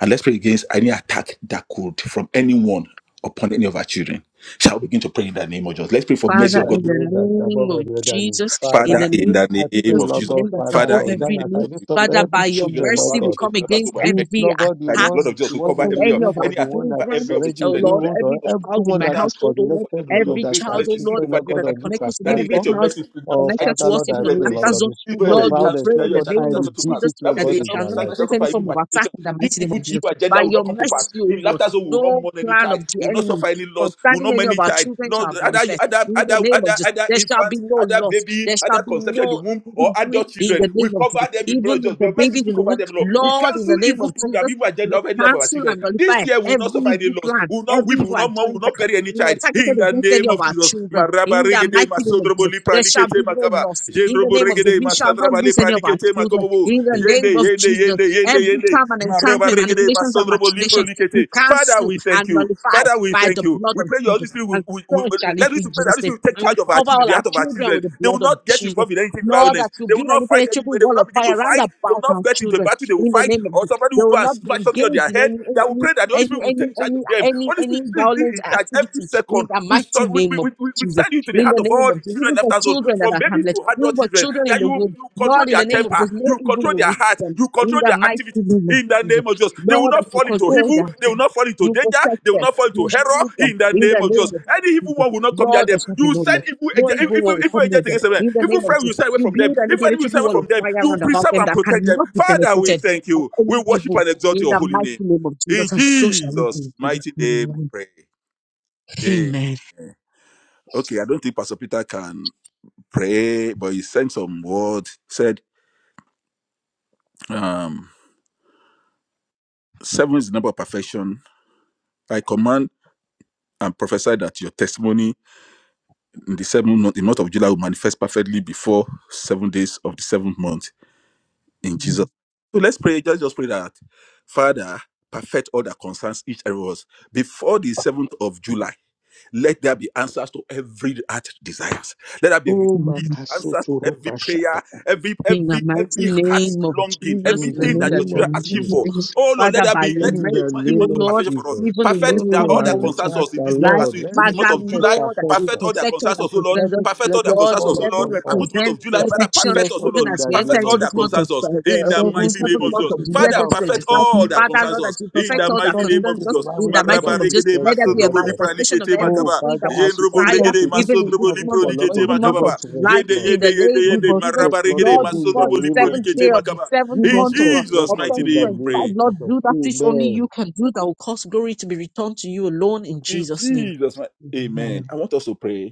A: And let's pray against any attack that could from anyone upon any of our children. Shall we begin to pray in the name of Jesus? Let's pray for
E: In
A: mercy
D: Father,
A: of
E: the
D: in
A: God.
D: the
E: name that's above
D: name of
E: every other name.
D: Jesus, in
E: Father,
A: Father,
D: the
A: in
D: name of
E: I
A: the name
E: pray,
D: Jesus,
A: of
E: Lord
D: in
A: Jesus.
D: the
E: God,
D: name that's
E: Father,
D: above
A: Father, in the
E: concern
D: every
A: name
E: that
A: of
E: I
D: name,
A: Jesus, we
E: lift up
A: pray
D: Father,
A: for all
E: every
D: by
A: the
D: your
E: children,
A: children, cover
E: Lord
D: mercy,
A: all the
D: we
E: God.
D: come
A: children, cover us
D: against
A: all by
E: Be
A: mercy.
E: it,
D: every
E: Lord God, the
A: That the
D: attack
A: blood of
E: one,
A: Jesus
E: the
A: will
E: one
A: cover
E: in
D: upon
E: the
A: every
D: any
E: womb
D: of
E: or
D: our
A: any
E: the
A: attack
E: one that
A: over
E: is
D: children.
A: every of the
E: already a
D: Oh
A: children,
E: day
D: Lord,
A: including
E: old or
D: every
A: my son,
D: child in
E: everyone
A: my
D: my
E: that
A: daughter.
E: is
D: household, oh
A: I pray
D: Lord,
A: for them,
E: connected
A: Lord,
E: with us,
A: your
D: every
E: that
A: grace,
E: are
D: child, oh
A: mercy, speak
D: Lord,
E: children,
A: over
D: that
E: Lord
D: we
A: them
E: God,
D: are
A: right
E: on this
A: now.
D: connected to me,
A: Daddy,
E: platform.
D: every
A: let your
D: child
A: mercy
E: Oh,
A: nullify
D: connected to
E: Father,
A: this
D: us,
E: Lord,
A: evil
E: I
D: even on
E: pray, Lord
D: laughter
A: revelation.
E: God,
D: zone.
E: the spirit
A: Evil revelation
E: of
A: you
D: Lord, we
A: cancel
E: violence,
D: pray
A: that
E: Lord
D: in
A: you
D: the
E: God,
A: shall
E: I
A: not
D: name of
A: stand to
E: rebuke
A: pass.
D: Jesus
E: it, Lord
A: Bible
D: that
A: says,
E: God,
D: they
A: shall
E: in
D: shall
E: their
A: not
D: not
A: stand
E: life.
A: shall
D: expect
A: not
D: any
A: for evil
D: form of
A: machination.
D: attack in the
A: This
D: mighty name of
A: evil,
D: Jesus.
A: evil
D: By
A: agenda will
D: your
A: not come to pass.
D: mercy, O
A: In
D: Lord,
A: laughter zone, we will not
D: no
A: mourn any
D: plan
A: child,
D: of
A: we
D: the
A: will not
D: enemy
A: suffer any loss, we will
D: concerning
A: not
D: any
A: mourn
D: of
A: any
D: our
A: child.
D: children
A: No,
D: shall
A: other,
D: manifest.
A: other,
D: In the
A: other,
D: name of
A: other,
D: Jesus,
A: other
D: there shall be
A: infants,
D: no
A: other
D: loss.
A: baby,
D: There shall
A: other
D: be
A: conception in the
D: no
A: womb, or
D: injury
A: adult
D: in the
A: children. We
D: name of
A: cover
D: Jesus.
A: them with the blood
D: Even
A: of Jesus. May
D: for
A: your mercy
D: babies in
A: speak
D: the
A: over
D: womb,
A: them, Lord. We
D: Lord, in
A: cancel
D: the name
A: evil
D: of
A: program,
D: Jesus,
A: evil agenda
D: we
A: of any life of our
D: cancel
A: children.
D: and
A: This
D: nullify
A: year, we will not
D: every
A: suffer any
D: evil
A: loss,
D: plan,
A: we will not weep,
D: every
A: we will
D: evil
A: not mourn, we will
D: agenda,
A: not bury any
D: Lord,
A: child. In
D: targeted
A: the
D: against any
A: name
D: of
A: of
D: our
A: Jesus.
D: children.
A: Maraba
D: In the
A: regede,
D: mighty name of
A: masodrobo
D: Jesus,
A: lipra
D: there shall
A: likete
D: be no
A: makaba.
D: loss. In the
A: Jendrobo
D: name of Jesus,
A: regede,
D: we shall not
A: masadraba
D: lose any
A: lipra
D: of our
A: likete
D: children.
A: makobobo.
D: In the
A: Yende,
D: name of
A: yende,
D: Jesus,
A: yende, yende,
D: every
A: yende.
D: charm and enchantment, manipulations and machinations, we
A: Father,
D: cancel
A: we thank
D: and
A: you.
D: nullify
A: Father, we
D: by
A: thank
D: the
A: you.
D: blood
A: We
D: of
A: pray your Holy
D: Jesus
A: Spirit will, will,
D: so
A: will, will-
D: shall it
A: let us
D: be
A: to
D: in
A: pray that
D: Jesus'
A: Holy
D: name.
A: Spirit will take
D: And we
A: charge of our
D: cover
A: children,
D: all
A: the
D: our
A: heart of our
D: children
A: children.
D: with the
A: They will
D: blood of
A: not get
D: Jesus.
A: involved in anything
D: Lord, that
A: violence.
D: you
A: They will
D: build an
A: not fight
D: impenetrable
A: anybody. They
D: wall
A: will not
D: of
A: begin to
D: fire round
A: fight. They will
D: about our
A: not get into a
D: children
A: battle. They will
D: in the
A: fight,
D: name of
A: or
D: Jesus.
A: somebody
D: They
A: will
D: will
A: go and
D: not be
A: smash something on
D: engaged
A: their
D: in
A: head.
D: any
A: That will
D: any
A: pray that the Holy
D: any
A: Spirit will
D: any
A: take charge
D: any
A: of them.
D: any,
A: Holy
D: any
A: Spirit, please be
D: violent
A: in charge every
D: activity in
A: second.
D: the
A: We,
D: mighty
A: sto- we,
D: name
A: we,
D: of
A: we, we we
D: Jesus.
A: send you to the
D: In
A: heart
D: the
A: of
D: name
A: all
D: of
A: the
D: Jesus.
A: children
D: Even
A: left
D: for
A: us alone,
D: children that
A: from
D: are
A: babies
D: harmless,
A: to
D: even
A: adult
D: for
A: children.
D: children in
A: That
D: the
A: you,
D: womb.
A: you control
D: Lord, in
A: their
D: the name of
A: temper,
D: Jesus, no
A: you
D: evil
A: control
D: will
A: their
D: reach
A: heart,
D: them.
A: you
D: In
A: control
D: the
A: their
D: mighty
A: activity
D: name of
A: in the
D: Jesus.
A: name of Jesus. They will
D: Lord, as
A: not
D: you
A: fall into
D: control their
A: evil. They will
D: activity,
A: not fall into
D: you
A: danger.
D: protect
A: They will
D: them,
A: not fall
D: you
A: into error
D: shield them
A: in the
D: in the
A: name of
D: name of
A: Jesus. Any evil
D: Jesus.
A: one will not come near
D: Lord, there
A: them.
D: shall be
A: You will
D: no law.
A: send evil
D: No
A: agent,
D: evil
A: evil,
D: will
A: evil
D: come near
A: agent
D: them.
A: against them.
D: In the
A: Evil
D: name of
A: friend will
D: Jesus,
A: stay away
D: you
A: from them.
D: build an
A: If enemy will
D: impenetrable
A: stay away
D: wall of
A: from them,
D: fire
A: you will
D: round about
A: preserve
D: them
A: and
D: that
A: protect them.
D: cannot be
A: Father, we
D: penetrated
A: thank
D: by
A: you.
D: any
A: We worship
D: evil.
A: and exalt
D: In
A: your
D: the
A: holy
D: mighty
A: name.
D: name of
A: In
D: Jesus, and so shall it be. in
A: Jesus'
D: Jesus'
A: mighty name we
D: name.
A: pray. Eh,
D: Amen.
A: Okay, I don't think Pastor Peter can pray, but he sent some word. Said, um, seven is the number of perfection. I command and prophesy that your testimony in the seventh month, the month of July, will manifest perfectly before seven days of the seventh month in Jesus. So let's pray. Just, just pray that Father, perfect all that concerns each and every of us before the seventh of July. Let there be answers to every heart desires. Let there be
E: Oh,
D: Amen.
A: release, answers to
E: Makasoto
A: every
E: Rupa
A: prayer,
E: Shata.
A: every
D: In the
A: every
D: mighty
A: every heart
D: name of
A: longing,
D: Jesus,
E: In
D: in the
E: the
A: everything
D: name
A: that
D: that
A: your
E: name
D: is
E: of
A: children are
D: above
A: asking for.
D: every name.
E: Jesus.
A: Oh Lord, let
D: Father,
A: there
D: by
A: be
D: your
A: let
E: In
A: it be
E: the
A: a month, a
D: mercy,
A: month
D: O
E: name
A: of
E: of
D: Lord,
A: perfection for us.
E: Jesus.
D: even in this
A: Perfect that
E: Oh,
D: coming
A: all
E: I
A: that
D: month of
A: concerns
E: ask
A: us
E: the
A: in this month
D: July,
A: as
E: Lord,
A: we
E: let
A: move
E: the
A: month
D: Father,
A: of
E: spirit of
A: July,
D: Lord, that you
A: perfect
E: perfection,
A: all their
D: perfect all
A: concerns
D: that
A: us, Lord.
E: let
D: concerns us.
E: it,
A: Perfect
E: let
A: all their
E: it
D: Lord,
A: concerns us, O
E: fall
A: Lord.
D: seven
E: upon
A: And
E: us.
A: good month
D: represents
A: of July,
E: Let
A: Father,
E: it
D: perfection.
E: fill us
A: perfect us, O
E: up
D: Even
A: Lord.
E: in
D: as
E: the
D: we enter
A: Perfect
E: name
D: into
E: of
A: all their
D: this month
E: Jesus.
D: of
A: concerns us
D: uh,
A: in the
D: uh, the
E: Seven
A: mighty
E: is
A: name
E: a,
D: seventh
A: of
E: is
D: month
A: Jesus.
D: of
E: a
D: the year
A: Father,
E: number of
D: 2025,
A: perfect all
E: perfection,
A: their
E: Lord
D: Father,
E: God.
A: concerns
D: Lord, that
A: us
D: you
A: in
E: On
D: perfect
A: the
E: the
D: all that
A: mighty name
E: seventh
A: of
D: concerns
E: day,
D: us
E: the
A: Jesus.
D: in
E: Bible
D: the
E: said
D: mighty
A: Maraba
E: that
D: name of
E: it
D: Jesus.
A: regede
D: Let there
E: rested,
D: be a
E: Lord
A: masodrobo
E: God.
A: lipra
D: manifestation of
E: Oh,
D: everything
A: makaba.
E: Father,
D: that we
E: as we
A: Yendrobo
E: enter
D: desire,
A: regede
E: into this
D: even
E: fifth
D: in this
A: masodrobo
E: seventh
D: month
A: lipro
E: for
D: of
E: Lord
D: in
A: likete
E: God,
D: the
E: give
D: month
E: us
A: makababa.
D: of
E: rest,
D: July,
A: Yende
E: Lord.
D: in
A: yende
D: the
A: yende
D: name of
E: Give
A: yende
E: us
D: Jesus.
E: rest,
A: maraba
E: Lord
A: regede
E: God,
D: Lord,
E: in
D: before
E: the
A: masodrobo
D: the
E: name
A: lipro
E: of
D: seventh day
E: Jesus.
D: of the
A: makaba.
D: seventh
E: Give
A: In
E: us
D: month
E: rest,
D: of,
A: Jesus'
E: Lord
D: of
E: God,
A: mighty
E: in the
A: name we
D: 2025,
E: name of
A: pray.
D: Lord,
E: Jesus.
D: do that which only you
E: Amen.
D: can do that will cause glory to be returned to you alone in
A: In
D: Jesus' name.
A: Jesus' mighty name, Amen.
D: Amen.
A: I want us to pray.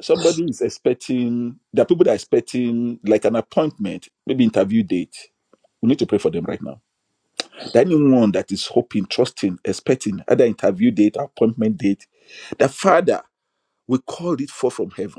A: somebody is expecting there are people that are expecting like an appointment maybe interview date we need to pray for them right now that anyone that is hoping trusting expecting either interview date appointment date The father we call it forth from heaven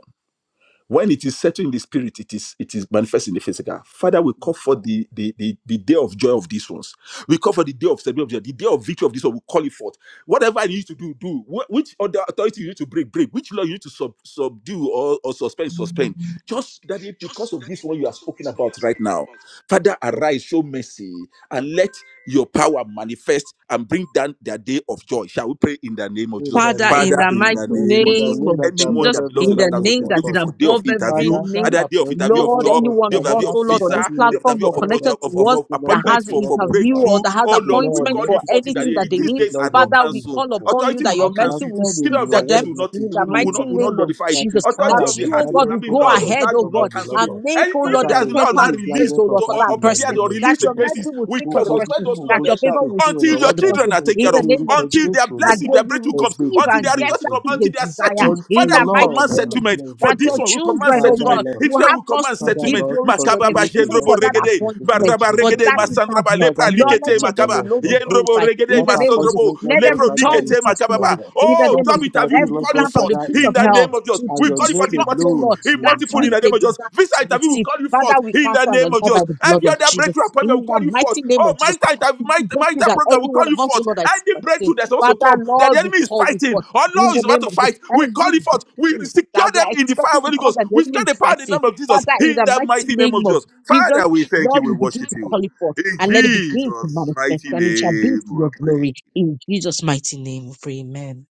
A: when it is settled in the spirit, it is it is manifest in the physical. Father, we call for the the, the, the day of joy of these ones. We call for the day of celebration, the day of victory of this one. We call it forth. Whatever you need to do, do. Wh- Which other authority you need to break, break. Which law you need to sub, subdue or, or suspend, suspend. Just that it, because of this one you are spoken about right now, Father, arise, show mercy, and let your power manifest and bring down their day of joy. Shall we pray in the name of
E: In
A: Jesus?
E: the
D: Father,
E: name
D: in
A: Father,
E: of
D: the
A: in the
D: mighty
E: Jesus,
A: name of
E: in
A: Jesus.
E: the
D: name
E: name
D: of
E: that's
A: Anyone
E: above
D: Jesus,
A: that
E: every
A: belongs
D: in
A: to
E: other
D: the
A: Laughter
E: name,
A: Zone
D: name
A: that is
E: Lord
D: that is
A: waiting
E: God.
A: for day of
D: above every
A: interview,
E: Father, that
D: name,
A: either day of interview
E: appointment,
A: of
D: Lord,
E: Lord
A: job,
D: any
E: God,
D: one
A: day of
D: of
E: Father,
D: us,
A: interview
E: that
A: of
D: oh Lord, on this
A: visa,
E: interview,
A: day
E: Lord
A: of
E: God,
D: platform
A: interview of,
D: or
E: Father, that
D: connected
A: opportu-
D: to
E: will
A: of, of,
E: be
D: us
A: of
E: looking up
D: that
A: appointments
D: has
E: unto,
A: for,
E: Lord
A: for
E: God,
D: interview or
E: Father.
A: breakthrough.
D: that has
A: Oh Lord, we
E: Lord,
D: appointment
A: call
E: let
A: it
D: for
E: it
A: forth in
E: be
A: that
D: anything that
A: day.
D: they
A: These
D: need,
E: released,
A: days are
E: Lord,
A: not
E: in
D: Father, we
E: Jesus'
A: cancelled.
D: call
E: name.
D: upon you
A: Authority
D: that
A: will
D: your
E: As
A: not
E: you have
D: mercy
A: cancel it.
D: will
E: said in
D: speak
A: Kingdom of
D: for
E: your
A: darkness
D: them
E: word,
A: will
E: that
A: not
E: you
D: in the
A: will not
E: feel
A: will
D: mighty
A: not will
E: that,
D: name
A: not
D: of
A: notify it.
E: that a
D: Jesus.
E: file
A: Authority
D: That
E: has
A: of the
D: you,
E: been
D: oh
A: heart, will-
D: God,
E: handed
A: I
D: will
A: mean
D: go
A: laws
E: over
A: of
D: ahead,
E: unto
A: land
D: oh
A: will
E: somebody,
D: God,
A: not
E: Lord
A: cancel it.
E: God.
D: and make,
A: And even
D: oh
E: Father,
D: Lord,
A: if
D: the
E: I
A: there's the
D: crooked
A: law of
E: receive
D: path
A: land
E: the
D: straight,
A: released,
E: judgment
D: oh
E: of
A: to,
D: Lord, for
E: heart
A: or,
D: that
A: or
E: in the
D: person.
A: prepared or
E: name of
D: That
A: released
D: your
E: Jesus.
A: against this,
E: Lord.
D: mercy will
A: we
D: speak for
A: can
D: the
E: Gbogbo ibi
A: suspend
E: tí
D: person.
A: those
E: mò ń
A: laws
D: That
E: gbójú
D: your
A: right now
D: favor
E: sókè
D: will
E: sí
A: until
D: speak
A: your
D: for
E: ìrànlọ́wọ́
D: the
E: tàbí
A: children
D: person.
A: are
E: fún
A: taken
D: In
E: iṣẹ́
A: care
D: the
E: ní
A: of,
D: name of
E: orúkọ
D: Jesus
A: until their
E: Jésù
D: that
A: blessing,
E: Olúwa.
D: they
A: their breakthrough
D: will
A: comes,
E: Ẹgbẹ́
D: receive
A: until
E: ìdìde
D: and
A: their
E: ní
D: get
A: rejoicing
E: orúkọ
D: that
A: comes,
D: which they
A: until they
E: Jésù.
A: are
D: desire
A: settled.
D: in
E: Until
A: Father,
D: the
A: we
D: mighty
E: Lord,
A: command
E: I
D: name of
E: am
D: Jesus.
A: settlement
E: blessed,
A: for
D: That
E: Lord God.
D: your
A: this one. We command
D: children,
E: Father,
D: oh
A: settlement.
D: God,
E: Lord,
D: will
A: Israel,
D: have
A: we
D: cause
A: command
D: to
E: Father,
D: give
A: settlement.
E: Lord,
D: glory to your
A: Makaba
D: name,
A: ba
E: continue to
D: even
E: work
D: for
A: jendrobo
E: in
D: that
E: my
A: regede,
E: business in
D: appointment,
A: baraba
D: for
E: Jesus'
A: regede,
D: that
E: name.
A: masandraba
D: interview.
E: Father,
A: lepra
D: Lord, let
A: likete
E: continue
D: your
E: to
D: name
A: makaba,
E: work,
D: alone be
E: Lord God.
A: yendrobo
D: glorified
A: regede,
D: in
E: That
D: the name of Jesus.
A: masandrobo
E: appointment, Lord
D: Let
E: God,
D: them
A: lepro
E: Father,
D: return
E: is
A: likete
D: with
A: makaba.
E: secured.
D: testimony
A: ba.
D: in the
A: Oh,
E: That
D: name of
A: job
D: Jesus.
A: interview. You
E: interview,
A: will
D: Every
E: Lord
A: call you
E: God,
D: plan from
A: forth
D: the
E: Father,
D: pit
E: is
A: in
D: of
A: the
E: done.
D: hell
A: name of
D: to,
A: Jesus.
D: to
E: And
A: We
E: your
A: call you forth in
E: name
D: disrupt, oh
A: multiple,
E: alone is
D: Lord,
A: in
D: that
A: multiple in
D: which
E: glorified.
A: the
D: they
A: name of Jesus.
D: desire
A: Visa
D: to
A: interview will
D: receive.
A: call you forth
D: Father, we
A: in the
D: cancel and
A: name of
D: nullify by
A: Jesus.
D: the blood
A: Every
D: of
A: other
D: Jesus.
A: breakthrough appointment
D: In
A: will
D: the
A: call you forth.
D: mighty name
A: Oh,
D: of Jesus,
A: marital interview, marital
D: break you
A: marital
D: that
A: program
D: any
A: will
D: one
A: call you
D: of us, oh
A: forth.
D: Lord, that is
A: Any
D: fasting.
A: breakthrough that's supposed to come
D: Father,
A: that the
D: Lord, we
A: enemy is
D: call you
A: fighting
D: forth
A: or
D: in
A: law
D: the
A: is about
D: name
A: to
D: of Jesus.
A: fight, we call
D: Every
A: you forth. We
D: breakthrough
A: secure
D: that we
A: them
D: are
A: in the fire of
D: expecting to
A: Holy
D: come
A: Ghost.
D: that the
A: We
D: enemy
A: secure the
D: is
A: power in the
D: fighting.
A: name of Jesus.
D: Father, in
A: In
D: the
A: the
D: mighty
A: mighty name of
D: name of
A: Jesus.
D: Jesus,
A: Father, we thank you.
D: Lord,
A: We
D: we begin
A: worship
D: to
A: you.
D: call it forth
A: In
D: and let it begin
A: Jesus'
D: to
A: mighty
D: manifest and it shall be to your
A: name.
D: glory. In Jesus' mighty name, we pray. Amen.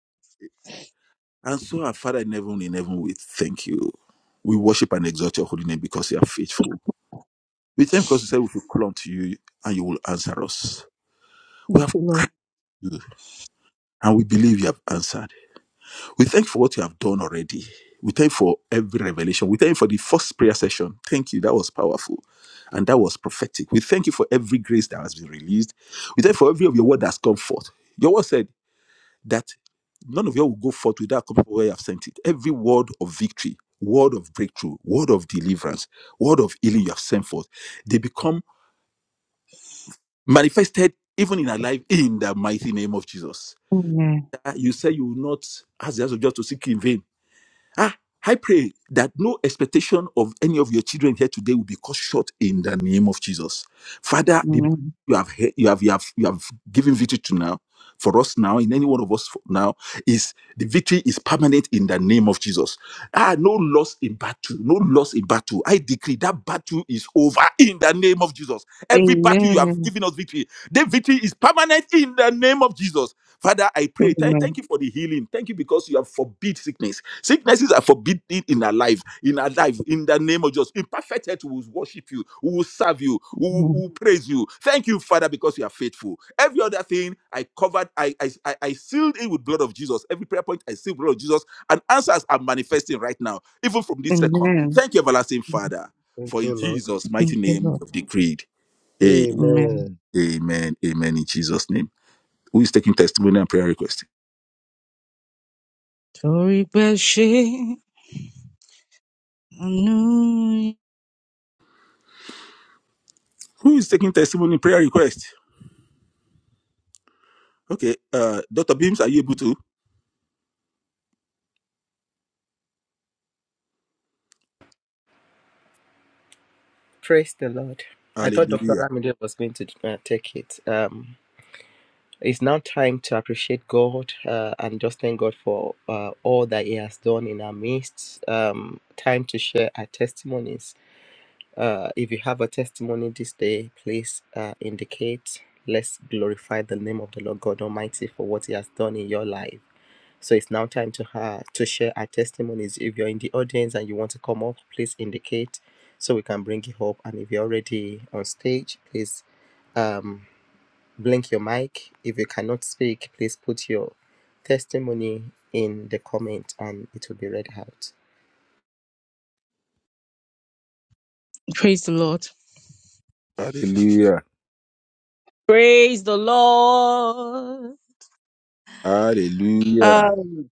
A: And so, our Father in heaven, in heaven, we thank you. We worship and exalt your holy name because you are faithful. We thank you because you said we will call unto you and you will answer us. We
D: Thank
A: have
D: you, Lord.
A: cried to you and we believe you have answered. We thank you for what you have done already. We thank you for every revelation. We thank you for the first prayer session. Thank you. That was powerful and that was prophetic. We thank you for every grace that has been released. We thank you for every of your word that has come forth. Your word said that where you have sent it. Every word of victory, word of breakthrough, deliverance, word of healing you have sent forth, they become manifested even in our life in the mighty name of Jesus.
D: Amen.
A: Uh, You say you will not ask the house of God to seek in vain Ah, I pray that no expectation of any of your children here today will be cut short in the name of Jesus. Father, the battle
D: Amen.
A: you have he- you have you have you have given victory to now for us now in any one of us for now is the victory is permanent in the name of Jesus. Ah, no loss in battle, no loss in battle. I decree that battle is over in the name of Jesus. Every battle you have victory permanent in the name of Jesus. Father, I pray. Thank, thank you for the healing. Thank you because you have forbid sickness. Sicknesses are forbidden in our life, in our life, in the name of Jesus. In perfect health, we will worship you, we will serve you, we will, we will praise you. Thank you, Father, because you are faithful. Every other thing I covered, I, I, I I sealed it with blood of Jesus. Every prayer point I sealed blood of Jesus, and answers are manifesting right now, even from
D: Amen. Amen.
A: this second.
D: Amen.
A: Thank you, everlasting Father,
E: Thank
A: for
E: you,
A: in
E: Lord.
A: Jesus' mighty
D: Thank you,
A: name we
D: Lord.
A: have decreed. A-
D: Amen.
E: Amen.
A: Amen. Amen. In Jesus' name. Who is taking testimony and prayer request?
D: Torí pé ṣé àánú-
C: Praise the Lord. I thought Dr.
A: Hallelujah.
C: Ramide was going to uh, take it. Um, It's now time to appreciate God uh, and just thank God for uh, all that He has done in our midst. Um, time to share our testimonies. Uh, if you have a testimony this day, please uh, indicate. Let's glorify the name of the Lord God Almighty for what He has done in your life. So it's now time to uh, to share our testimonies. If you're in the audience and you want to come up, please indicate so we can bring you up. And if you're already on stage, please. Um, blink your mic. If you cannot speak, please put your testimony in the comment and it will be read out.
D: Praise the Lord.
A: Hallelujah.
D: Praise the Lord.
A: Hallelujah.
D: Um,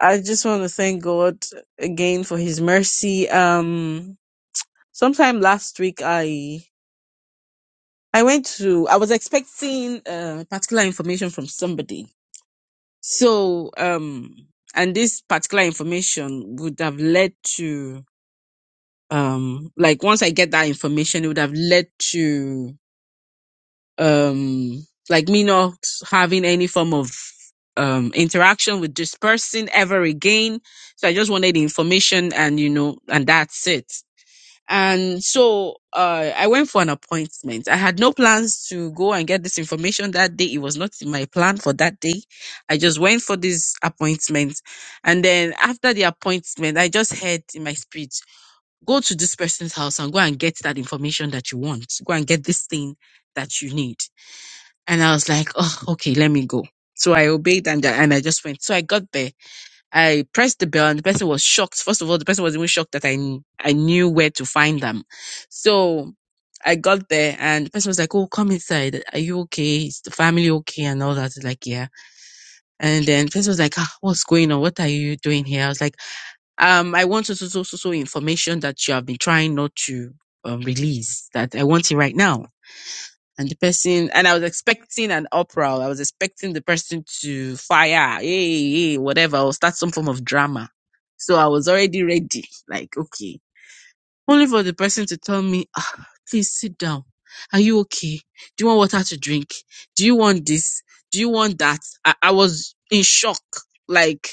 D: I just want to thank God again for His mercy. Um, sometime last week, I I went to I was expecting uh, particular information from somebody. So um, and this particular information would have led to um, like once I get that information, it would have led to um like me not having any form of um interaction with this person ever again so i just wanted the information and you know and that's it and so uh i went for an appointment i had no plans to go and get this information that day it was not in my plan for that day i just went for this appointment and then after the appointment i just heard in my spirit go to this person's house and go and get that information that you want go and get this thing that you need and I was like, oh, okay, let me go. So I obeyed and, and I just went. So I got there. I pressed the bell and the person was shocked. First of all, the person was even shocked that I, kn- I knew where to find them. So I got there and the person was like, oh, come inside. Are you okay? Is the family okay? And all that. Like, yeah. And then the person was like, ah, what's going on? What are you doing here? I was like, um, I want so, so, so, so so information that you have been trying not to um, release that I want it right now and the person and I was expecting an uproar. I was expecting the person to fire, hey, hey, whatever, or start some form of drama. So I was already ready, like okay. Only for the person to tell me, ah, please sit down. Are you okay? Do you want water to drink? Do you want this? Do you want that? I, I was in shock. Like,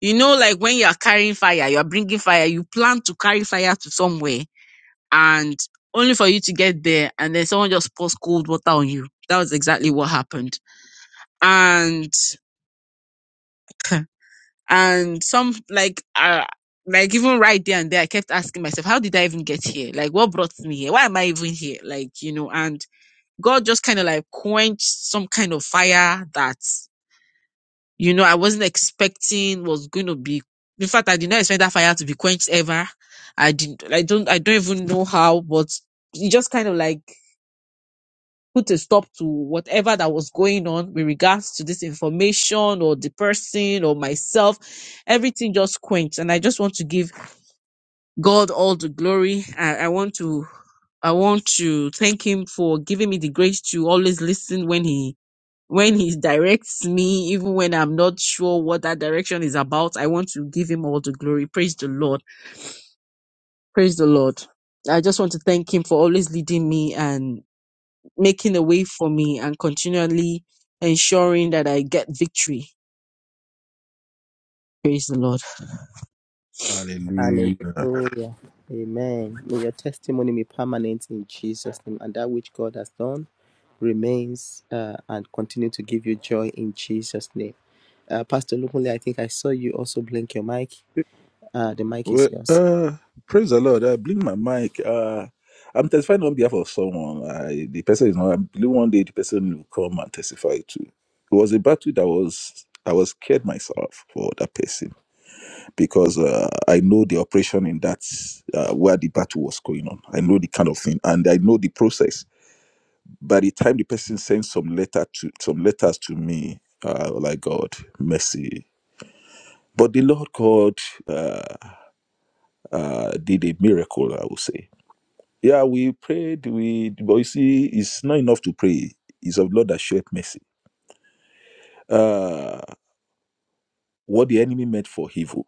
D: you know, like when you are carrying fire, you are bringing fire, you plan to carry fire to somewhere and only for you to get there and then someone just pours cold water on you. That was exactly what happened. And (laughs) and some like uh like even right there and there I kept asking myself, how did I even get here? Like what brought me here? Why am I even here? Like, you know, and God just kind of like quenched some kind of fire that, you know, I wasn't expecting was going to be in fact I did not expect that fire to be quenched ever. I didn't I don't I don't even know how, but it just kind of like put a stop to whatever that was going on with regards to this information or the person or myself. Everything just quenched. And I just want to give God all the glory. I, I want to I want to thank him for giving me the grace to always listen when he when he directs me, even when I'm not sure what that direction is about. I want to give him all the glory. Praise the Lord. Praise the Lord. I just want to thank him for always leading me and. making a way for me and continually ensuring that I get victory. Praise the Lord.
A: Hallelujah.
C: Hallelujah. Amen. May your testimony be permanent in Jesus' name, and that which God has done remains uh, and continue to give you joy in Jesus' name. Uh, Pastor Lukunle, I think I saw you also blink your mic. Uh, the mic is
A: Well,
C: yours.
A: uh, praise the Lord. I blink my mic. Uh, I'm testifying on behalf of someone. I, the person is not. I believe one day the person will come and testify too. It was a battle that was. I was scared myself for that person because uh, I know the operation in that uh, where the battle was going on. I know the kind of thing, and I know the process. by the time the person sends some letter to some letters to me, uh, oh like God, mercy. But the Lord God uh, uh, did a miracle, I would say. Yeah, we prayed, we but you see, it's not enough to pray. It's of Lord that showeth mercy. Uh, what the enemy meant for evil,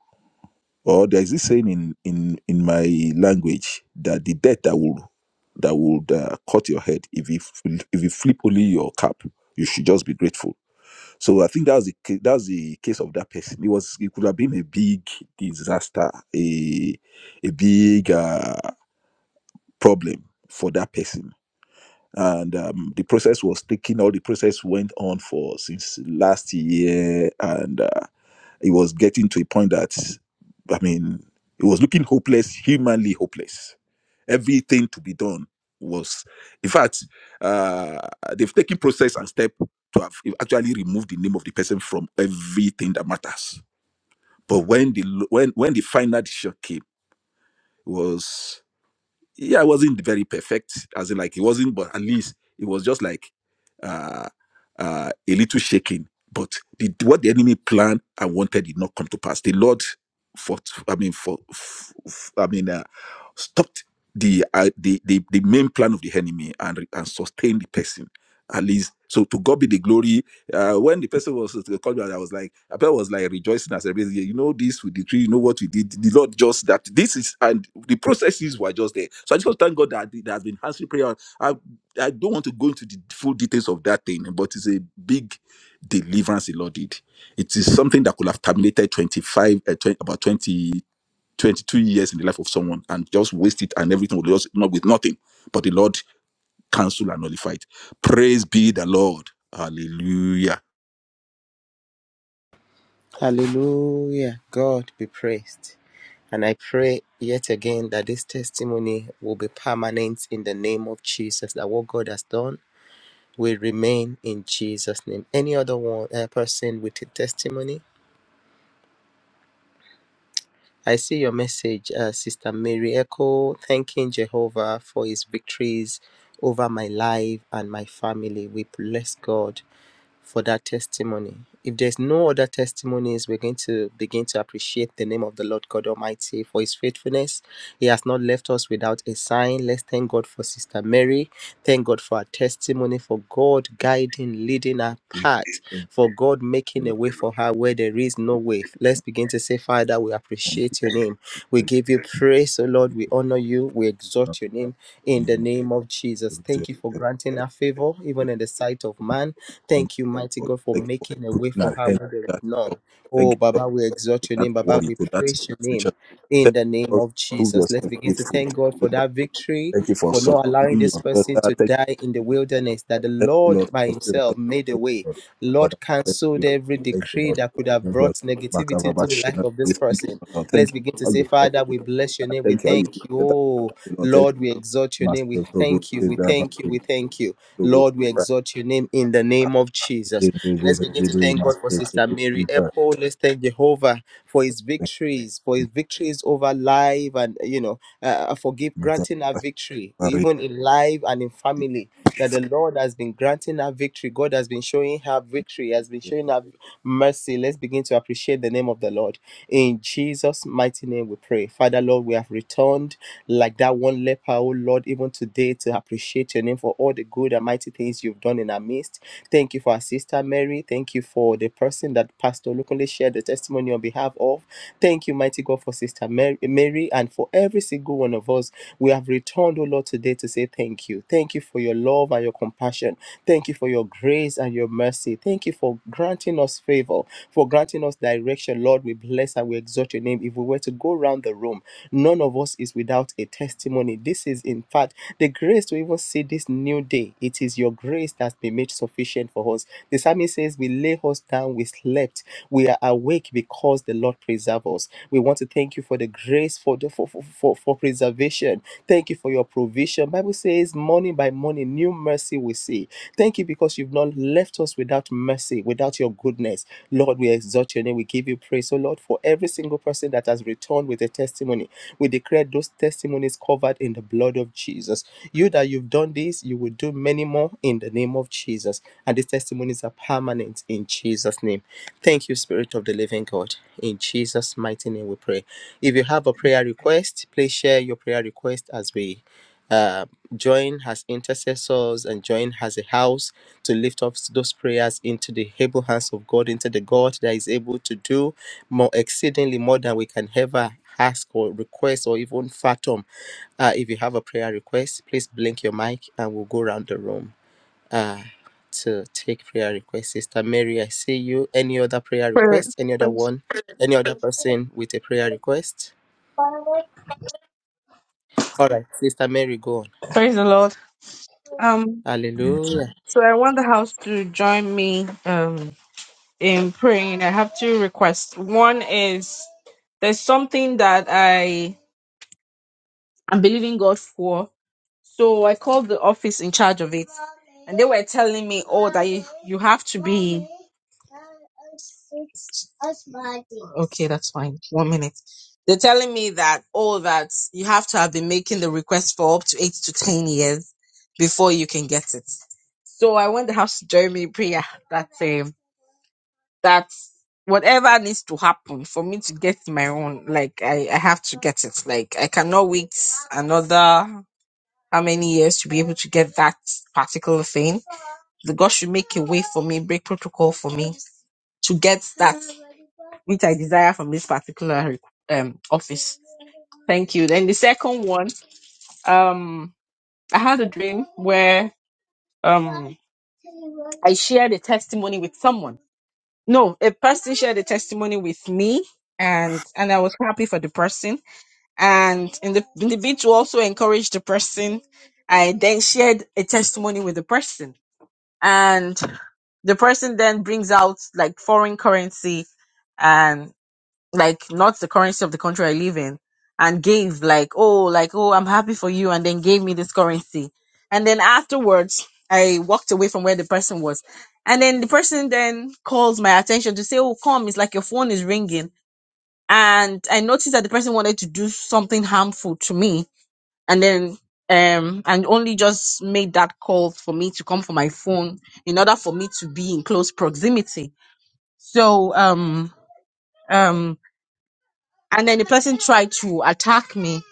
A: or there is this saying in in in my language that the death that will that would uh, cut your head if you f- if you flip only your cap, you should just be grateful So I think that's the ca- that's the case of that person. It was it could have been a big disaster, a a big uh, problem for that person. And um, the process was taking all the process went on for since last year, and uh, it was getting to a point that I mean. It was looking hopeless, humanly hopeless thing to be done. That's uh, the type to have actually moved the person from uh, matters. Lo- Shot. Yeah, as in like, but at least it was just like uh, a little shaking, but the, what the enemy planned and wanted did not come to pass. The Lord for I mean, for, for- I mean. uh, stopped the uh, the, the the main plan of the enemy and re- and sustained the person at least so to god be the glory uh, when the person was to call me i was like abel was like rejoicing as everything Yeah, you know this with the tree. you know what we did the lord just that this is and the processes were just there so i just want to thank god that there has been answered prayer i i don't want to go into the full details of that thing but it's a big deliverance the lord did it is something that could have terminated 25 uh, 20, about 20 22 years in the life of someone and just waste it and everything will just not with nothing. But the Lord cancel and nullify it. Praise be the Lord. Hallelujah.
C: Hallelujah. God be praised. And I pray yet again that this testimony will be permanent in the name of Jesus, that what God has done will remain in Jesus' name. Any other one uh, person with a testimony? I see your message, uh, Sister Mary Echo, thanking Jehovah for his victories over my life and my family. We bless God for that testimony. If there's no other testimonies, we're going to begin to appreciate the name of the Lord God Almighty for his faithfulness. He has not left us without a sign. Let's thank God for Sister Mary. Thank God for our testimony, for God guiding, leading our
A: Thank
C: path, for God
A: you,
C: making a
A: Lord.
C: way for her where there is no way. Let's begin to say, Father, we
A: Thank you,
C: appreciate your
A: Lord.
C: name. We
A: Thank you, Lord.
C: give you praise, O Lord. We
A: Thank you
C: honor you. We exalt your name in the name of Jesus. Thank you for granting our favor, even in the sight of man. Thank you, mighty
A: for
C: God, for
A: thank you for
C: making a way
A: putting
C: for
A: an
C: her
A: end
C: where there is
A: to that.
C: none.
A: Lord.
C: Oh,
A: Thank you
C: Baba, we exalt
A: for
C: your
A: that
C: name. Baba,
A: worry,
C: we
A: to that
C: praise your name
A: situation.
C: in
A: Thank you,
C: the name
A: Lord.
C: of
A: Prove
C: Jesus. Let's
A: yourself
C: begin to
A: faithful.
C: thank
A: Thank
C: God
A: you,
C: for
A: Lord.
C: that victory,
A: Thank you for
C: for not allowing
A: sustaining
C: this
A: your
C: person
A: daughter.
C: to
A: Thank
C: die in the
A: you, for sustaining
C: wilderness, that the
A: your daughter. Thank you
C: Lord
A: Lord,
C: by
A: for sustaining
C: himself made a
A: your
C: way.
A: daughter. Thank you, Lord. Father,
C: Lord,
A: thank
C: canceled
A: you.
C: every
A: We Thank you,
C: decree
A: Lord.
C: that could
A: Thank
C: have
A: you,
C: brought
A: Lord.
C: negativity into the life
A: Makababashina.
C: of
A: We
C: this
A: thank you,
C: person.
A: Lord.
C: Let's
A: Thank you
C: begin to
A: for how
C: say,
A: you help
C: Father,
A: your
C: we bless your
A: daughter.
C: name. We
A: Thank you how you
C: thank
A: do
C: you.
A: that. Thank
C: Oh,
A: you, Lord, thank you.
C: Lord, we exalt your name. We
A: Master Robo,
C: thank you. We
A: Zebra,
C: thank you. We
A: Master
C: thank you.
A: Robo,
C: Lord, we
A: Zebra,
C: exalt your name
A: Zebra,
C: in the name of Jesus. Let's
A: Robo,
C: begin to
A: Zebra,
C: thank God
A: Master
C: for Sister
A: Robo,
C: Mary
A: Zebra.
C: Echo. Let's thank Jehovah for his
A: Thank you,
C: victories, for his
A: thank
C: victories over life and, you know, uh, uh, forgive,
A: you. Makababashina.
C: granting her victory, even in life and in family that the Lord has been granting her victory. God has been showing her victory, has been showing her mercy. Let's begin to appreciate the name of the Lord. In Jesus' mighty name, we pray. Father, Lord, we have returned like that one leper, oh Lord, even today to appreciate your name for all the good and mighty things you've done in our midst. Thank you for our sister Mary. Thank you for the person that Pastor Lukunle shared the testimony on behalf of. Thank you, mighty God, for sister Mary, Mary and for every single one of us. We have returned, O Lord, today to say thank you. Thank you for your love and your compassion. Thank you for your grace and your mercy. Thank you for granting us favor, for granting us direction. Lord, we bless and we exalt your name. If we were to go round around the room. None of us is without a testimony. This is, in fact, the grace to even see this new day. It is your grace that's been made sufficient for us. The psalmist says, We lay us down, we slept, we are awake because the Lord preserves us. We want to thank you for the grace for the for, for, for, for preservation. Thank you for your provision. Bible says, morning by morning, new mercy we see. Thank you because you've not left us without mercy, without your goodness. Lord, we exalt your name. We give you praise. So, Lord, for every single person that has returned with a testimony, we declare those testimonies covered in the blood of Jesus. You that you've done this, you will do many more in the name of Jesus. And these testimonies are permanent in Jesus' name. Thank you, Spirit of the Living God. In Jesus' mighty name, we pray. If you have a prayer request, please share your prayer request as we. uh, join as intercessors and join as a house to lift up those prayers into the able hands of God, into the God that is able to do more exceedingly more than we can ever ask or request or even fathom. Uh, if you have a prayer request, please blink your mic and we'll go around the room uh, to take prayer requests. Sister Mary, I see you. Any other prayer request? Any other one? Any other person with a prayer request? All right, Sister Mary, go on.
D: Praise the Lord. Um,
C: Hallelujah.
D: so I want the house to join me um in praying. I have two requests. One is there's something that I am believing God for. So I called the office in charge of it, and they were telling me, "Oh, that you, you have to be." Okay, that's fine. One minute. They're telling me that all that you have to have been making the request for up to eight to ten years before you can get it. So I want the house to join me in prayer that um that whatever needs to happen for me to get my own, like I, I have to get it. Like I cannot wait another how many years to be able to get that particular thing. The God should make a way for me, break protocol for me to get that which I desire from this particular um, office. Thank you. Then the second one, um, I had a dream where um, I shared a testimony with someone. No, a person shared a testimony with me, and and I was happy for the person. And in the in the bid to also encourage the person, I then shared a testimony with the person, and the person then brings out like foreign currency and. like not the currency of the country I live in, and gave like, oh, like, oh, I'm happy for you, and then gave me this currency. And then afterwards, I walked away from where the person was. And then the person then calls my attention to say, oh, come, it's like your phone is ringing. And I noticed that the person wanted to do something harmful to me. And then, um, and only just made that call for me to come for my phone in order for me to be in close proximity. So, um, um, and then the person tried to attack me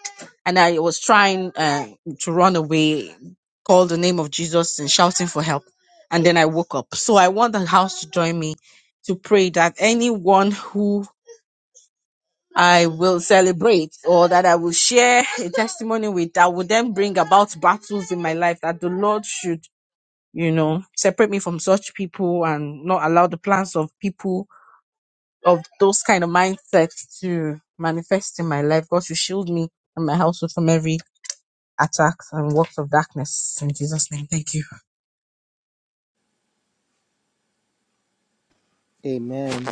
D: and i was trying uh, to run away call the name of jesus and shouting for help and then i woke up so i want the house to join me to pray that anyone who i will celebrate or that i will share a testimony with that will then bring about battles in my life that the lord should you know separate me from such people and not allow the plans of people of those kind of mindsets to manifest in my life. God should shield me and my household from every attacks and works of darkness. In Jesus' name, thank you.
C: Amen.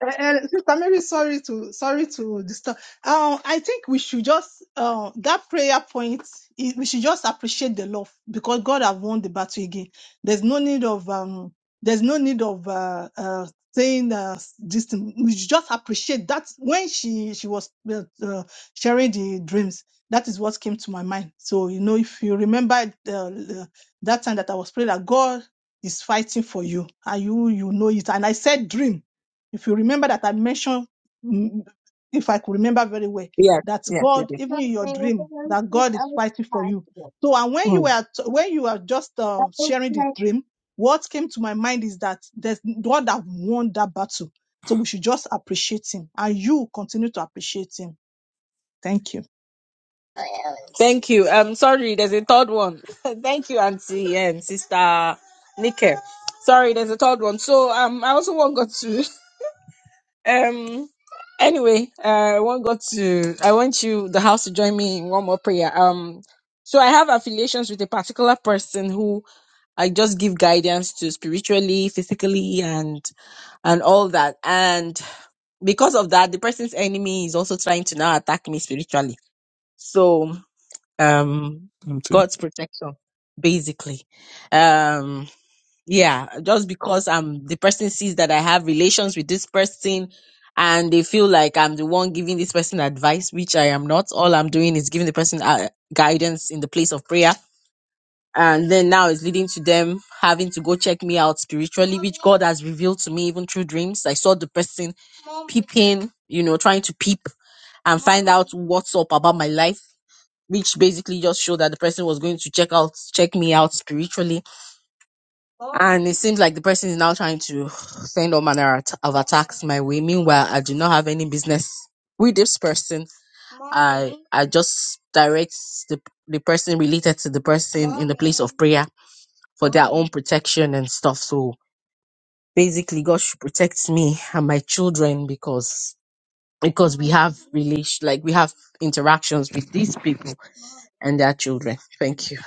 B: Uh, uh, Sister Mary, sorry to sorry to disturb. Uh, I think we should just uh, that prayer point. i- We should just appreciate the love because God have won the battle again. There's no need of um. There's no need of uh, uh, saying uh, this. Thing. We should just appreciate that when she she was uh, uh, sharing the dreams. That is what came to my mind. So you know, if you remember uh, uh, that time that I was praying that God is fighting for you, and you you know it. And I said dream if you remember that I mentioned, mm, if I could remember very well,
D: Yes,
B: that
D: yes, you
B: God,
D: did.
B: even in your dream, that God is fighting for you. So, and when you
D: Mm.
B: were t- when you were just uh, sharing the dream, what came to my mind is that there's God that won that battle. So we should just appreciate Him, and you continue to appreciate Him. Thank you.
D: Thank you. Um. sorry, there's a third one. (laughs) Thank you, Auntie and Sister Nike. Sorry, there's a third one. So um, I also want God to (laughs) Um. Anyway, uh, I want God to. I want you, the house, to join me in one more prayer. Um. So I have affiliations with a particular person who I just give guidance to spiritually, physically, and and all that. And because of that, the person's enemy is also trying to now attack me spiritually. So, um, God's protection, basically. Um. Yeah, just because I'm the person sees that I have relations with this person and they feel like I'm the one giving this person advice, which I am not. All I'm doing is giving the person uh, guidance in the place of prayer. And then now it's leading to them having to go check me out spiritually, which God has revealed to me even through dreams. I saw the person peeping, you know, trying to peep and find out what's up about my life, which basically just showed that the person was going to check out, check me out spiritually and it seems like the person is now trying to send all manner at- of attacks my way. Meanwhile, I do not have any business with this person. I I just direct the the person related to the person in the place of prayer for their own protection and stuff. So basically, God should protect me and my children because because we have relation like we have interactions with these people and their children. Thank you.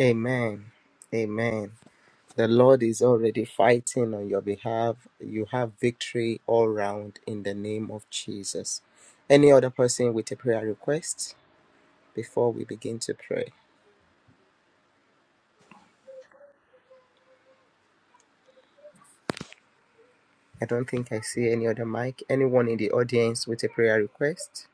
C: Amen. Amen. The Lord is already fighting on your behalf. You have victory all round in the name of Jesus. Any other person with a prayer request before we begin to pray? I don't think I see any other mic. Anyone in the audience with a prayer request?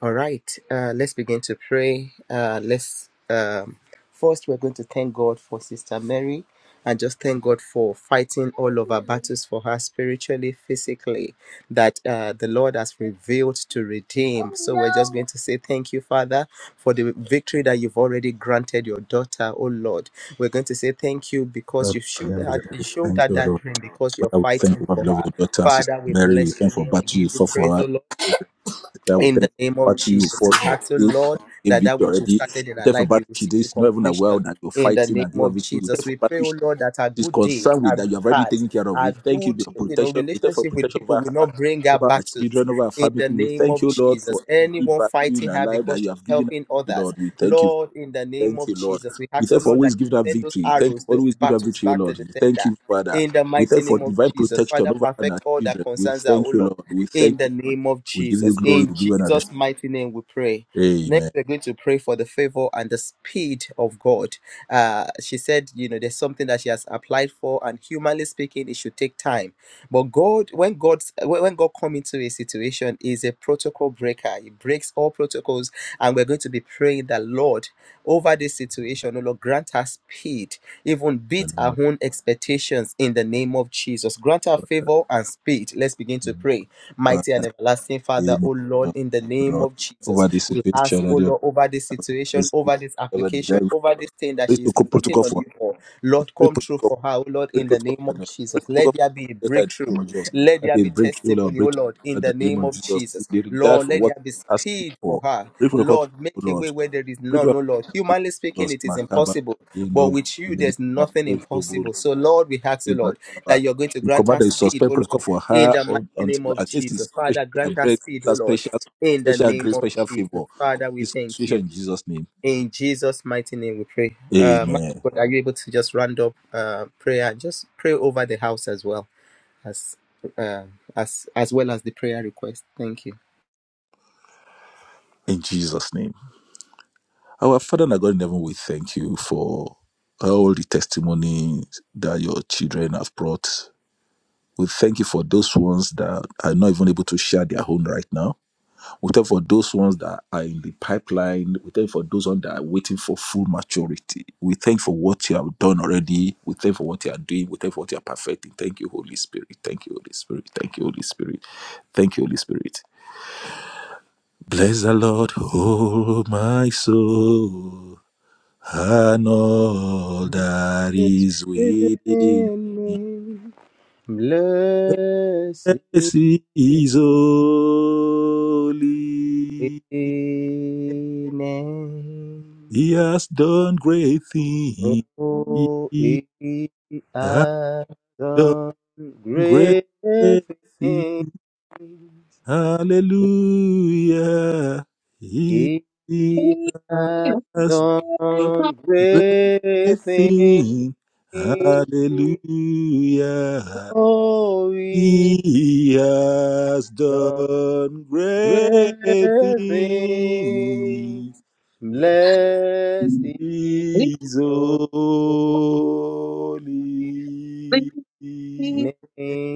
C: All right, uh, let's begin to pray. Uh, let's um, first we're going to thank God for Sister Mary and just thank God for fighting all of our battles for her spiritually, physically, that uh, the Lord has revealed to redeem. So we're just going to say thank you, Father, for the victory that you've already granted your daughter, oh Lord. We're going to say thank you because you showed her, you showed
A: Thank
C: her
A: you, Lord.
C: that dream because you're
A: Father, we thank
C: fighting
A: you for
C: for
A: the love
C: her.
A: of your daughter, Sister
C: Father, we
A: Mary. We
C: bless your
A: thank you for
C: name. We
A: battle you
C: give you
A: fought
C: praise,
A: for her.
C: oh Lord
A: Sister, we
C: in
A: thank
C: the
A: you
C: name
A: for
C: of
A: battle you
C: Jesus, we
A: fought, you
C: ask you,
A: fought,
C: Lord,
A: and gave
C: that that
A: victory
C: which you've
A: already. We
C: started in
A: thank
C: our
A: you for
C: life, you
A: battle
C: will
A: she
C: see
A: did.
C: to
A: She's not even aware
C: completion.
A: that you're
C: In the
A: fighting
C: name
A: and giving
C: of
A: victory. We thank
C: Jesus,
A: you for
C: we
A: battle
C: pray, oh
A: she-
C: Lord, that our
A: she's
C: good dates,
A: concerned with
C: our
A: that
C: good
A: you have already
C: heart,
A: taken care of.
C: our
A: We thank you for
C: good,
A: your
C: you know,
A: protection. We thank you for
C: relationship with
A: protection
C: people
A: over
C: will
A: her,
C: not bring our
A: over her
C: battles.
A: children, over her
C: In
A: family.
C: the
A: We
C: name
A: thank
C: of
A: you, Lord,
C: Jesus,
A: for every
C: anyone
A: battle in
C: fighting
A: her
C: her
A: life that
C: because
A: you
C: she's
A: have given her.
C: helping others,
A: Lord, we thank you.
C: Lord, in the name
A: Thank
C: of
A: you, Lord.
C: Jesus, we
A: We
C: ask, oh
A: therefore
C: Lord, that
A: always
C: you
A: give that
C: send those
A: victory. Thank
C: arrows, those
A: always give that
C: battles
A: victory, O
C: back to
A: Lord.
C: the
A: Thank
C: sender.
A: you, Father.
C: In the
A: We
C: mighty
A: thank for
C: name of
A: divine
C: Jesus,
A: protection
C: Father,
A: over her and
C: perfect
A: our
C: all that
A: children. We
C: concerns our O
A: thank you,
C: Lord
A: Lord. We
C: in
A: thank
C: the
A: you, Lord.
C: name of
A: We give you
C: Jesus.
A: glory.
C: In
A: We give you another.
C: Jesus' mighty name, we pray. Next,
A: Amen.
C: we're going to pray for the favor and the speed of God. Uh, she said, you know, there's something that she has applied for, and humanly speaking, it should take time. But God, when God, when God come into a situation, is a protocol breaker. He breaks all protocols, and we're going to be praying that Lord, over this situation, oh Lord, grant us speed, even
A: In the
C: beat
A: name
C: our
A: of
C: own expectations in the name of Jesus. Grant us favor and speed. Let's begin to
A: Jesus.
C: pray. Mighty and
A: Father,
C: everlasting
A: in the
C: Father,
A: name
C: oh Lord,
A: of
C: in the
A: Jesus,
C: name
A: Lord,
C: of Jesus,
A: over this
C: we ask,
A: situation, I
C: oh
A: don't
C: Lord, over this
A: know. I
C: situation,
A: speak
C: over this
A: over the
C: application,
A: guy.
C: over this thing that
A: Praise
C: she is waiting
A: protocol
C: on
A: for
C: you for. Lord, come
A: us.
C: true for her, oh Lord, in
A: Breakthrough
C: the name
A: of
C: of
A: God.
C: Jesus.
A: Breakthrough of
C: Let
A: God.
C: there be a
A: That the
C: breakthrough.
A: name of Jesus.
C: Let
A: That
C: there
A: a
C: be
A: breakthrough, Lord.
C: testimony, oh
A: Breakthrough
C: Lord,
A: of
C: in
A: God.
C: the
A: That the name
C: name
A: of
C: of
A: Jesus. In
C: Jesus.
A: the regard
C: Lord,
A: for
C: let
A: what
C: there be
A: you're asking
C: speed for
A: for.
C: her.
A: Breakthrough of God,
C: Lord, make a
A: Lord.
C: way where there is
A: Breakthrough
C: none,
A: of God.
C: oh Lord.
A: That the name
C: Humanly
A: of
C: speaking,
A: Jesus.
C: it is
A: Makaba.
C: impossible,
A: In
C: but
A: Robo.
C: with you,
A: In the name
C: there's
A: of
C: nothing
A: Jesus. Robo.
C: impossible. So, Lord, we ask you,
A: In
C: Lord,
A: Makaba.
C: that you're going to
A: We
C: grant
A: command that
C: us
A: you
C: speed,
A: suspend
C: oh
A: protocol
C: Lord,
A: for
C: in
A: her
C: the mighty
A: un-
C: name
A: until
C: of
A: her case is
C: Jesus.
A: specially
C: Father, grant us
A: addressed.
C: speed, oh
A: That
C: Lord,
A: special,
C: in the
A: special
C: name
A: grace,
C: of
A: special
C: Jesus.
A: favor.
C: Father, we
A: This
C: thank
A: situation
C: you.
A: in Jesus' name.
C: In Jesus' mighty name, we pray. Uh, man of
A: Amen.
C: God, are you able to just round up uh, prayer? Just pray over the house as well as uh, as as well as the prayer request. Thank you.
A: In Jesus' name. Our Father and our God in heaven, we thank you for all the testimonies that your children have brought. We thank you for those ones that are not even able to share their own right now. We thank you for those ones that are in the pipeline. We thank you for those ones that are waiting for full maturity. We thank you for what you have done already. We thank you for what you are doing. We thank you for what you are perfecting. Thank you, Holy Spirit. Thank you, Holy Spirit. Thank you, Holy Spirit. Thank you, Holy Spirit. Bless the Lord, oh my soul and all that
C: It's
A: is within me.
C: within me, blessed
A: Yes,
C: name.
A: he is holy. He has done great things. He
C: Oh, it
A: has
C: has
A: done
C: done
A: great
C: great
A: things.
C: things.
A: Hallelujah. He
C: He has
A: has
C: done
A: great
C: great things.
A: things. Hallelujah.
C: Oh, he
A: He
C: has
A: has
C: done
A: done
C: great
A: great things.
C: things. Blessed is
A: He is
C: your name.
A: holy.
D: (laughs)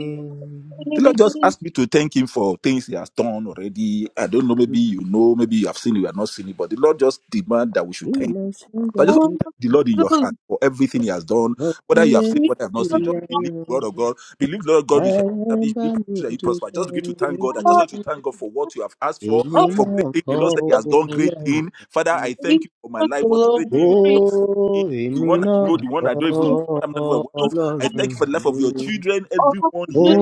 A: The
D: Thank
A: Lord just asked me to thank Him for things He has done already. I don't know, maybe you know, maybe you have seen, it. you have not seen it, but the Lord just demand that we should
C: We
A: thank
C: must
A: So I just
C: get
A: want
C: to
A: to thank the Lord in your heart for everything He has done, whether you have seen,
C: always
A: whether you have not seen.
C: see
A: Just believe the word of God. Believe the Lord of
C: I
A: God you shall
C: am
A: establish, believe
C: by
A: that you prosper. Just begin to thank God. I just
C: me
A: want to thank God for what you have asked for,
C: Èmi
A: for
C: náà
A: great things. The
C: kọ́
A: Lord said He has done great
C: Ọlọ́run
A: things. Father,
C: mi.
A: I thank you for my life. What great thing
C: Ó,
A: you have done for me. The
C: èmi
A: one I
C: náà
A: know, the one
C: kọ́
A: I don't even know, the one I'm never aware of. I
C: Ọlọ́run
A: thank you for the life
C: mi
A: of your
C: ni.
A: children, everyone
C: Ó,
A: here,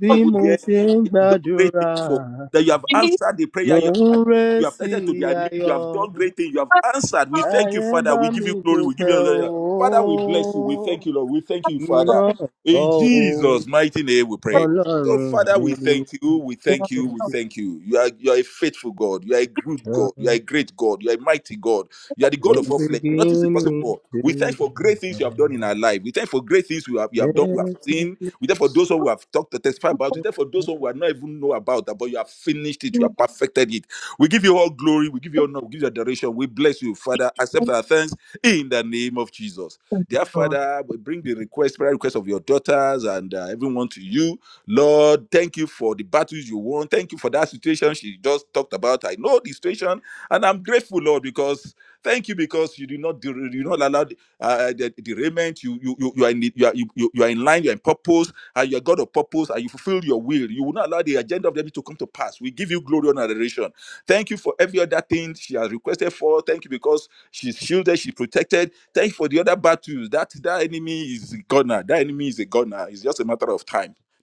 C: bí
A: everyone
C: mo
A: here
C: ṣe ń
A: have done great
C: gbàdúrà,
A: things for, that you have answered the
C: mò
A: prayer, you have
C: ń
A: attended,
C: ré
A: you have
C: sí
A: attended to their need, you
C: ayọ̀.
A: have done great things, you have answered. We thank you,
C: Ayé ń
A: Father.
C: bá
A: We give
C: mi
A: you glory. We give
C: dúpẹ́
A: you
C: o.
A: glory. Father, we bless you. We thank you, Lord. We thank you,
C: Èmi
A: Father.
C: náà kọ́
A: In
C: o,
A: Jesus' mighty name we pray. So,
C: Ọlọ́run
A: Father,
C: mi
A: we
C: ni.
A: thank you. We thank you. We
D: you.
A: thank you. You are you are a faithful God. You are a good God. You are a great God. You are a mighty God. You are the God
C: From
A: of all flesh. Nothing is impossible.
C: beginning
A: for. We thank
C: to
A: you for great things you have done in our life.
C: the end, yes,
A: Therefore, Lord, thank you for that you talked about. And I'm grateful, Lord, because Thank you because you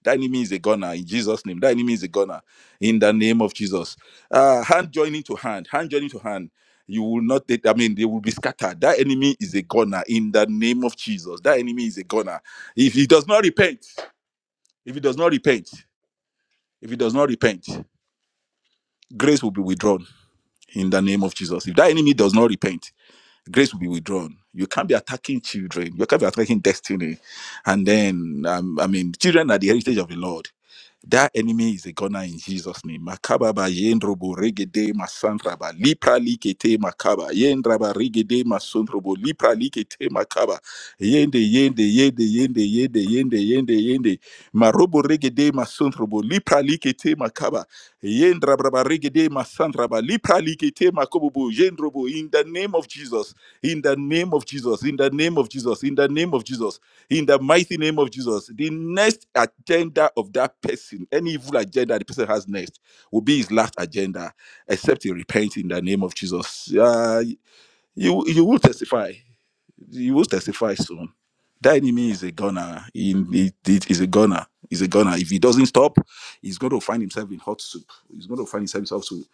A: that name of Jesus to hand, hand of that person, any evil agenda the person has next will be his last agenda, except he repent in the name of Jesus. Uh, you you will testify. You will testify soon. That enemy is a gunner. He, he, he is a gunner. He's a gunner. If he doesn't stop, he's going to find himself in hot soup. He's going to find himself in hot soup.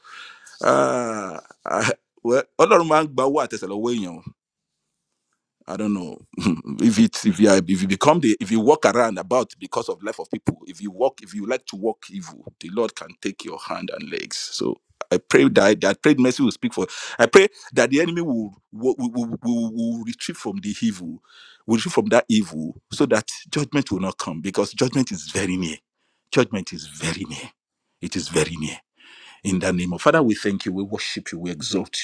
A: Ah, ah, well, Ọlọ́run máa ń gba owó àtẹsẹ̀ lọ́wọ́ èèyàn. I don't know (laughs) if it's if you are, if you become the out of people like to can. So But I pray that they will from the evil We Exalt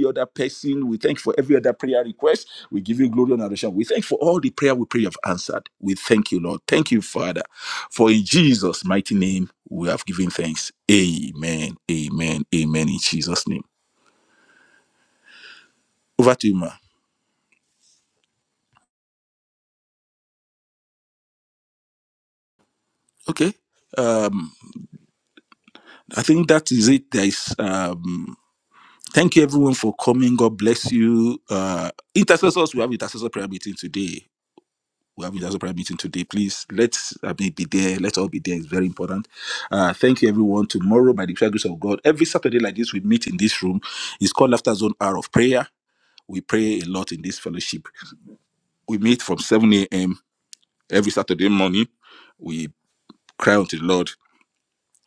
A: the other person. We thank you for every other prayer request. We give you glory and adoration. We thank you for all the prayer we pray you have answered. We thank you, Lord. Thank you, Father. For in Jesus' mighty name we have given thanks. Amen. Amen. Amen. In Jesus' name. Over to you, ma. Okay. Um, I think that is it. There is um thank you everyone for coming. God bless you. Uh intercessors, we have intercessor prayer meeting today. we have leaders of prayer meeting today. Please let's I mean, be there. Let's all be there. It's very important. Uh, thank you, everyone. Tomorrow, by the grace of God, every Saturday like this, we meet in this room. It's called Laughter Zone Hour of Prayer. We pray a lot in this fellowship. We meet from 7 a.m. every Saturday morning. We cry unto the Lord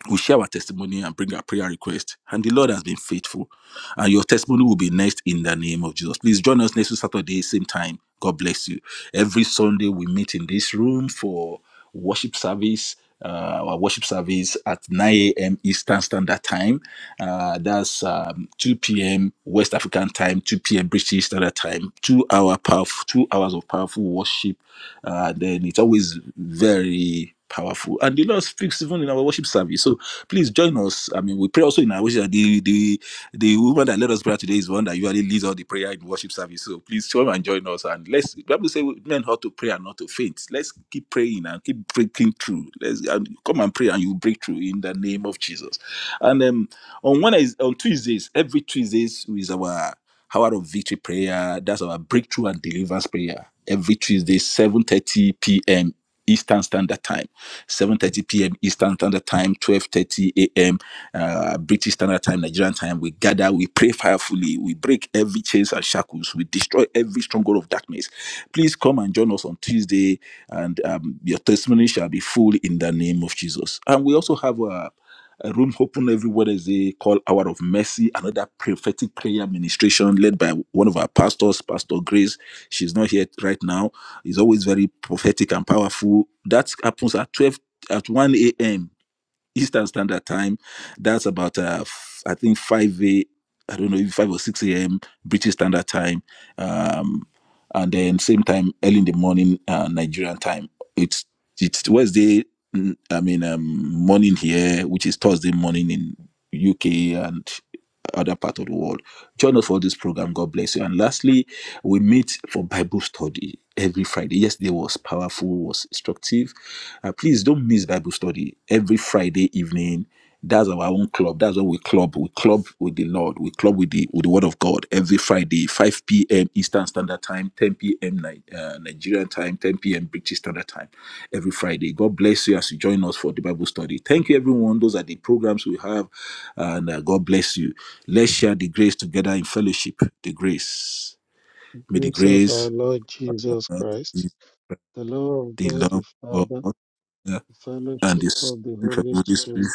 A: we share our testimony and bring our prayer request. And the Lord has been faithful. And your testimony will be next in the name of Jesus. Please join us next Saturday, same time. God bless you. Every Sunday we meet in this room for worship service. Uh, our worship service at 9 a.m. Eastern Standard Time. Uh, that's um, 2 p.m. West African Time, 2 p.m. British Standard Time. Two hour powerful, two hours of powerful worship. Uh, then it's always very powerful, and the Lord speaks even in our worship service. So Please join us. I mean, we pray also in our worship. The the the woman that led us prayer today is one that usually leads all the prayer in worship service. So please come and join us. And let's the Bible say learn how to pray and not to faint. Let's keep praying and keep breaking through. Let's and come and pray and you break through in the name of Jesus. And um, on one is on Tuesdays, every Tuesdays is our Hour of Victory prayer. That's our breakthrough and deliverance prayer. Every Tuesday, 7:30 p.m. Eastern Standard Time, 7:30 p.m. Eastern Standard Time, 12:30 a.m. Uh, British Standard Time, Nigerian Time. We gather, we pray firefully, we break every chains and shackles, we destroy every stronghold of darkness. Please come and join us on Tuesday, and um, your testimony shall be full in the name of Jesus. And we also have a. A room open every Wednesday called Hour of Mercy, another prophetic prayer ministration led by one of our pastors, Pastor Grace. She's not here right now. It's always very prophetic and powerful. That happens at 12 at 1 a.m. Eastern Standard Time. That's about, uh, f- I think, 5 a. I don't know, if 5 or 6 a.m. British Standard Time. Um, and then same time, early in the morning, uh, Nigerian time. It's, it's Wednesday, mm, I mean, um, morning here, which is Thursday morning in UK. and other part of the world. Join us for this program. God bless you. And lastly, we meet for Bible study every Friday. Yesterday was powerful, was instructive. Uh, please don't miss Bible study every Friday evening. That's our own club. That's what we club. We club with the Lord. We club with the with the Word of God every Friday, 5 p.m. Eastern Standard Time, 10 p.m. Ni- uh, Nigerian time, 10 p.m. British Standard Time every Friday. God bless you as you join us for the Bible study. Thank you, everyone. Those are the programs we have, and uh, God bless you. Let's share the grace together in fellowship. The grace. May the
E: Grace of our
A: grace
E: Lord Jesus
A: of
E: Christ,
A: Jesus,
E: the love of
A: the
E: God the
A: love of
E: Father,
A: God
E: the
A: and
E: fellowship
A: the
E: of the
A: Spirit of
E: Holy
A: the Holy Spirit
E: Spirit,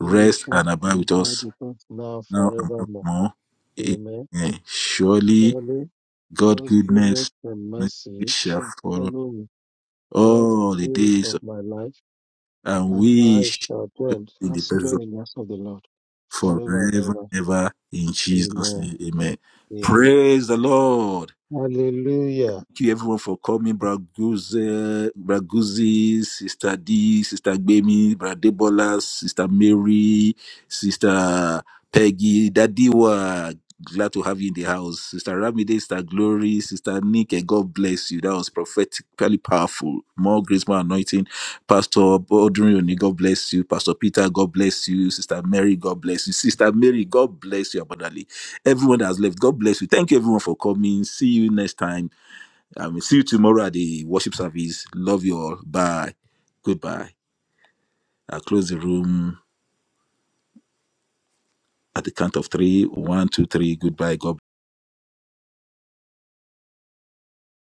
E: be with us
A: and abide
E: and
A: with
E: abide
A: us
E: with us now
A: now and
E: forevermore.
A: forevermore.
E: Amen.
A: Amen. Surely
E: Surely
A: God
E: God's goodness
A: goodness
E: and
A: and
E: mercy
A: mercy shall
E: shall
A: follow
E: follow me all the
A: all the
E: days
A: days
E: of
A: of-
E: my life,
A: and
E: and I
A: we shall
E: shall
A: be
E: dwell,
A: in the
E: fast
A: presence
E: dwell
A: of
E: in the house of the Lord forever and
A: forever
E: ever.
A: and ever in Jesus'
E: Amen.
A: name. Amen.
E: Amen.
A: Praise the Lord.
E: Hallelujah.
A: Thank you everyone for coming, Braguze, Braguzi, Sister D, Sister Gbemi, Bradebola, Sister Mary, Sister Peggy, Dadiwa. Glad to have you in the house. Sister Ramide, Sister Glory, Sister Nike, God bless you. That was prophetically powerful. More grace, more anointing. Pastor Bodrioni, God bless you. Pastor Peter, God bless you. Sister Mary, God bless you. Sister Mary, God bless you abundantly. Everyone that has left, God bless you. Thank you everyone for coming. See you next time. I will see you tomorrow at the worship service. Love you all. Bye. Goodbye. I'll close the room at the count of three. One, two, three. Goodbye. God